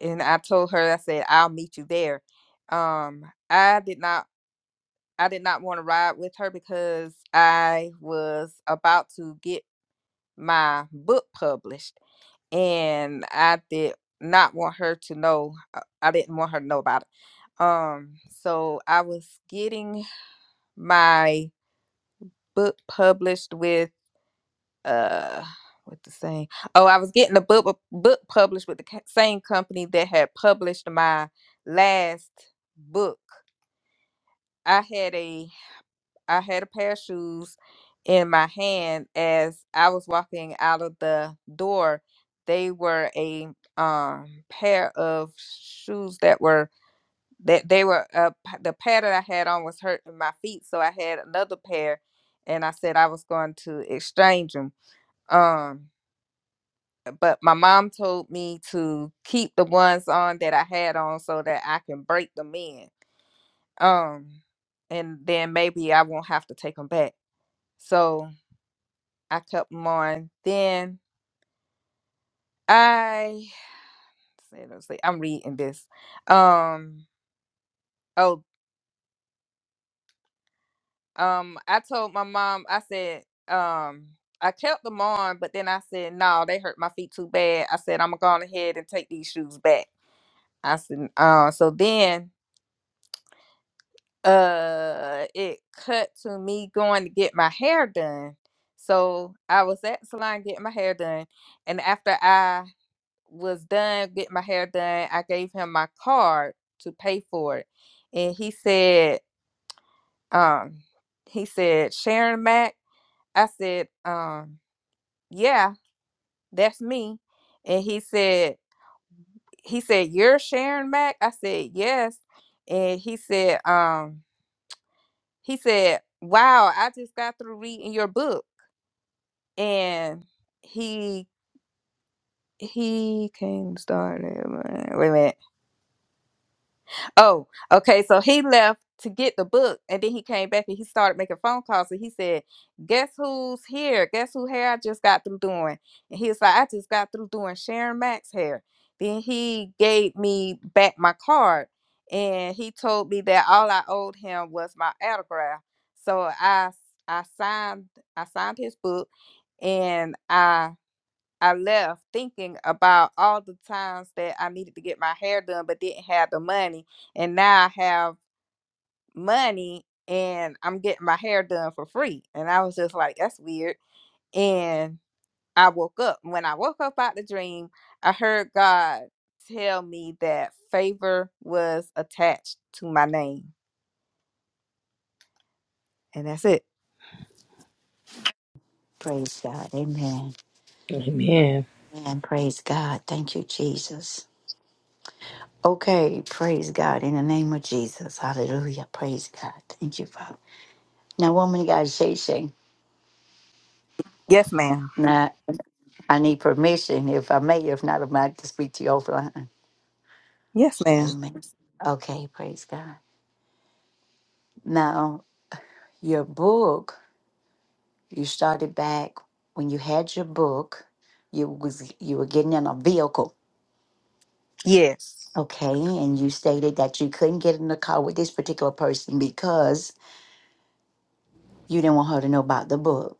D: and i told her i said i'll meet you there um i did not i did not want to ride with her because i was about to get my book published and I did not want her to know. uh, I didn't want her to know about it. Um, so I was getting my book published with uh, what the same? Oh, I was getting a book uh, book published with the ca- same company that had published my last book. I had a I had a pair of shoes in my hand as I was walking out of the door. They were a um pair of shoes that were that they were uh, p- the pair that I had on was hurting my feet, so I had another pair, and I said I was going to exchange them. Um, but my mom told me to keep the ones on that I had on so that I can break them in. Um, and then maybe I won't have to take them back. So I kept them on. Then I say let's see, I'm reading this. Um oh um I told my mom I said um I kept them on, but then I said no, they hurt my feet too bad. I said I'm gonna go ahead and take these shoes back. I said uh so then uh it cut to me going to get my hair done. So I was at the salon getting my hair done, and after I was done getting my hair done, I gave him my card to pay for it. And he said, um, he said, Sharon Mack. I said, um, yeah, that's me. And he said, he said, You're Sharon Mack? I said, Yes. And he said, um, he said, Wow, I just got through reading your book. And he he came started. Wait a minute. Oh, okay. So he left to get the book, and then he came back and he started making phone calls. And he said, "Guess who's here? Guess who hair I just got through doing?" And he was like, "I just got through doing Sharon Max hair." Then he gave me back my card, and he told me that all I owed him was my autograph. So I I signed I signed his book, and I I left thinking about all the times that I needed to get my hair done but didn't have the money. And now I have money and I'm getting my hair done for free. And I was just like, that's weird. And I woke up. When I woke up out the dream, I heard God tell me that favor was attached to my name. And that's it.
A: Praise God. Amen.
B: Amen.
A: And praise God. Thank you, Jesus. Okay, praise God in the name of Jesus. Hallelujah. Praise God. Thank you, Father. Now, woman of God, Shay Shay.
D: Yes, ma'am.
A: Now, I need permission, if I may. If not, I might to speak to you offline.
D: Yes, ma'am.
A: Amen. Okay, praise God. Now, your book, you started back when you had your book, you was you were getting in a vehicle.
D: Yes.
A: Okay, and you stated that you couldn't get in the car with this particular person because you didn't want her to know about the book.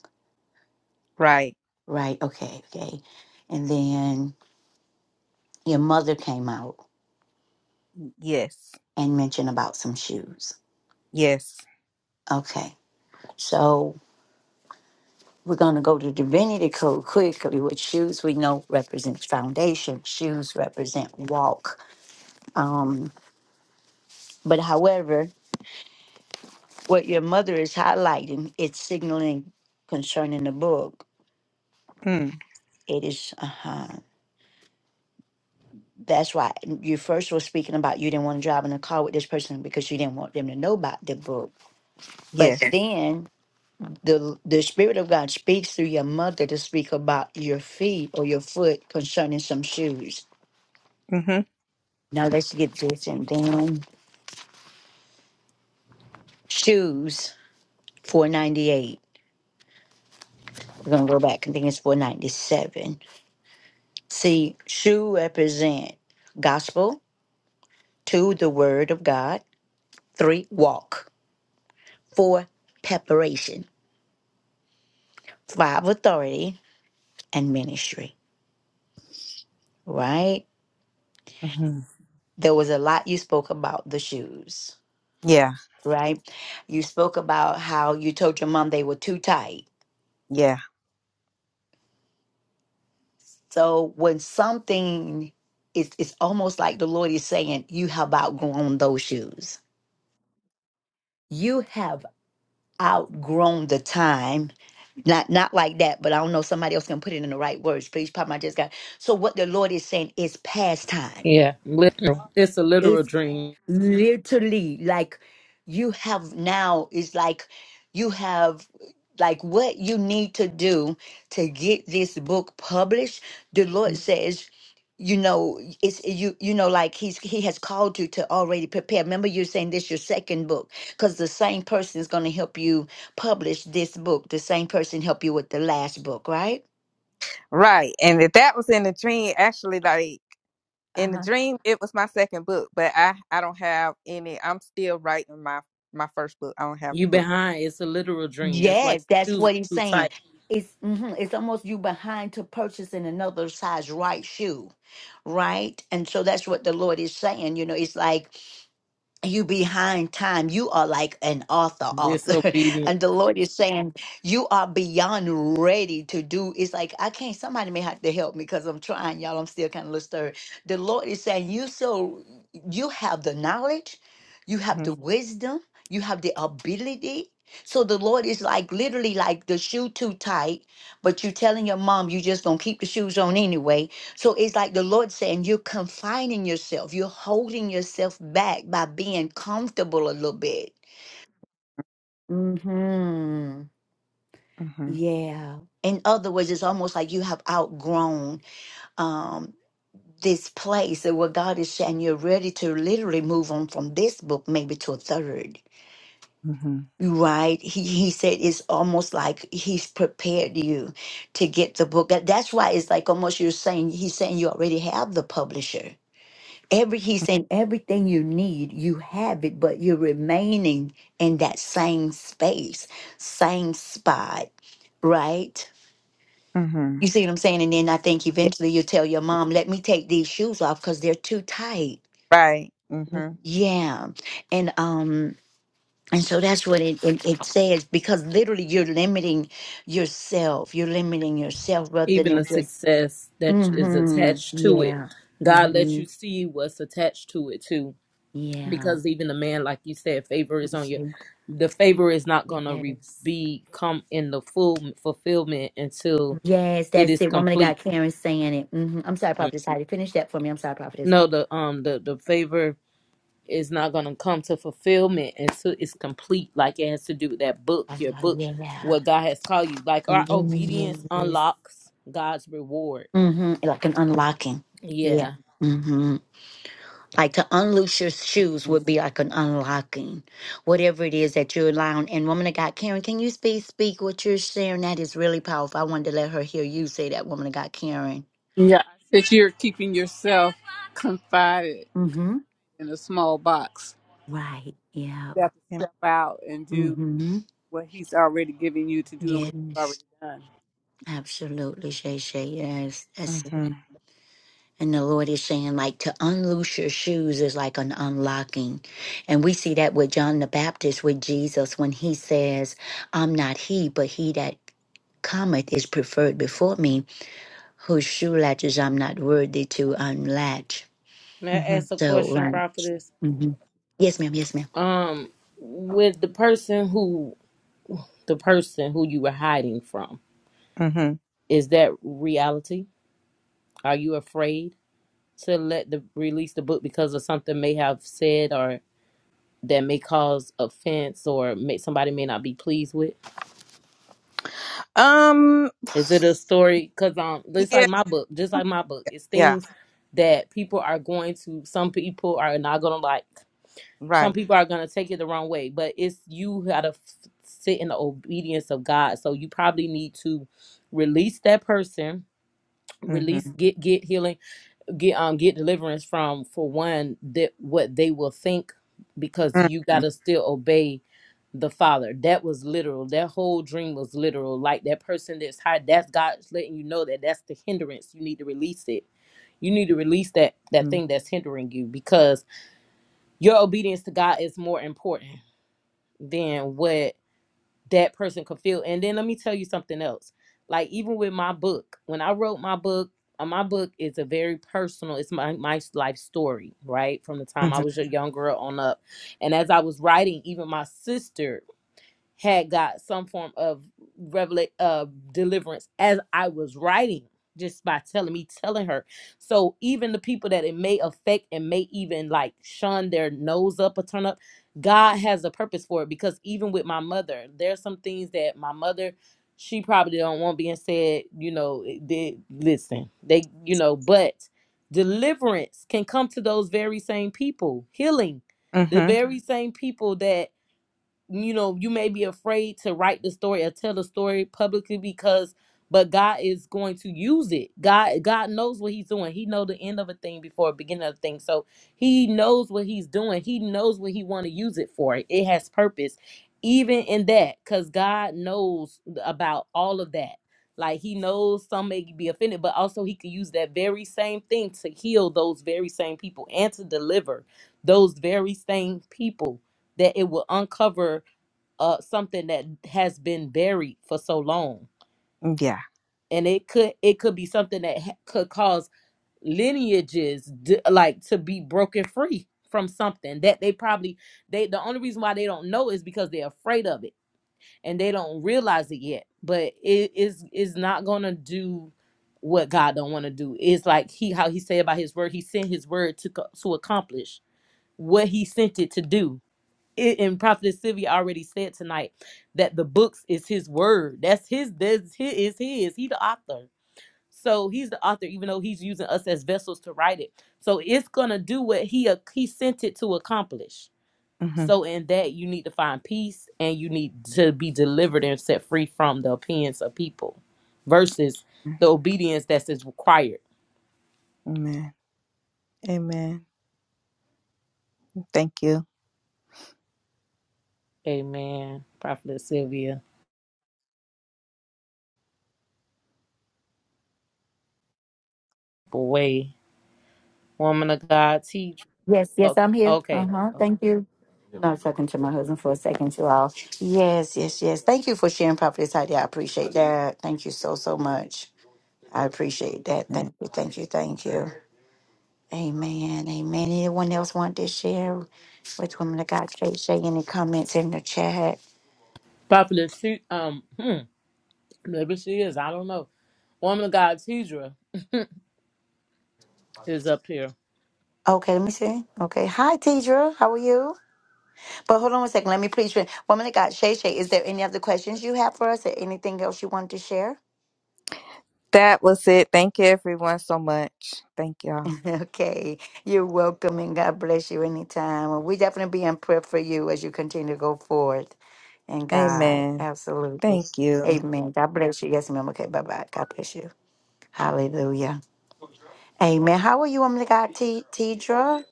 D: Right.
A: Right. Okay. Okay. And then your mother came out
D: Yes.
A: and mentioned about some shoes.
D: Yes.
A: Okay. So we're going to go to divinity code quickly with shoes we know represents foundation shoes represent walk um but however what your mother is highlighting it's signaling concerning the book
D: Mm.
A: it is uh-huh that's why you first were speaking about you didn't want to drive in a car with this person because you didn't want them to know about the book but
D: Yes.
A: then the the spirit of God speaks through your mother to speak about your feet or your foot concerning some shoes.
D: Mm-hmm.
A: Now let's get this and then shoes 498. We're gonna go back. I think it's 497. See, shoe represent gospel, two, the word of God, three, walk, four, preparation, five, authority, and ministry. Right?
D: Mm-hmm.
A: There was a lot you spoke about the shoes.
D: Yeah.
A: right? You spoke about how you told your mom they were too tight.
D: Yeah,
A: So when something is it's almost like the Lord is saying, you have outgrown those shoes. You have outgrown the time. Not not like that, but I don't know somebody else can put it in the right words. Please, Papa, I just got so what the Lord is saying is past time.
B: Yeah, literal. It's a literal dream.
A: literally like you have now is like you have like what you need to do to get this book published the lord says you know it's you you know like he's he has called you to already prepare remember you're saying this your second book because the same person is going to help you publish this book the same person help you with the last book right
D: right. And if that was in the dream, actually, like in the dream, it was my second book, but I I don't have any. I'm still writing my my first book. I don't have a
B: You
D: book.
B: behind. It's a literal dream. That's why
A: Yes, that's
B: your shoes are
A: what he's
B: too
A: saying.
B: tight.
A: It's mhm, it's almost you behind to purchasing another size right shoe, right? And so that's what the Lord is saying. You know, it's like you behind time you are like an author author
B: Disobedient.
A: and the lord is saying you are beyond ready to do it's like i can't somebody may have to help me because i'm trying y'all i'm still kind of a little stirred the lord is saying you so you have the knowledge you have
D: Mhm,
A: the wisdom you have the ability so the lord is like literally like the shoe too tight but you telling your mom you just gonna keep the shoes on anyway so it's like the Lord saying you're confining yourself, you're holding yourself back by being comfortable a little bit. Hmm.
D: mhm,
A: Yeah. In other words, it's almost like you have outgrown um, this place that where God is saying you're ready to literally move on from this book, maybe to a third.
D: mhm,
A: Right? He he said it's almost like he's prepared you to get the book. That- That's why it's like almost you're saying he's saying you already have the publisher Every he's saying everything you need, you have it, but you're remaining in that same space, same spot, right?
D: mhm.
A: You see what I'm saying? And then I think
D: Yeah,
A: eventually you'll tell your mom, let me take these shoes off because they're too tight.
D: right. Mhm,
A: Yeah. And um and so that's what it, it it says because literally you're limiting yourself. You're limiting yourself rather
B: Even the
A: than just
B: success that is
A: mm-hmm.
B: attached to it.
A: Yeah.
B: God lets
A: Mm-hmm.
B: you see what's attached to it too.
A: Yeah.
B: because even the man like you said favor is on you
A: Mhm.
B: the favor is not going to re-
A: Yes.
B: be come in the full fulfillment until
A: Yes,
B: it
A: that's
B: is
A: it. Woman of
B: complete
A: God, Karen saying it. hmm I'm sorry,
B: Mm.
A: Prophetess Heidi. Finish that for me. I'm sorry, Prophetess.
B: no the um the the favor is not going to come to fulfillment until it's complete like it has to do with that book
A: Oh,
B: your book
A: yeah.
B: what god has called you like our obedience
A: Yes.
B: unlocks god's reward
A: hmm Like an unlocking. Yeah.
B: yeah
A: hmm Like to unloose your shoes would be like an unlocking. Whatever it is that you're allowing. And woman of God, Karen, can you speak, speak what you're sharing? That is really powerful. I wanted to let her hear you say that, woman of God, Karen.
F: Yeah. That you're keeping yourself confided
A: mm hmm
F: in a small box.
A: Right. Yeah.
F: You have to step out and
A: mm
F: do
A: hmm
F: what he's already given you to do and what you've already
A: Yes.
F: done.
A: Absolutely, Shay Shay.
D: mhm,
A: Yes.
D: mhm,
A: And the Lord is saying, like, to unloose your shoes is like an unlocking. And we see that with John the Baptist, with Jesus, when he says, I'm not he, but he that cometh is preferred before me, whose shoe latches I'm not worthy to unlatch.
B: may i
D: mhm,
B: ask a
A: So,
B: question
A: right.
B: prophetess
A: hmm Yes, ma'am. Yes, ma'am.
B: um with the person who the person who you were hiding from
D: mhm.
B: Is that reality? Are you afraid to let the release the book because of something may have said or that may cause offense or may somebody may not be pleased with?
D: Um,
B: Is it a story? Because um, just
D: yeah,
B: like my book, just like my book, it's
D: yeah,
B: things that people are going to. Some people are not gonna like. Some
D: right.
B: people are gonna take it the wrong way. But it's you gotta f- sit in the obedience of God. So you probably need to release that person release
D: Mhm,
B: get get healing get um get deliverance from for one that what they will think because
D: mhm,
B: you got to still obey the father that was literal that whole dream was literal like that person that's high that's god's letting you know that that's the hindrance you need to release it you need to release that that
D: mhm,
B: thing that's hindering you because your obedience to god is more important than what that person could feel. And then let me tell you something else. Like even with my book, when I wrote my book, uh, my book is a very personal. It's my my life story, right? From the time I
D: mhm,
B: was a young girl on up, and as I was writing, even my sister had got some form of revelation uh, deliverance as I was writing just by telling me telling her so even the people that it may affect and may even like shun their nose up or turn up god has a purpose for it because even with my mother there's some things that my mother she probably don't want being said you know it- they listen they you know but deliverance can come to those very same people healing the Mhm.
D: mhm.
B: very Mhm. same people that you know you may be afraid to write the story or tell the story publicly because but god is going to use it god god knows what he's doing he know the end of a thing before the beginning of a thing so he knows what he's doing he knows what he want to use it for it has purpose even in that because god knows about all of that like he knows some may be offended but also he could use that very same thing to heal those very same people and to deliver those very same people that it will uncover uh something that has been buried for so long
D: Yeah.
B: and it could it could be something that ha- could cause lineages d- like to be broken free from something that they probably they the only reason why they don't know is because they're afraid of it and they don't realize it yet but it is is not gonna do what god don't want to do it's like he how he said about his word he sent his word to co- to accomplish what he sent it to do it, and Prophet Sylvia already said tonight that the books is his word. That's his. That's his. Is his. He the author. So he's the author, even though he's using us as vessels to write it. So it's gonna do what he ac- he sent it to accomplish.
D: Mhm.
B: So in that you need to find peace and you need to be delivered and set free from the opinions of people, versus the obedience that is required.
D: Amen. Amen. Thank you.
B: Amen. Prophet Sylvia, boy, woman of God, teach.
A: Yes, yes,
B: Okay,
A: I'm here. Uh huh.
B: okay.
A: Thank you. No, I was talking to my husband for a second, you all. Yes, yes, yes. Thank you for sharing, Prophetess Heidi. I appreciate that. Thank you so, so much. I appreciate that. Thank you, thank you, thank you. Amen, amen. Anyone else want to share with Women of God Shay? Shay, any comments in the chat?
B: Popular, she, um, hmm, maybe she is. I don't know. Woman of God, Tidra is up here.
A: Okay, let me see. Okay, hi, Tidra. How are you? But hold on one second. Let me please. re- Woman of God, Shay Shay, is there any other questions you have for us or anything else you want to share?
D: That was it. Thank you, everyone, so much. Thank y'all.
A: okay, you're welcome and God bless you anytime. And we definitely be in prayer for you as you continue to go forward in God.
D: Amen.
A: Absolutely.
D: Thank you.
A: Amen. God bless you. Yes, ma'am. Okay, bye bye. God bless you. Hallelujah. Amen. How are you, woman of God, T- Tidra?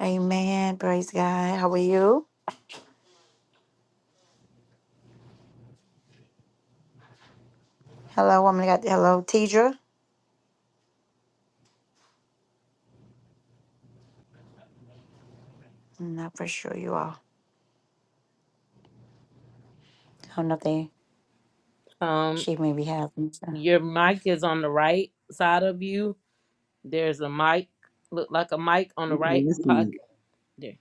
A: Amen. Praise God. How are you? Hello, woman of God. Hello, Tidra. I'm not for sure you are. I don't know if they,
B: Um,
A: she may be having. So.
B: your mic is on the right side of you. There's a mic, look like a mic on the
I: Okay,
B: right
I: let's
B: pocket
I: see.
B: there.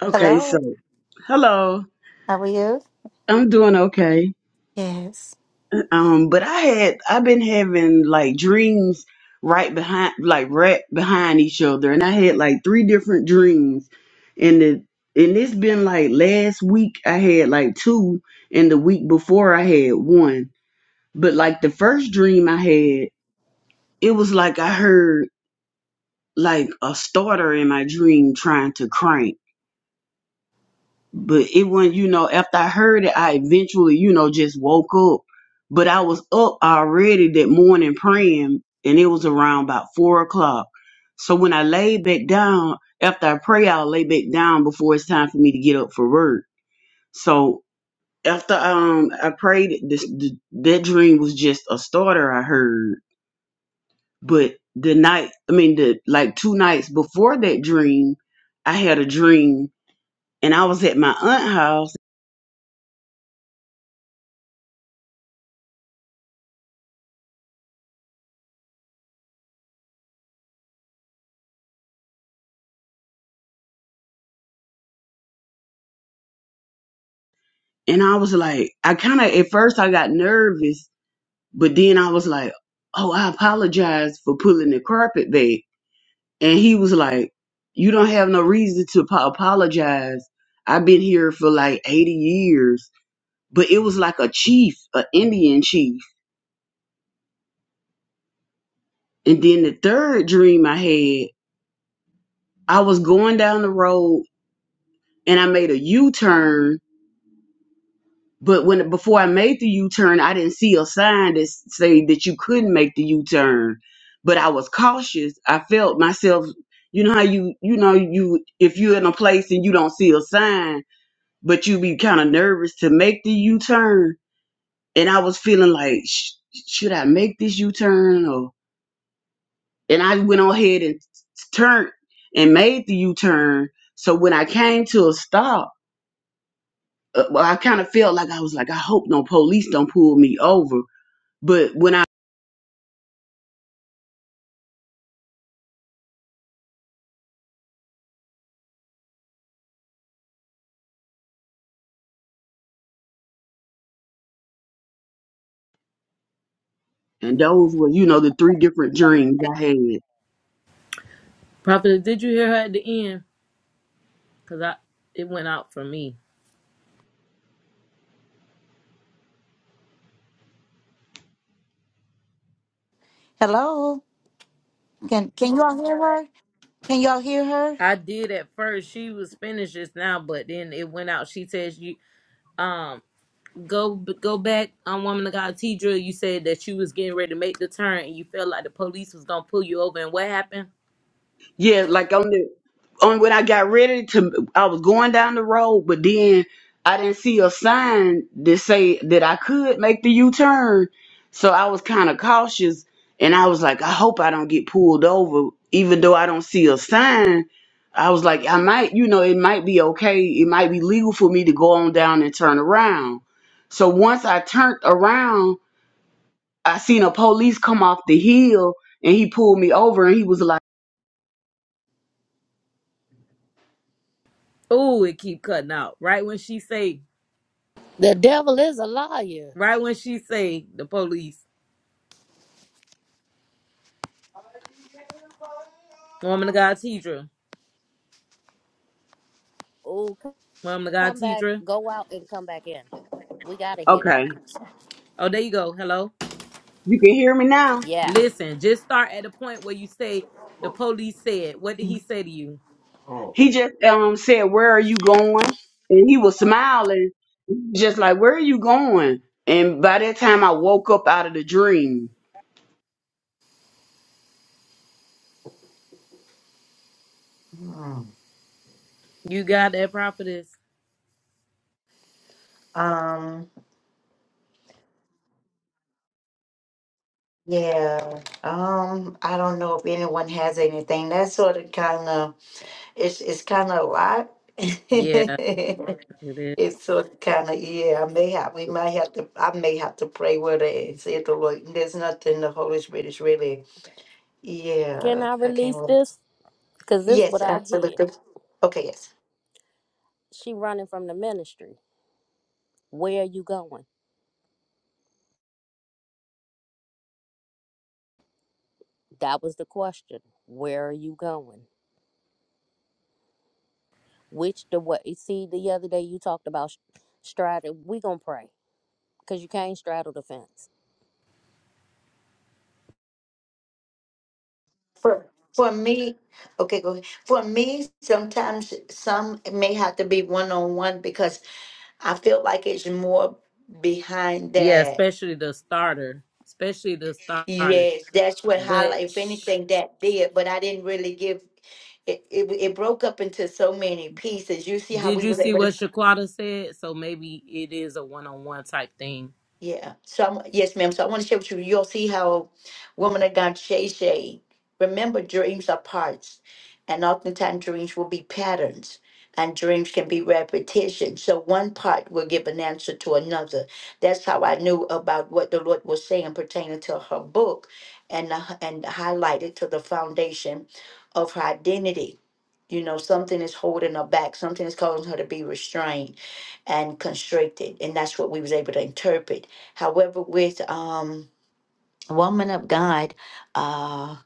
I: Okay,
A: Hello.
I: so hello.
A: How are you?
I: I'm doing okay.
A: Yes.
I: Um, but I had I've been having like dreams right behind like right behind each other and I had like three different dreams and the and it's been like last week I had like two and the week before I had one. But like the first dream I had, it was like I heard like a starter in my dream trying to crank. but it wasn't, you know, after I heard it, I eventually, you know, just woke up. But I was up already that morning praying, and it was around about four o'clock. So when I laid back down, after I pray, I'll lay back down before it's time for me to get up for work. So after um I prayed, this the, that dream was just a starter I heard. But the night, I mean, the like two nights before that dream, I had a dream, and I was at my aunt's house And I was like, I kind of, at first I got nervous, but then I was like, oh, I apologize for pulling the carpet back. And he was like, you don't have no reason to po- apologize. I've been here for like 80 years. But it was like a chief, an Indian chief. And then the third dream I had, I was going down the road and I made a U turn But when before I made the U turn, I didn't see a sign that s- say that you couldn't make the U turn. But I was cautious. I felt myself. You know how you you know you if you're in a place and you don't see a sign, but you be kind of nervous to make the U turn. And I was feeling like, sh- should I make this U turn? Or and I went on ahead and t- turned and made the U turn. So when I came to a stop, uh, well, I kind of felt like I was like, I hope no police don't pull me over But when I and those were, you know, the three different dreams I had.
B: Popular, did you hear her at the end? Cause I, it went out for me.
A: Hello. Can Can you all hear her? Can y'all hear her?
B: I did at first. She was finished just now, but then it went out. She says you, um, go go back on Woman of God, Tidra. You said that you was getting ready to make the turn and you felt like the police was gonna pull you over. And what happened?
I: Yeah, like on the on when I got ready to I was going down the road, but then I didn't see a sign that say that I could make the U turn. So I was kind of cautious and I was like, I hope I don't get pulled over, even though I don't see a sign. I was like, I might, you know, it might be okay. It might be legal for me to go on down and turn around. So once I turned around, I seen a police come off the hill and he pulled me over and he was like,
B: Oh, it keep cutting out. Right when she say,
C: The devil is a liar.
B: right when she say the police. Woman of God teacher. Woman of God
C: Come back,
B: teacher.
C: go out and come back in. We got to hear that.
I: Okay,
B: Oh, there you go. Hello.
I: you can hear me now.
C: Yes.
B: Listen, just start at the point where you say the police said. What did he say to you?
I: He just um said, Where are you going? And he was smiling, just like, Where are you going? And by that time I woke up out of the dream.
B: You got that prophetess?
A: Um. Yeah. Um. I don't know if anyone has anything. That sort of kind of. It's It's kind of a
B: Yeah,
A: lot.
B: it is.
A: It's sort of kind of yeah. I may have we might have to. I may have to pray with it and say to the Lord. There's nothing the Holy Spirit is really.
C: Can
A: Yeah,
C: I
A: I can't.
C: release
A: Remember.
C: this? Because this what
A: Yes,
C: I hear.
A: absolutely. Okay, yes.
C: She running from the ministry. Where are you going? That was the question. Where are you going? Which the way? See, the other day you talked about straddle. We gonna pray because you can't straddle the fence.
A: For for me, okay, go ahead. For me, sometimes some it may have to be one on one because I feel like it's more behind
B: Yeah,
A: that.
B: especially the starter. Especially the starter.
A: Yes, that's what highlight.
B: But
A: If
B: sh-
A: anything, that did, but I didn't really give it, it, it broke up into so many pieces. You see how
B: did
A: we
B: you
A: were
B: see
A: able to
B: what Shaquata said? So maybe it is a one on one type thing.
A: Yeah. So I'm, yes, ma'am. So I want to share with you. You'll see how woman of God Shay Shay. Remember, dreams are parts, and oftentimes dreams will be patterns, and dreams can be repetition. So one part will give an answer to another. That's how I knew about what the Lord was saying pertaining to her book, and uh, and highlighted to the foundation of her identity. You know, something is holding her back. Something is causing her to be restrained and constricted, and that's what we was able to interpret However, with um, Woman of God, uh,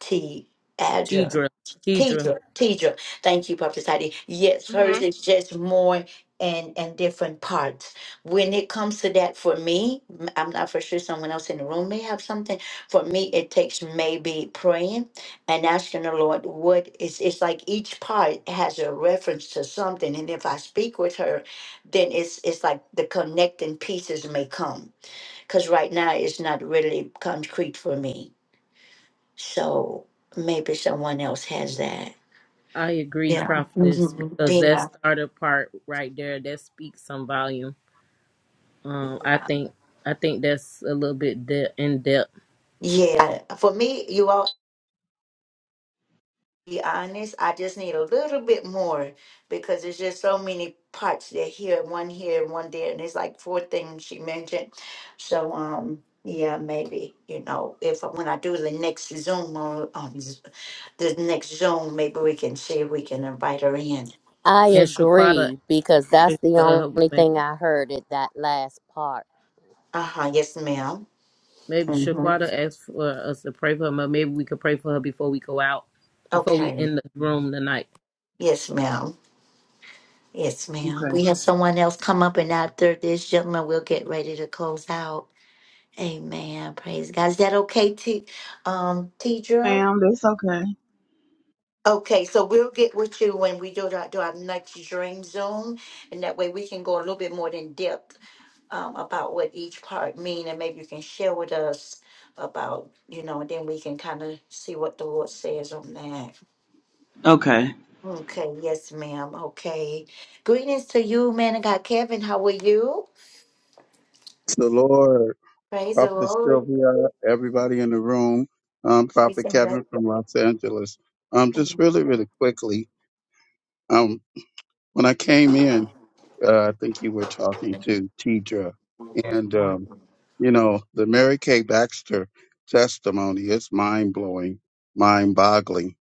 A: T. Adra,
B: Tidra.
A: Tidra, Tidra, thank you, Prophet Heidi. Yes,
I: hmm
A: hers is just more and and different parts. When it comes to that, for me, m- I'm not for sure someone else in the room may have something. For me, it takes maybe praying and asking the Lord what is. It's like each part has a reference to something, and if I speak with her, then it's it's like the connecting pieces may come because right now it's not really concrete for me. So maybe someone else has that.
B: I agree,
A: Yeah.
B: prophetess,
A: Mhm.
B: because that
A: Yeah.
B: starter part right there that speaks some volume. Um, I think I think that's a little bit de- in depth.
A: Yeah. For me, you all be honest. I just need a little bit more because there's just so many parts that here, one here, one there, and it's like four things she mentioned. So um yeah, maybe you know if when I do the next Zoom on, on Z- the next Zoom, maybe we can see if we can invite her in.
C: I
B: And Shaquata,
C: agree because that's
B: asked
C: the
B: for her-
C: only
B: ma-
C: thing I heard at that last part.
A: Uh huh. Yes, ma'am.
B: maybe
A: hmm
B: Shaquata asked for us to pray for her, but maybe we could pray for her before we go out, before we
A: Okay.
B: end the room tonight.
A: Yes, ma'am. Yes, ma'am.
I: Okay.
A: We have someone else come up, and after this gentleman, we'll get ready to close out. Amen. Praise God. Is that okay, T? Um, Tidra.
I: Ma'am, that's okay.
A: Okay, so we'll get with you when we do our, do our next dream zoom, and that way we can go a little bit more in depth um, about what each part mean, and maybe you can share with us about you know, and then we can kind of see what the Lord says on that.
I: Okay.
A: Okay, yes, ma'am. Okay. Greetings to you, man of God. Kevin, how are you?
J: The Lord,
A: Praise the
J: Prophet
A: Lord.
J: Sylvia, everybody in the room, um,
A: Peace
J: Prophet
A: and blessings.
J: Kevin from Los Angeles. Um, just really, really quickly. um, when I came in, uh, I think you were talking to Tidra, and um, you know the Mary Kay Baxter testimony is mind blowing, mind boggling.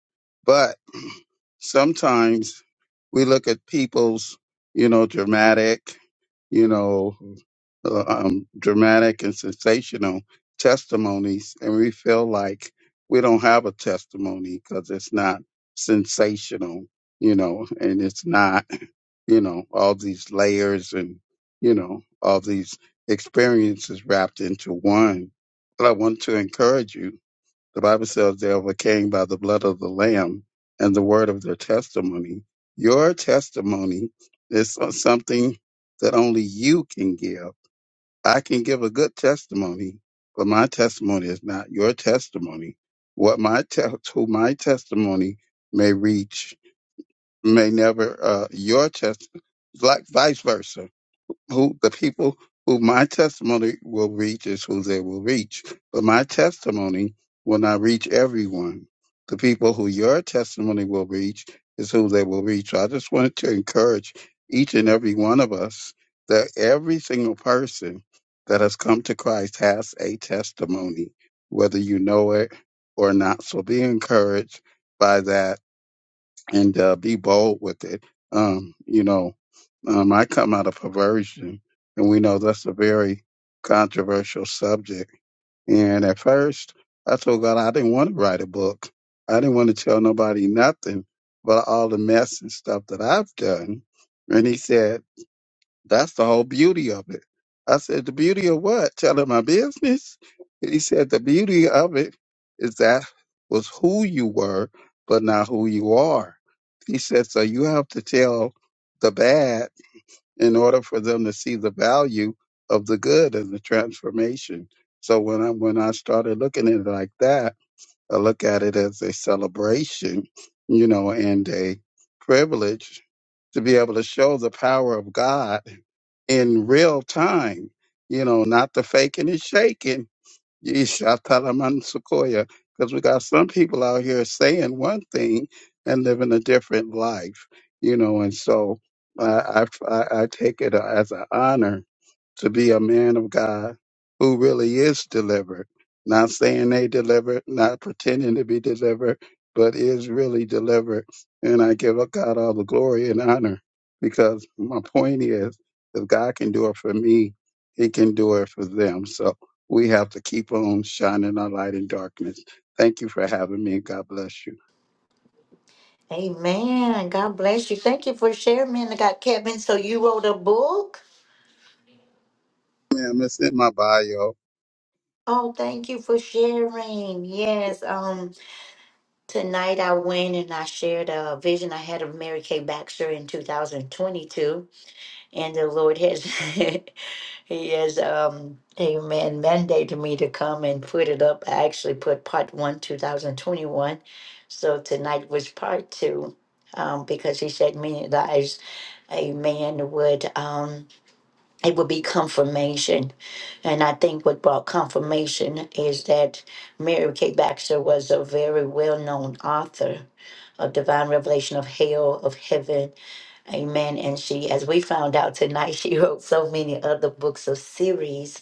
J: But sometimes we look at people's, you know, dramatic, you know, uh, um, dramatic and sensational testimonies, and we feel like we don't have a testimony because it's not sensational, you know, and it's not you know, all these layers and, you know, all these experiences wrapped into one. But I want to encourage you. The Bible says they overcame by the blood of the Lamb and the word of their testimony. Your testimony is so- something that only you can give. I can give a good testimony, but my testimony is not your testimony. What my te- who my testimony may reach may never uh, your testimony, like vice versa. Who the people who my testimony will reach is who they will reach, but my testimony will not reach everyone. The people who your testimony will reach is who they will reach. So I just wanted to encourage each and every one of us that every single person that has come to Christ has a testimony, whether you know it or not. So be encouraged by that and uh, be bold with it. Um, you know, um, I come out of perversion, and we know that's a very controversial subject. And at first, I told God I didn't want to write a book. I didn't want to tell nobody nothing about all the mess and stuff that I've done. And He said. That's the whole beauty of it. I said, The beauty of what? Telling my business? He said, The beauty of it is that was who you were, but not who you are. He said, So you have to tell the bad in order for them to see the value of the good and the transformation. So when I when I started looking at it like that, I look at it as a celebration, you know, and a privilege to be able to show the power of God in real time, you know, not the faking and shaking. Yeesh, I tell 'em I'm Sequoia because we got some people out here saying one thing and living a different life, you know, and so I, I, I I take it as an honor to be a man of God who really is delivered. Not saying they delivered, not pretending to be delivered, but is really delivered. And I give up God all the glory and honor because my point is if God can do it for me, he can do it for them. So we have to keep on shining our light in darkness. Thank you for having me. God bless you.
A: Amen. God bless you. Thank you for sharing, man of God. Kevin, so you wrote a book?
J: Ma'am, it's in my bio. You
A: Oh, thank you for sharing. Yes. Um, tonight I went and I shared a vision I had of Mary Kay Baxter in 2022, and the Lord has He has, um, a man mandated me to come and put it up. I actually put part one, 2021. So tonight was part two. Um, because he said many lives, a man would um it would be confirmation. And I think what brought confirmation is that Mary Kay Baxter was a very well known author of divine revelation of hell, of heaven, amen. And she, as we found out tonight, she wrote so many other books of series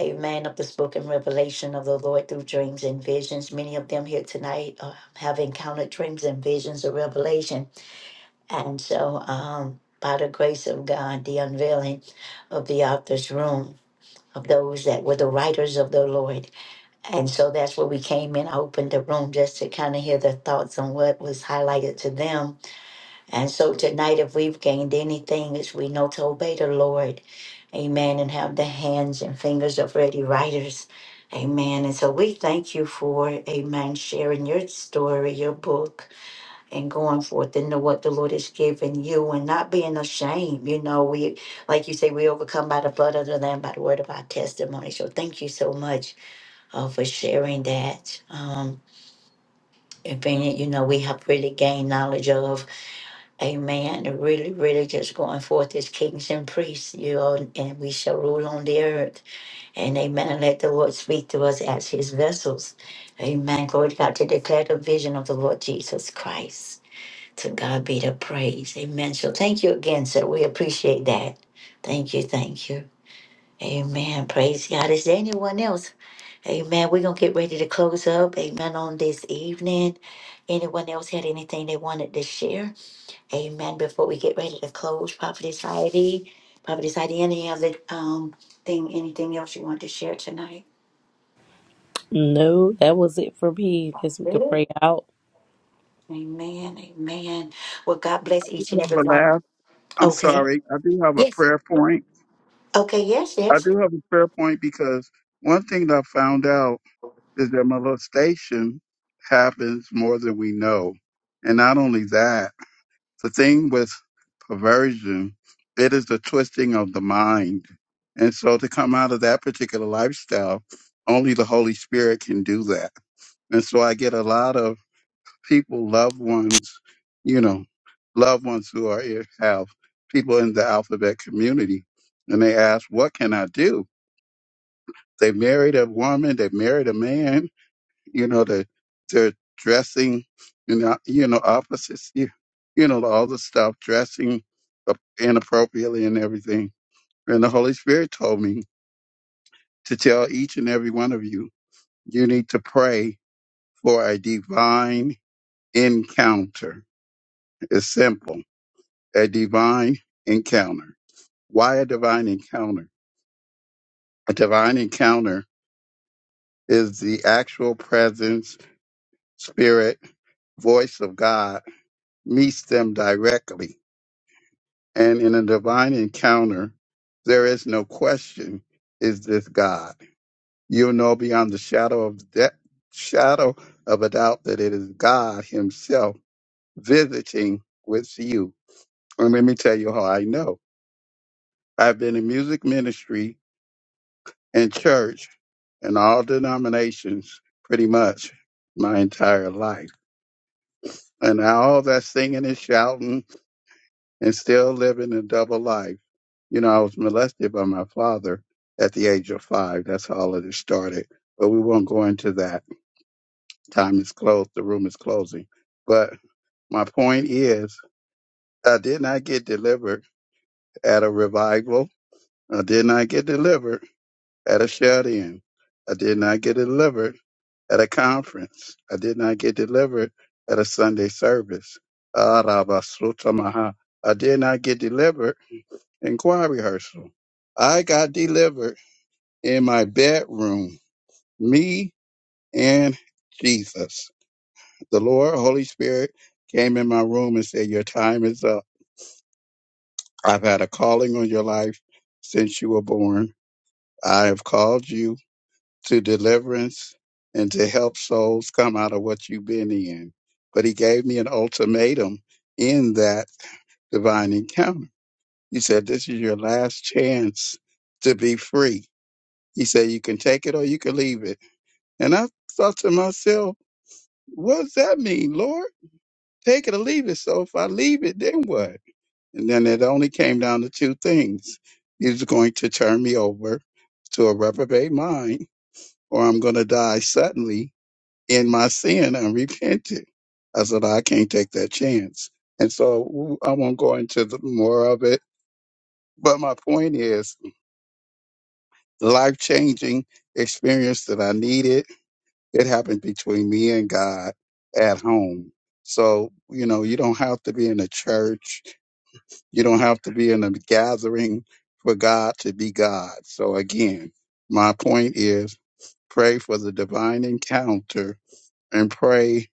A: Amen. Of the spoken revelation of the Lord through dreams and visions. Many of them here tonight uh, have encountered dreams and visions of revelation. And so, um, by the grace of God, the unveiling of the author's room of those that were the writers of the Lord. And so that's where we came in. I opened the room just to kind of hear their thoughts on what was highlighted to them and so tonight, if we've gained anything, is we know to obey the Lord. Amen. And have the hands and fingers of ready writers. Amen. And so we thank you for, amen, sharing your story, your book, and going forth into what the Lord has given you and not being ashamed. You know, we, like you say, we overcome by the blood of the Lamb, by the word of our testimony. So thank you so much uh, for sharing that. Um, and being, you know, we have really gained knowledge of. Amen. And Really, really just going forth as kings and priests, you know, and we shall rule on the earth. And amen. Let the Lord speak to us as his vessels. Amen. Glory to God to declare the vision of the Lord Jesus Christ. To God be the praise. Amen. So thank you again, sir. We appreciate that. Thank you. Thank you. Amen. Praise God. Is there anyone else? Amen. We're going to get ready to close up. Amen. On this evening. Anyone else had anything they wanted to share? Amen. Before we get ready to close, Prophetess Heidi, Prophetess Heidi, any other um thing, anything else you want to share tonight?
B: No, that was it for me. Guess we could
A: Really?
B: pray out.
A: Amen. Amen. Well, God bless each and
J: have
A: every
J: a
A: one.
J: laugh. I'm
A: Okay.
J: sorry. I do have a
A: Yes.
J: prayer point.
A: Okay. Yes.
J: I
A: Yes.
J: do have a fair point because one thing that I found out is that molestation happens more than we know. And not only that, the thing with perversion, it is the twisting of the mind. And so to come out of that particular lifestyle, only the Holy Spirit can do that. And so I get a lot of people, loved ones, you know, loved ones who are have people in the alphabet community, and they ask, What can I do? They married a woman. They married a man. You know, they they're dressing, you know, you know, opposites. You, you know, all the stuff, dressing up inappropriately and everything. And the Holy Spirit told me to tell each and every one of you, you need to pray for a divine encounter. It's simple. A divine encounter. Why a divine encounter? A divine encounter is the actual presence, spirit, voice of God meets them directly. And in a divine encounter, there is no question, is this God? You'll know beyond the shadow of that shadow of a doubt that it is God Himself visiting with you. And let me tell you how I know. I've been in music ministry and church and all denominations pretty much my entire life. And all that singing and shouting and still living a double life You know, I was molested by my father at the age of five. That's how all of this started. But we won't go into that. Time is closed. The room is closing. But my point is, I did not get delivered at a revival. I did not get delivered at a shut in. I did not get delivered at a conference. I did not get delivered at a Sunday service. Ah, Rabba Sutta Maha. I did not get delivered in choir rehearsal. I got delivered in my bedroom, me and Jesus. The Lord, Holy Spirit, came in my room and said, Your time is up. I've had a calling on your life since you were born. I have called you to deliverance and to help souls come out of what you've been in. But he gave me an ultimatum in that divine encounter. He said, This is your last chance to be free. He said, You can take it or you can leave it. And I thought to myself, What does that mean, Lord? Take it or leave it. So if I leave it, then what? And then it only came down to two things. He's going to turn me over to a reprobate mind, or I'm going to die suddenly in my sin unrepentant. I said, I can't take that chance. And so I won't go into the more of it. But my point is life changing experience that I needed It happened between me and God at home. So, you know, you don't have to be in a church. You don't have to be in a gathering for God to be God. So again, my point is pray for the divine encounter and pray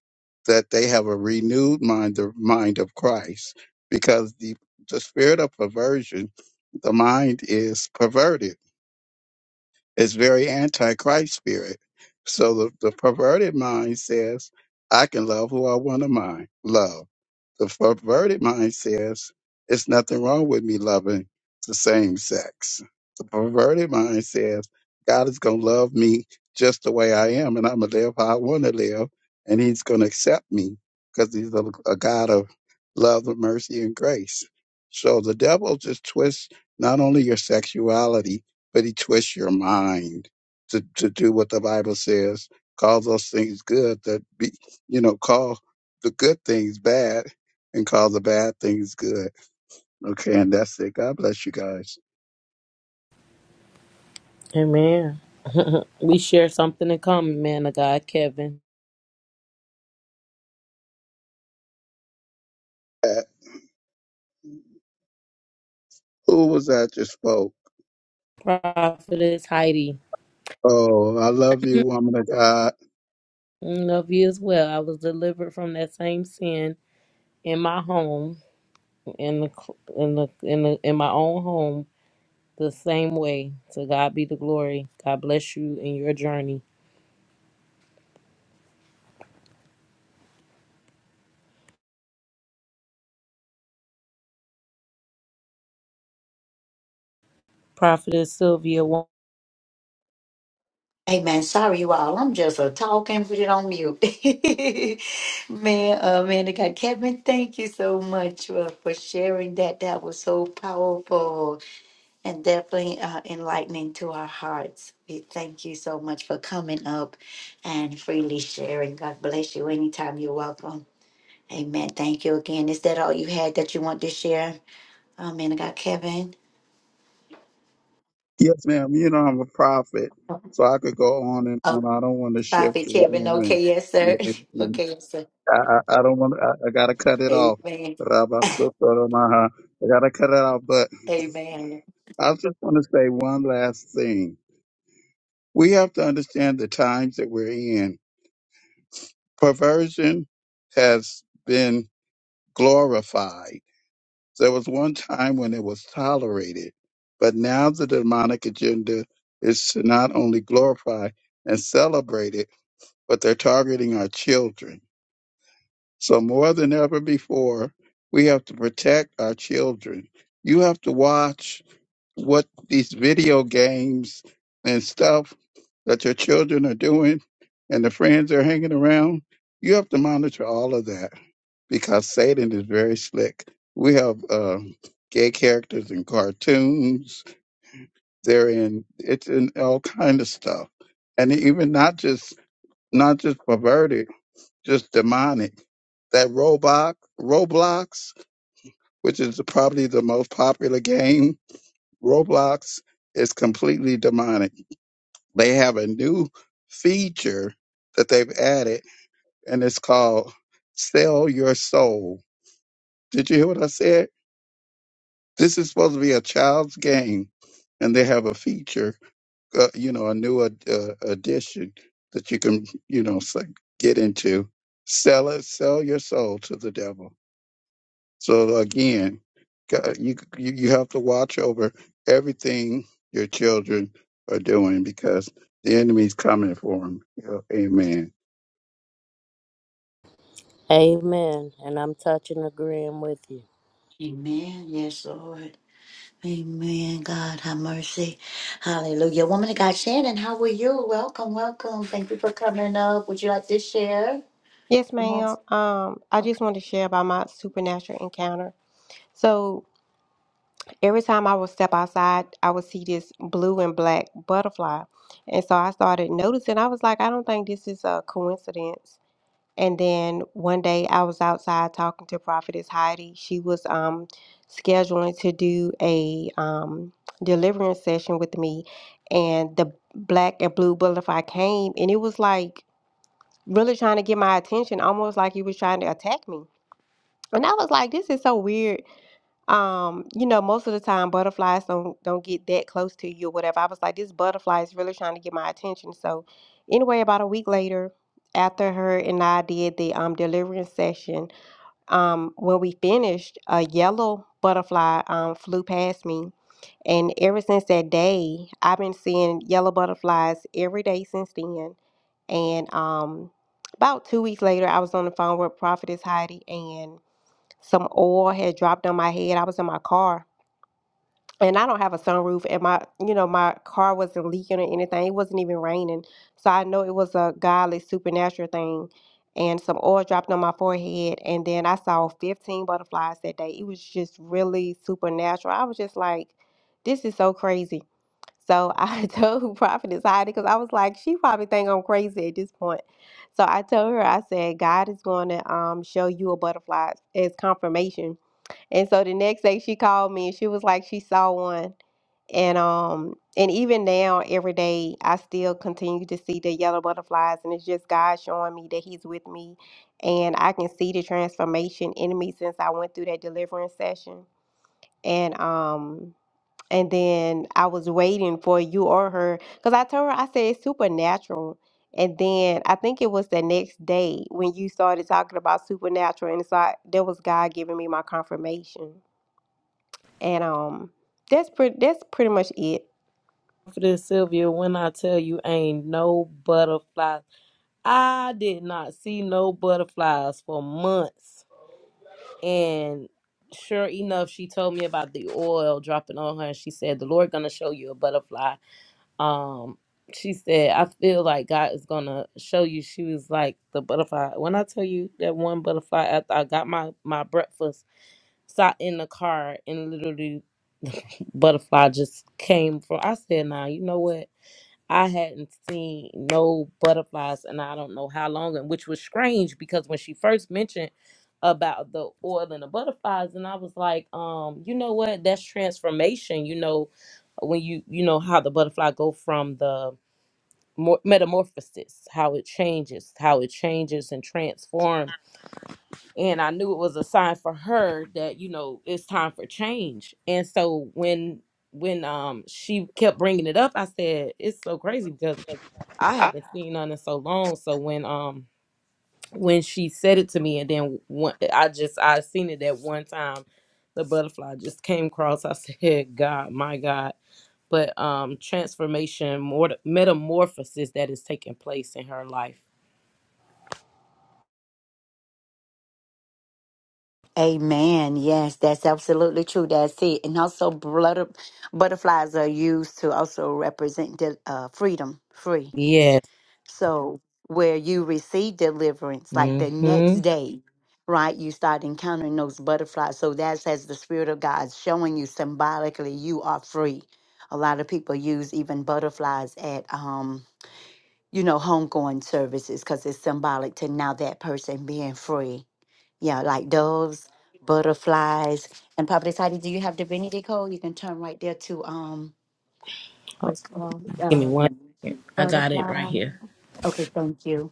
J: that they have a renewed mind the mind of Christ because the the spirit of perversion the mind is perverted it's very anti-Christ spirit. So the, the perverted mind says, I can love who I want to mind, love. The perverted mind says, it's nothing wrong with me loving the same sex. The perverted mind says, God is going to love me just the way I am, and I'm going to live how I want to live, and he's going to accept me because he's a, a God of love and mercy and grace. So the devil just twists not only your sexuality, but he twists your mind to, to do what the Bible says. Call those things good that be, you know, call the good things bad and call the bad things good. Okay. And that's it. God bless you guys.
B: Amen. we share something in common, man of God, Kevin.
J: Uh, Who was that just spoke?
B: Prophetess Heidi.
J: Oh, I love you, woman of God.
B: Mm, Of you as well. I was delivered from that same sin in my home, in the cl- in the in the in my own home, the same way. To God be the glory. God bless you in your journey, Prophetess Sylvia. wh-
A: Amen. Sorry, you all. I'm just a talking, put it on mute. man, uh, man, I got Kevin, thank you so much uh, for sharing that. That was so powerful. and definitely uh, enlightening to our hearts. We thank you so much for coming up and freely sharing. God bless you. Anytime you're welcome. Amen. Thank you again. Is that all you had that you want to share? Um, and I got Kevin.
J: Yes, ma'am. You know, I'm a prophet. So I could go on and
A: Oh,
J: on. I don't want to shift
A: Prophet
J: the
A: Kevin.
J: room and,
A: Okay, yes, sir.
J: and- and
A: okay, yes, sir.
J: I, I I don't want to, I, I got to cut it off.
A: Amen.
J: Rabba Sotoromaha. I got to cut it off, but
A: Amen.
J: I just want to say one last thing. We have to understand the times that we're in. Perversion has been glorified. There was one time when it was tolerated, but now the demonic agenda is to not only glorify and celebrate it, but they're targeting our children. So more than ever before, we have to protect our children. You have to watch what these video games and stuff that your children are doing and the friends are hanging around, you have to monitor all of that because Satan is very slick. We have uh, gay characters in cartoons. They're in it's in all kind of stuff, and even not just not just perverted, just demonic. That Roblox, Roblox, which is probably the most popular game Roblox is completely demonic. They have a new feature that they've added, and it's called Sell Your Soul. Did you hear what I said? This is supposed to be a child's game, and they have a feature, uh, you know, a new ad- uh, addition that you can, you know, s- get into. Sell it, sell your soul to the devil. So again, God- you you you have to watch over everything your children are doing because the enemy's coming for them. Amen.
C: Amen. And I'm touching, agreeing with you.
A: Amen. Yes, Lord. Amen. God, have mercy. Hallelujah. Woman of God, Shannon, how are you? Welcome, welcome. Thank you for coming up. Would you like to share?
K: Yes, ma'am. Um, I just wanted to share about my supernatural encounter. So every time I would step outside, I would see this blue and black butterfly. And so I started noticing, I was like, I don't think this is a coincidence. And then one day I was outside talking to Prophetess Heidi. She was um scheduling to do a um deliverance session with me and the black and blue butterfly came and it was like really trying to get my attention, almost like he was trying to attack me. And I was like, this is so weird. Um, you know, most of the time butterflies don't don't get that close to you or whatever. I was like, this butterfly is really trying to get my attention. So anyway, about a week later, after her and I did the um deliverance session, um, when we finished, a yellow butterfly um flew past me. And ever since that day, I've been seeing yellow butterflies every day since then. And um about two weeks later, I was on the phone with Prophetess Heidi, and some oil had dropped on my head. I was in my car and I don't have a sunroof and my you know, my car wasn't leaking or anything. It wasn't even raining. So I know it was a godly supernatural thing. And some oil dropped on my forehead and then I saw 15 butterflies that day. It was just really supernatural. I was just like, this is so crazy. So I told Prophetess Heidi because I was like, she probably think I'm crazy at this point. So I told her, I said, God is going to um, show you a butterfly as confirmation and so the next day she called me and she was like she saw one. And um and even now every day I still continue to see the yellow butterflies and it's just God showing me that he's with me and I can see the transformation in me since I went through that deliverance session. And um and then I was waiting for you or her cuz I told her I said it's supernatural. And then I think it was the next day when you started talking about supernatural and so I, that was God giving me my confirmation. And um, that's pretty. That's pretty much it.
B: Prophetess Sylvia, when I tell you, ain't no butterflies. I did not see no butterflies for months, and sure enough, she told me about the oil dropping on her. and She said, "The Lord gonna show you a butterfly." um she said i feel like god is gonna show you she was like the butterfly when i tell you that one butterfly after i got my my breakfast sat in the car and literally butterfly just came from i said nah you know what i hadn't seen no butterflies and i don't know how long and which was strange because when she first mentioned about the oil and the butterflies and i was like um you know what that's transformation you know when you you know how the butterfly go from the mor- metamorphosis, how it changes, how it changes and transforms. And I knew it was a sign for her that you know it's time for change. And so when when um she kept bringing it up, I said it's so crazy because I
K: Ah.
B: haven't seen none in so long. So when um when she said it to me, and then one, I just I seen it that one time. The butterfly just came across. I said, God, my God but um transformation more metamorphosis that is taking place in her life
A: Amen. Yes, that's absolutely true. That's it. And also, blood, butterflies are used to also represent the, uh, freedom, free.
B: yes
A: So, where you receive deliverance, like the next
B: mm-hmm
A: day, right, you start encountering those butterflies. So, that's as the Spirit of God showing you symbolically you are free. A lot of people use even butterflies at, um, you know, homegoing services because it's symbolic to now that person being free Yeah, like doves, butterflies, and Papa Tati, do you have divinity code? You can turn right there to um
B: oh,
A: what's it called
B: give me
A: uh
B: one second i got it right
A: butterfly.
B: here
A: Okay, thank you.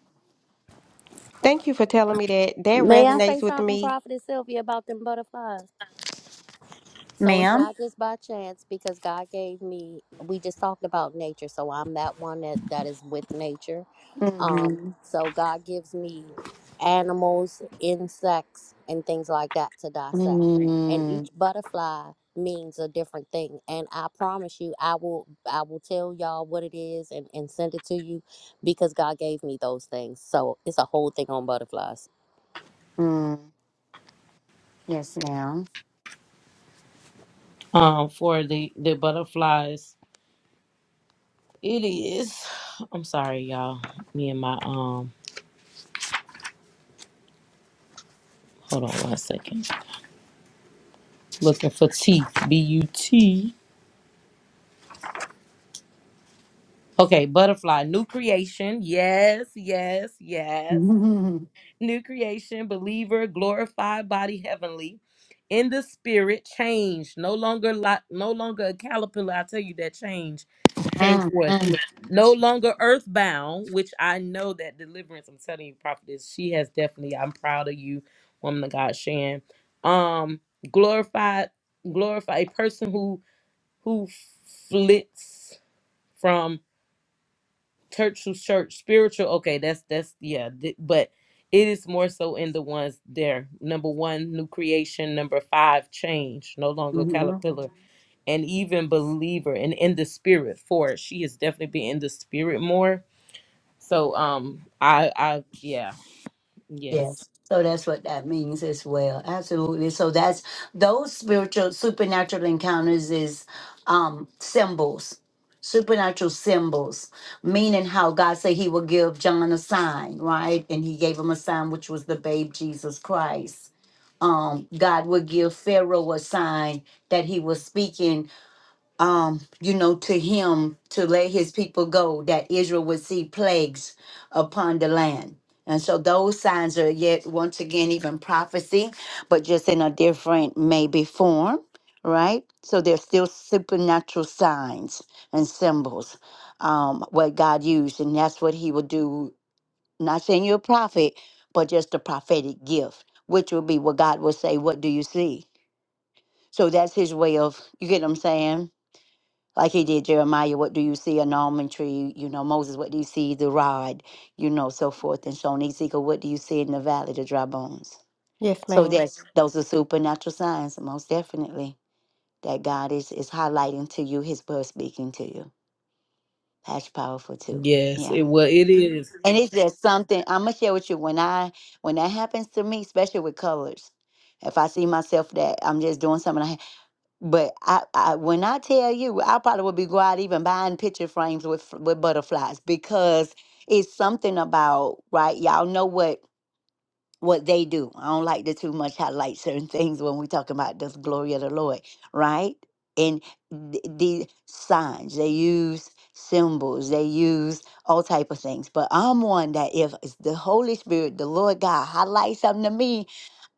K: Thank you for telling me that. That
C: May I say
K: resonates with
C: something,
K: me.
C: Prophetess Sylvia, about them butterflies? So it's
A: Ma'am?
C: not just by chance because God gave me. We just talked about nature, so I'm that one that that is with nature. Um,
A: Mm-hmm.
C: so God gives me animals, insects, and things like that to dissect, and
A: Mm-hmm.
C: each butterfly means a different thing. And I promise you, I will I will tell y'all what it is and and send it to you because God gave me those things. So it's a whole thing on butterflies.
A: Mm. Yes, ma'am.
B: um for the the butterflies it is i'm sorry y'all me and my um hold on one second looking for teeth b-u-t okay butterfly new creation yes yes yes new creation, believer, glorified body, heavenly, in the spirit, changed, no longer lot, no longer a caterpillar. I tell you that change came forth. No longer earthbound, which I know that deliverance. I'm telling you, prophetess, she has definitely. I'm proud of you, woman of God, Shan. Um, glorified, glorified a person who who flits from church to church spiritual okay that's that's yeah th- but it is more so in the ones there number one new creation number five change no longer
A: Mm-hmm.
B: caterpillar and even believer and in the spirit for she has definitely been in the spirit more so um i i yeah yes
A: Yes. So that's what that means as well. Absolutely. So that's those spiritual supernatural encounters is um symbols. Supernatural symbols, meaning how God said he will give John a sign, right? And he gave him a sign which was the babe Jesus Christ. Um, God would give Pharaoh a sign that he was speaking um, you know, to him to let his people go, that Israel would see plagues upon the land. And so those signs are yet once again even prophecy, but just in a different maybe form, right? So they're still supernatural signs and symbols, um, what God used, and that's what he will do. Not saying you're a prophet, but just a prophetic gift, which will be what God will say, What do you see? So that's his way of you get what I'm saying? like he did Jeremiah, what do you see? An almond tree, you know, Moses, what do you see? The rod, you know, so forth. And showing Ezekiel, what do you see in the valley? The dry bones.
K: Yes,
A: So
K: ma'am.
A: that's those are supernatural signs, most definitely, that God is is highlighting to you his word speaking to you. That's powerful too.
B: yes
A: Yeah.
B: it well it is
A: And it's just something I'm gonna share with you when I when that happens to me, especially with colors. If I see myself that I'm just doing something, I, but I, I, when I tell you, I probably would be go out even buying picture frames with f- with butterflies because it's something about right. Y'all know what what they do. I don't like to too much highlight certain things when we talking about this glory of the Lord, right? And th- the signs they use, symbols they use, all type of things. But I'm one that if it's the Holy Spirit, the Lord God highlights something to me,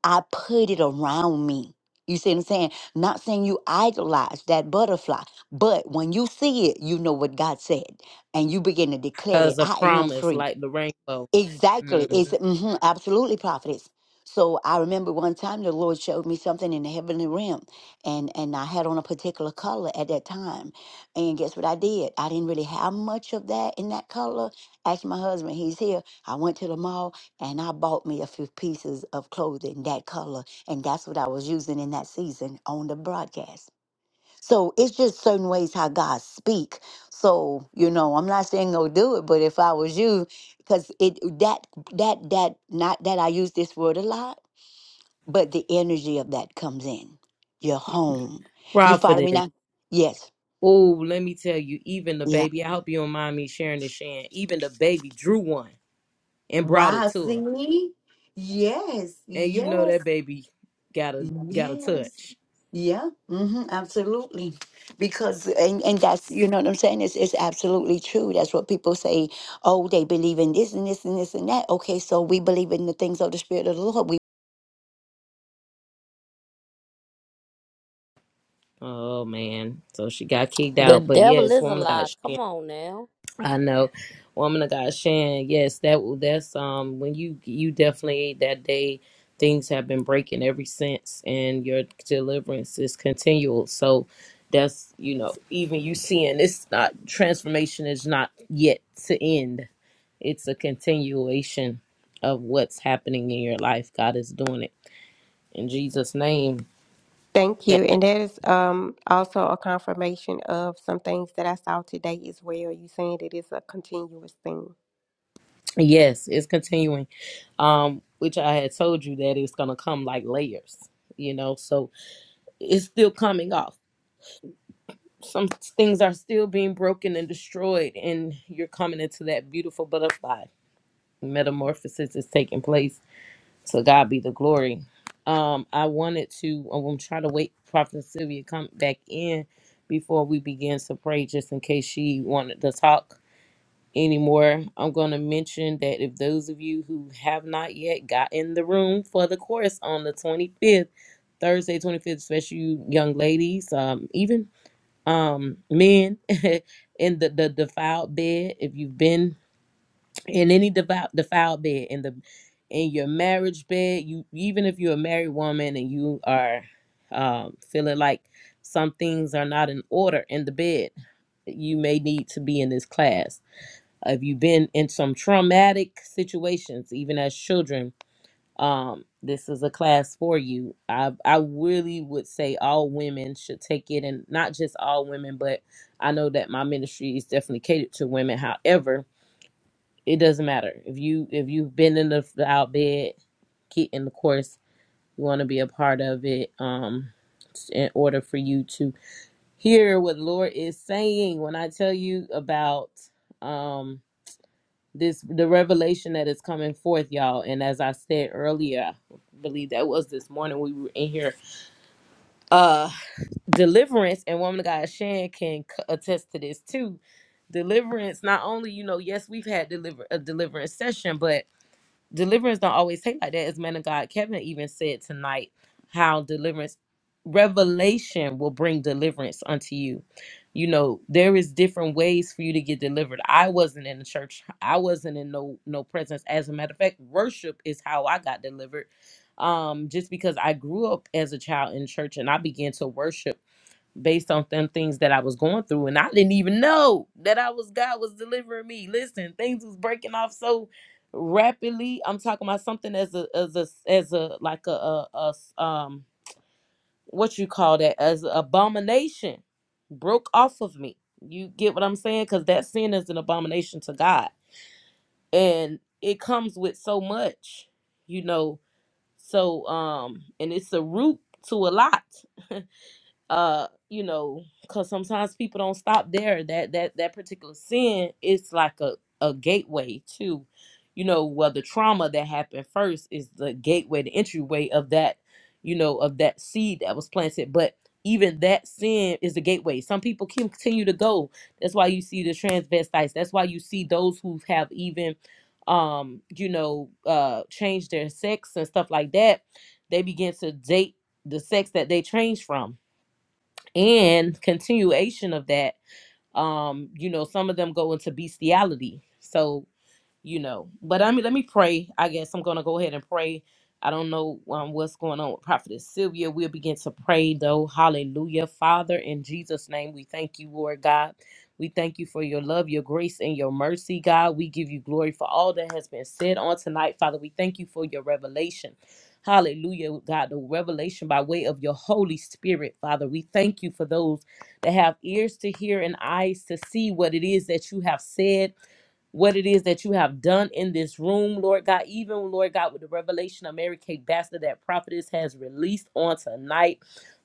A: I put it around me. You see what I'm saying? Not saying you idolize that butterfly, but when you see it, you know what God said, and you begin to declare that
B: because a
A: I am
B: promise
A: free.
B: like the rainbow
A: Exactly. It's
B: mm-hmm.
A: mhm, absolutely prophetess. So I remember one time the Lord showed me something in the heavenly realm, and and I had on a particular color at that time. And guess what I did? I didn't really have much of that in that color. Asked my husband, he's here. I went to the mall and I bought me a few pieces of clothing that color, and that's what I was using in that season on the broadcast. So it's just certain ways how God speak. So you know, I'm not saying go do it, but if I was you, because it that that that not that I use this word a lot, but the energy of that comes in your home. You follow me
B: prophetess
A: now? Yes.
B: oh let me tell you even the
A: Yeah.
B: baby i hope you don't mind me sharing this Shan. even the baby drew one and brought it
A: Wow.
B: to her.
A: See. Yes.
B: And you know
A: Yes.
B: that baby got a got a
A: Yes.
B: touch.
A: Yeah, hmm absolutely. Because and, and that's you know what I'm saying. It's it's absolutely true. That's what people say. Oh, they believe in this and this and this and that. Okay, so we believe in the things of the Spirit of the Lord. We
B: Oh man. So she got kicked
C: The
B: out. But
C: devil
B: yes,
C: is a
B: woman of God
C: lie.
B: Shan.
C: Come on now.
B: I know. Woman of God Shan, yes, that that's um when you you definitely that day things have been breaking ever since and your deliverance is continual. So that's you know, even you seeing it's not transformation is not yet to end. It's a continuation of what's happening in your life. God is doing it in Jesus' name.
K: Thank you. And that is um also a confirmation of some things that I saw today as well. You saying that it's a continuous thing.
B: Yes, it's continuing. Um, which I had told you that it's gonna come like layers, you know, so it's still coming off. Some things are still being broken and destroyed, and you're coming into that beautiful butterfly. Metamorphosis is taking place. So God be the glory. Um, I wanted to I'm gonna try to wait for Prophet Sylvia to come back in before we begin to pray, just in case she wanted to talk anymore. I'm going to mention that if those of you who have not yet got in the room for the course on the 25th, Thursday 25th, especially you young ladies, um, even um, men in the, the defiled bed, if you've been in any devout defiled bed in the in your marriage bed, you even if you're a married woman and you are um, feeling like some things are not in order in the bed, you may need to be in this class if you've been in some traumatic situations, even as children, um, this is a class for you. I I really would say all women should take it, and not just all women, but I know that my ministry is definitely catered to women. However, it doesn't matter if you if you've been in the, the out bed, get in the course. You want to be a part of it. Um, in order for you to hear what the Lord is saying. When I tell you about, um this the revelation that is coming forth y'all and as i said earlier I believe that was this morning we were in here uh deliverance and woman of god shan can c- attest to this too deliverance not only you know yes we've had deliver a deliverance session but deliverance don't always take like that. As man of God, Kevin even said tonight how deliverance, revelation will bring deliverance unto you. You know, there is different ways for you to get delivered. I wasn't in the church. I wasn't in no no presence. As a matter of fact, worship is how I got delivered. Um, just because I grew up as a child in church and I began to worship based on them things that I was going through, and I didn't even know that I was God was delivering me. Listen, things was breaking off so rapidly. I'm talking about something as a as a as a like a, a, a s- um what you call that as a abomination broke off of me. You get what I'm saying? Because that sin is an abomination to God, and it comes with so much, you know. So um, and it's a root to a lot uh you know because sometimes people don't stop there that that that particular sin is like a a gateway to you know well the trauma that happened first is the gateway the entryway of that you know of that seed that was planted but even that sin is the gateway some people continue to go that's why you see the transvestites that's why you see those who have even um you know uh changed their sex and stuff like that they begin to date the sex that they changed from and continuation of that um you know some of them go into bestiality so you know. But I mean, let me pray. I guess I'm gonna go ahead and pray. I don't know um, what's going on with Prophetess Sylvia. We'll begin to pray though. Hallelujah, Father, in Jesus' name, we thank you, Lord God. We thank you for your love, your grace, and your mercy, God. We give you glory for all that has been said on tonight, Father. We thank you for your revelation. Hallelujah, God, the revelation by way of your Holy Spirit, Father. We thank you for those that have ears to hear and eyes to see what it is that you have said what it is that you have done in this room, Lord God, even Lord God, with the revelation of Mary Kate Baxter that prophetess has released on tonight.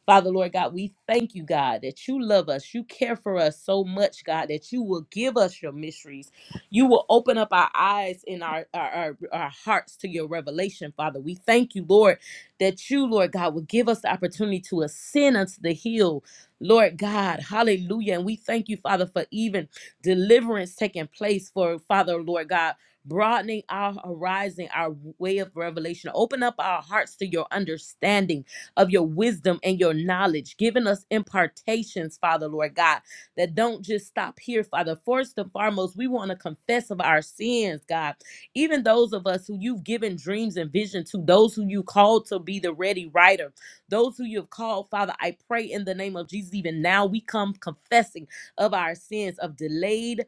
B: Father, Lord God, we thank you, God, that you love us. You care for us so much, God, that you will give us your mysteries. You will open up our eyes and our, our, our, our hearts to your revelation, Father. We thank you, Lord, that you, Lord God, will give us the opportunity to ascend unto the hill, Lord God. Hallelujah. And we thank you, Father, for even deliverance taking place for Father, Lord God, broadening our horizon, our way of revelation. Open up our hearts to your understanding of your wisdom and your knowledge, giving us impartations, Father, Lord God, that don't just stop here, Father. First and foremost, we want to confess of our sins, God. Even those of us who you've given dreams and vision to, those who you called to be the ready writer, those who you've called, Father, I pray in the name of Jesus, even now we come confessing of our sins of delayed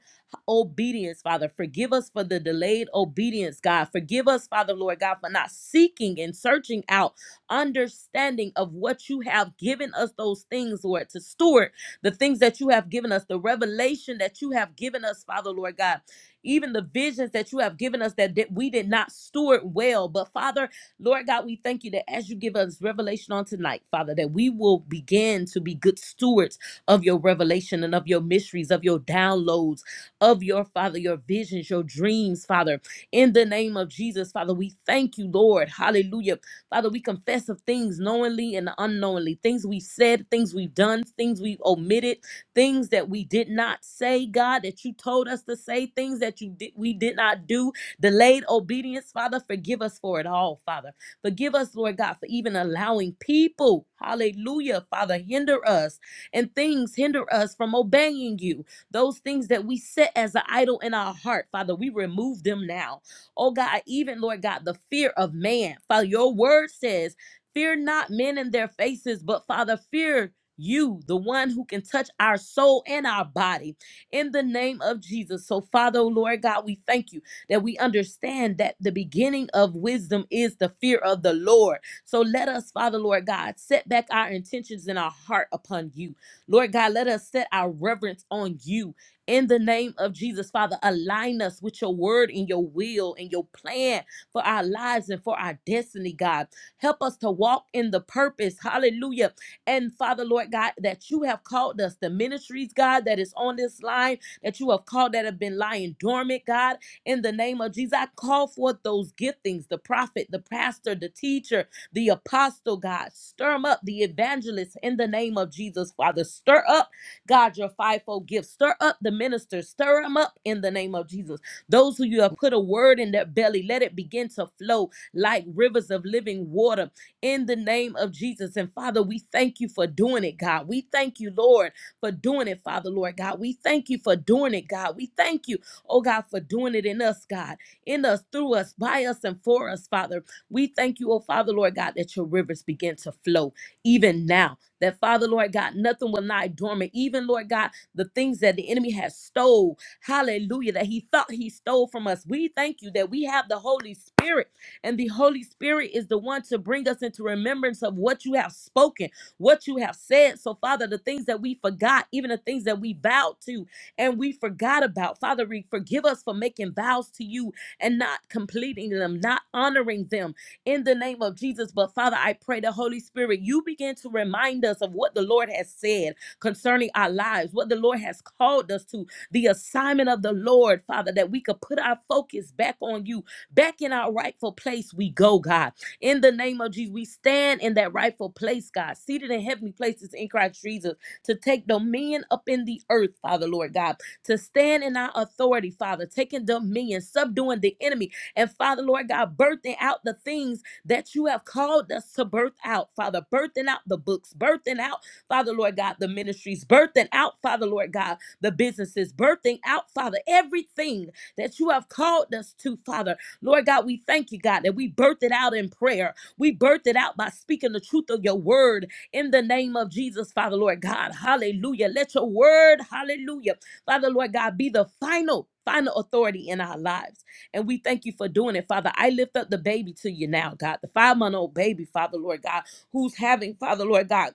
B: obedience, Father. Forgive us for the delayed obedience, God. Forgive us, Father, Lord God, for not seeking and searching out understanding of what you have given us those things, Lord, to steward the things that you have given us, the revelation that you have given us, Father, Lord God. Even the visions that you have given us that that we did not steward well. But Father, Lord God, we thank you that as you give us revelation on tonight, Father, that we will begin to be good stewards of your revelation and of your mysteries, of your downloads, of your Father, your visions, your dreams, Father. In the name of Jesus, Father, we thank you, Lord. Hallelujah. Father, we confess of things knowingly and unknowingly, things we've said, things we've done, things we've omitted, things that we did not say, God, that you told us to say, things that you did we did not do, delayed obedience, Father, forgive us for it all, Father. Forgive us, Lord God, for even allowing people, hallelujah, Father, hinder us and things hinder us from obeying you. Those things that we set as an idol in our heart, Father, we remove them now. Oh God, even Lord God, the fear of man. Father, your word says, Fear not men in their faces, but Father, fear you, the one who can touch our soul and our body in the name of Jesus. So, Father, oh Lord God, we thank you that we understand that the beginning of wisdom is the fear of the Lord. So, let us, Father, Lord God, set back our intentions in our heart upon you. Lord God, let us set our reverence on you in the name of Jesus. Father, align us with your word and your will and your plan for our lives and for our destiny, God. Help us to walk in the purpose, hallelujah. And Father, Lord God, that you have called us, the ministries, God, that is on this line, that you have called that have been lying dormant, God. In the name of Jesus, I call forth those giftings the prophet, the pastor, the teacher the apostle, God. Stir them up, the evangelists, in the name of Jesus, Father. Stir up, God, your fivefold gifts. Stir up the ministers. Stir them up in the name of Jesus. Those who you have put a word in their belly, let it begin to flow like rivers of living water in the name of Jesus. And Father, we thank you for doing it, God. We thank you, Lord, for doing it, Father, Lord God. We thank you for doing it, God. We thank you, oh God, for doing it in us, God, in us, through us, by us, and for us, Father. We thank you, oh Father, Lord God, that your rivers begin to flow even now. That Father, Lord God, nothing will lie dormant. Even, Lord God, the things that the enemy has stole, hallelujah, that he thought he stole from us. We thank you that we have the Holy Spirit, and the Holy Spirit is the one to bring us into remembrance of what you have spoken, what you have said. So, Father, the things that we forgot, even the things that we vowed to and we forgot about, Father, we forgive us for making vows to you and not completing them, not honoring them in the name of Jesus. But Father, I pray the Holy Spirit, you begin to remind us of what the Lord has said concerning our lives, what the Lord has called us to, the assignment of the Lord, Father, that we could put our focus back on you, back in our rightful place. We go, God. In the name of Jesus, we stand in that rightful place, God, seated in heavenly places in Christ Jesus, to take dominion up in the earth, Father, Lord God, to stand in our authority, Father, taking dominion, subduing the enemy, and Father, Lord God, birthing out the things that you have called us to birth out, Father, birthing out the books, birthing out, Father, Lord God, the ministries, birthing out, Father, Lord God, the businesses, birthing out, Father, everything that you have called us to, Father. Lord God, we thank you, God, that we birthed it out in prayer. We birthed it out by speaking the truth of your word in the name of Jesus, Father, Lord God. Hallelujah. Let your word, hallelujah, Father, Lord God, be the final. Final authority in our lives. And we thank you for doing it, Father. I lift up the baby to you now, God, the five month old baby, Father, Lord God, who's having, Father, Lord God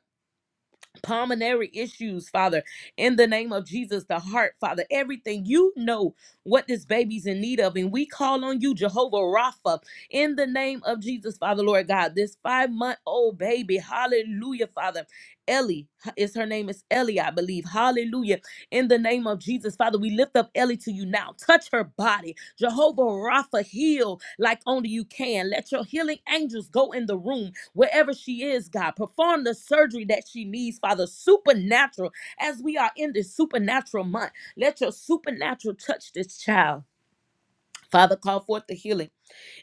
B: pulmonary issues, Father, in the name of Jesus, the heart, Father, everything you know what this baby's in need of. And we call on you, Jehovah Rapha, in the name of Jesus, Father, Lord God, this five month old baby, hallelujah, Father. Ellie is her name is Ellie, I believe. Hallelujah. In the name of Jesus, Father, we lift up Ellie to you now. Touch her body. Jehovah Rapha, heal like only you can. Let your healing angels go in the room Wherever she is, God, perform the surgery that she needs, Father, supernatural, as we are in this supernatural month. Let your supernatural touch this child. Father, call forth the healing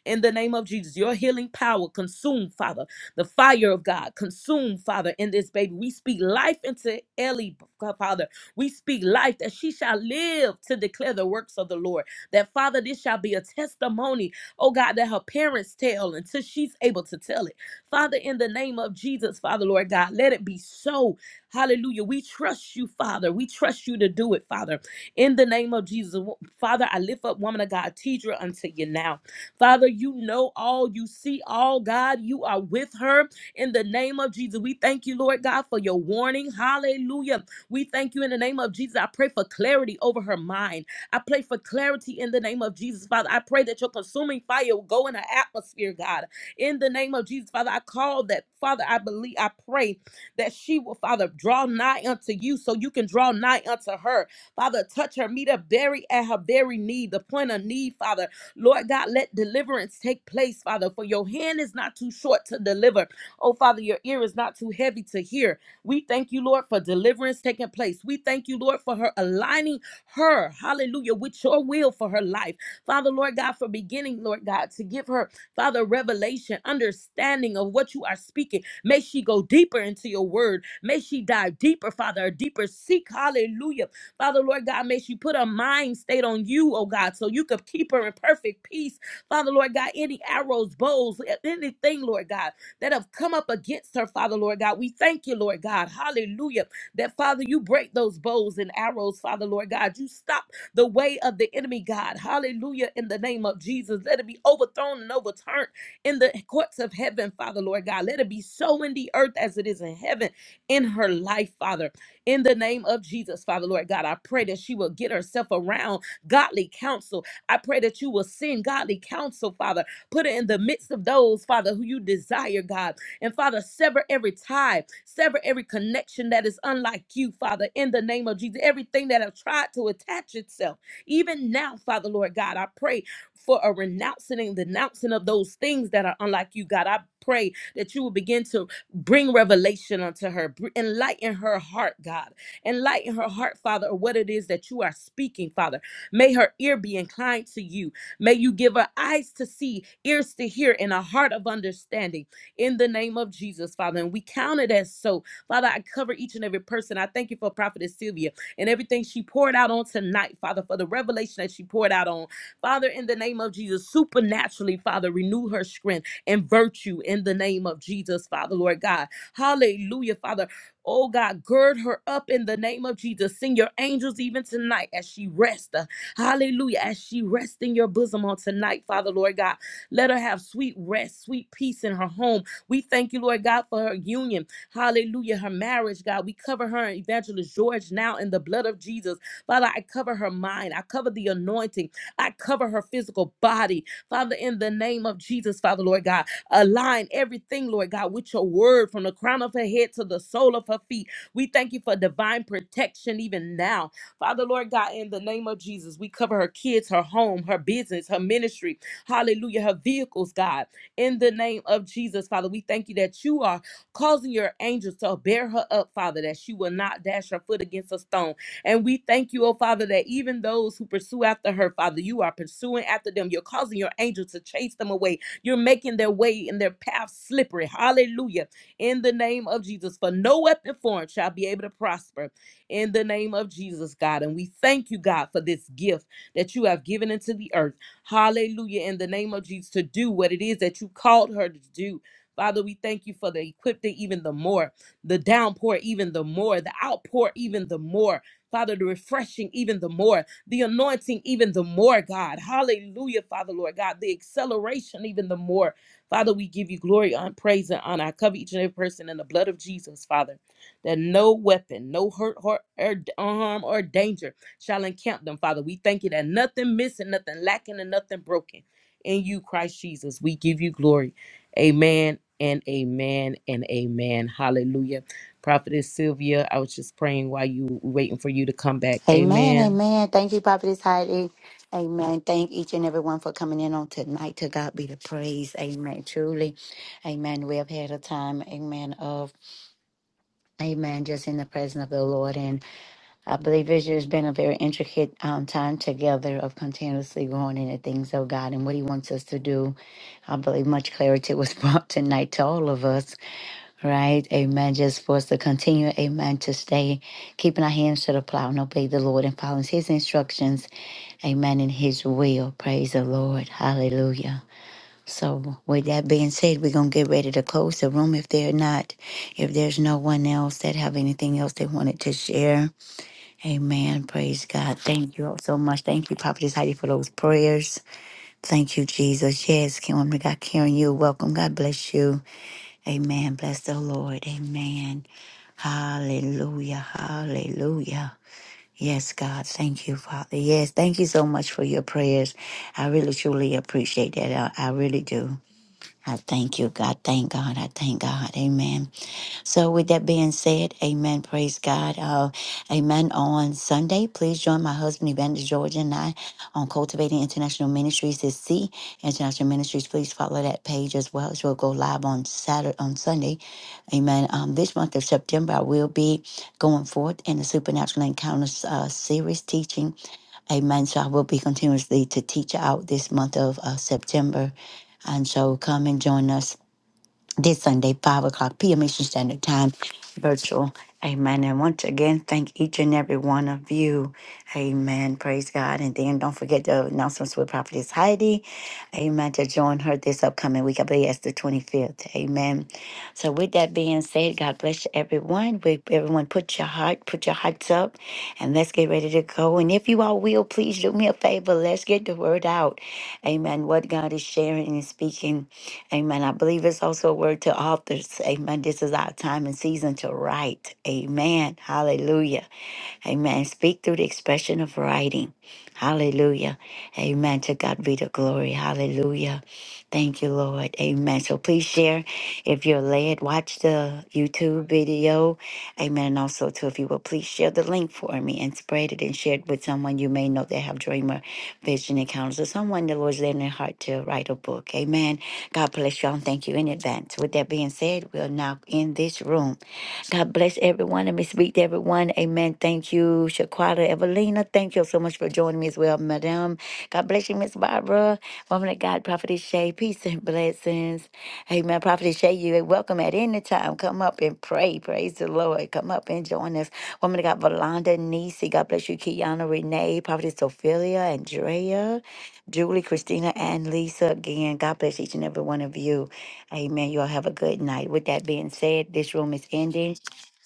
B: in the name of Jesus. Your healing power consume, Father. The fire of God consume, Father, in this baby. We speak life into Ellie, Father. We speak life that she shall live to declare the works of the Lord. That, Father, this shall be a testimony, oh God, that her parents tell until she's able to tell it. Father, in the name of Jesus, Father, Lord God, let it be so. Hallelujah. We trust you, Father. We trust you to do it, Father. In the name of Jesus, Father, I lift up woman of God, Tidra, unto you now. Father, you know all, you see all, God. You are with her in the name of Jesus. We thank you, Lord God, for your warning. Hallelujah. We thank you in the name of Jesus. I pray for clarity over her mind. I pray for clarity in the name of Jesus, Father. I pray that your consuming fire will go in her atmosphere, God. In the name of Jesus, Father, I call that, Father, I believe, I pray that she will, Father, draw nigh unto you so you can draw nigh unto her. Father, touch her, meet her very at her very need, the point of need, Father. Lord God, let deliverance take place, Father, for your hand is not too short to deliver. Oh, Father, your ear is not too heavy to hear. We thank you, Lord, for deliverance taking place. We thank you, Lord, for her aligning her, hallelujah, with your will for her life. Father, Lord God, for beginning, Lord God, to give her, Father, revelation, understanding of what you are speaking. May she go deeper into your word. May she dive deeper, Father, a deeper seek, hallelujah Father, Lord God, may she put her mind state on you, oh God, so you could keep her in perfect peace. Father, Lord God, any arrows, bows, anything, Lord God, that have come up against her, Father, Lord God, we thank you, Lord God. Hallelujah. That, Father, you break those bows and arrows, Father, Lord God. You stop the way of the enemy, God. Hallelujah. In the name of Jesus, let it be overthrown and overturned in the courts of heaven, Father, Lord God. Let it be so in the earth as it is in heaven in her life, Father in the name of Jesus, Father Lord God. I pray that she will get herself around godly counsel. I pray that you will send godly counsel, Father. Put her in the midst of those, Father, who you desire, God. And Father, sever every tie, sever every connection that is unlike you, Father, in the name of Jesus. Everything that have tried to attach itself, even now, Father, Lord God, I pray for a renouncing and denouncing of those things that are unlike you, God. I pray that you will begin to Bring revelation unto her. Br- Enlighten her heart, God. Enlighten her heart, Father, of what it is that you are speaking, Father. May her ear be inclined to you. May you give her eyes to see, ears to hear, and a heart of understanding in the name of Jesus, Father. And we count it as so. Father, I cover each and every person. I thank you for Prophetess Sylvia and everything she poured out on tonight, Father, for the revelation that she poured out on. Father, in the name of Jesus, supernaturally, Father, renew her strength and virtue in the name of Jesus, Father, Lord God. Hallelujah, Father. Oh God, gird her up in the name of Jesus. Send your angels even tonight as she rests. uh, Hallelujah. As she rests in your bosom on tonight, Father, Lord God. Let her have sweet rest, sweet peace in her home. We thank you, Lord God, for her union. Hallelujah. Her marriage, God. We cover her and Evangelist George now in the blood of Jesus. Father, I cover her mind. I cover the anointing. I cover her physical body. Father, in the name of Jesus, Father, Lord God, align everything, Lord God, with your word from the crown of her head to the sole of her feet. We thank you for divine protection even now. Father, Lord God, in the name of Jesus, we cover her kids, her home, her business, her ministry. Hallelujah. Her vehicles, God. In the name of Jesus, Father, we thank you that you are causing your angels to bear her up, Father, that she will not dash her foot against a stone. And we thank you, oh Father, that even those who pursue after her, Father, you are pursuing after them. You're causing your angels to chase them away. You're making their way and their path slippery. Hallelujah. In the name of Jesus, for no weapon formed shall be able to prosper. In the name of Jesus, God. And we thank you, God, for this gift that you have given into the earth. Hallelujah. In the name of Jesus, to do what it is that you called her to do. Father, we thank you for the equipping even the more, the downpour even the more, the outpour even the more. Father, the refreshing even the more, the anointing even the more, God. Hallelujah, Father, Lord God, the acceleration even the more. Father, we give you glory, honor, praise, and honor. I cover each and every person in the blood of Jesus, Father, that no weapon, no hurt, hurt or harm or danger shall encamp them, Father. We thank you that nothing missing, nothing lacking, and nothing broken. In you, Christ Jesus, we give you glory. Amen and amen and amen. Hallelujah. Prophetess Sylvia, I was just praying while you were waiting for you to come back.
A: Amen,
B: Amen.
A: amen. Thank you, Prophetess Heidi. Amen. Thank each and everyone for coming in on tonight. To God be the praise. Amen. Truly. Amen. We have had a time, amen, of amen, just in the presence of the Lord. I believe this year has been a very intricate um, time together of continuously growing in the things of God and what He wants us to do. I believe much clarity was brought tonight to all of us, right? Amen. Just for us to continue, amen, to stay keeping our hands to the plow and obey the Lord and following His instructions, amen, in His will. Praise the Lord. Hallelujah. So, with that being said, we're going to get ready to close the room if they're not, if there's no one else that have anything else they wanted to share. Amen. Praise God. Thank you all so much. Thank you, Prophetess Heidi, for those prayers. Thank you, Jesus. Yes, Kim, woman of God, Karen, you welcome. God bless you. Amen. Bless the Lord. Amen. Hallelujah. Hallelujah. Yes, God. Thank you, Father. Yes, thank you so much for your prayers. I really, truly appreciate that. I, I really do. I thank you, God. Thank God. I thank God. Amen. So, with that being said, amen. Praise God. Uh, amen. On Sunday, please join my husband, Evangelist George, and I on Cultivating International Ministries. It's C International Ministries. Please follow that page as well. It will go live on Saturday, on Sunday. Amen. Um, this month of September, I will be going forth in the Supernatural Encounters uh, series teaching. Amen. So, I will be continuously to teach out this month of uh, September. And so come and join us this Sunday, 5 o'clock p.m. Eastern Standard Time, virtual. Amen. And once again, thank each and every one of you. Amen. Praise God. And then don't forget the announcements with Prophetess Heidi. Amen. To join her this upcoming week. I believe that's the 25th. Amen. So with that being said, God bless everyone. We, everyone put your heart, put your hearts up, and let's get ready to go. And if you all will, please do me a favor. Let's get the word out. Amen. What God is sharing and speaking. Amen. I believe it's also a word to authors. Amen. This is our time and season to write. Amen. Hallelujah. Amen. Speak through the expression of writing. Hallelujah. Amen. To God be the glory. Hallelujah. Thank you, Lord. Amen. So please share if you're led. Watch the YouTube video. Amen. And also, too, if you will, please share the link for me and spread it and share it with someone you may know that have dreamer vision encounters or someone the Lord's led in their heart to write a book. Amen. God bless y'all and thank you in advance. With that being said, we'll now end this room. God bless everyone. Let me speak to everyone. Amen. Thank you, Shaquata Evelina. Thank you so much for joining me as well, Madam. God bless you, Miss Barbara. Woman of God, Prophetess Shay. Peace and blessings. Amen. Prophetess Shay, you are welcome at any time. Come up and pray. Praise the Lord. Come up and join us. Woman of God, Valanda Nisi. God bless you, Kiana Renee, Prophetess Ophelia, Andrea, Julie, Christina, and Lisa. Again, God bless each and every one of you. Amen. You all have a good night. With that being said, this room is ending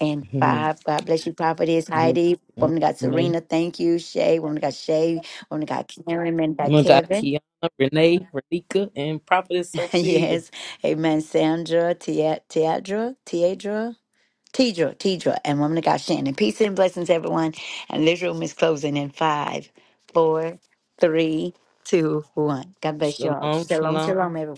A: and
B: Mhm.
A: five. God bless you, Prophetess
B: Woman of
A: Heidi.
B: God,
A: Woman of God,
B: Renee,
A: Serena. Thank you, Shay. Woman of God, Shay. Woman of God, Karen. Man of God,
B: Woman of God,
A: Kevin.
B: Kiana, Renee, Renika, and Prophetess Sophia.
A: yes. Amen. Sandra, Tia- Tiadra, Tiadra, Tidra, Tidra, and Woman of God, Shannon. Peace and blessings, everyone. And this room is closing in five, four, three, two, one. God bless you all.
B: Shalom,
A: Shalom,
B: shalom.
A: shalom, everyone.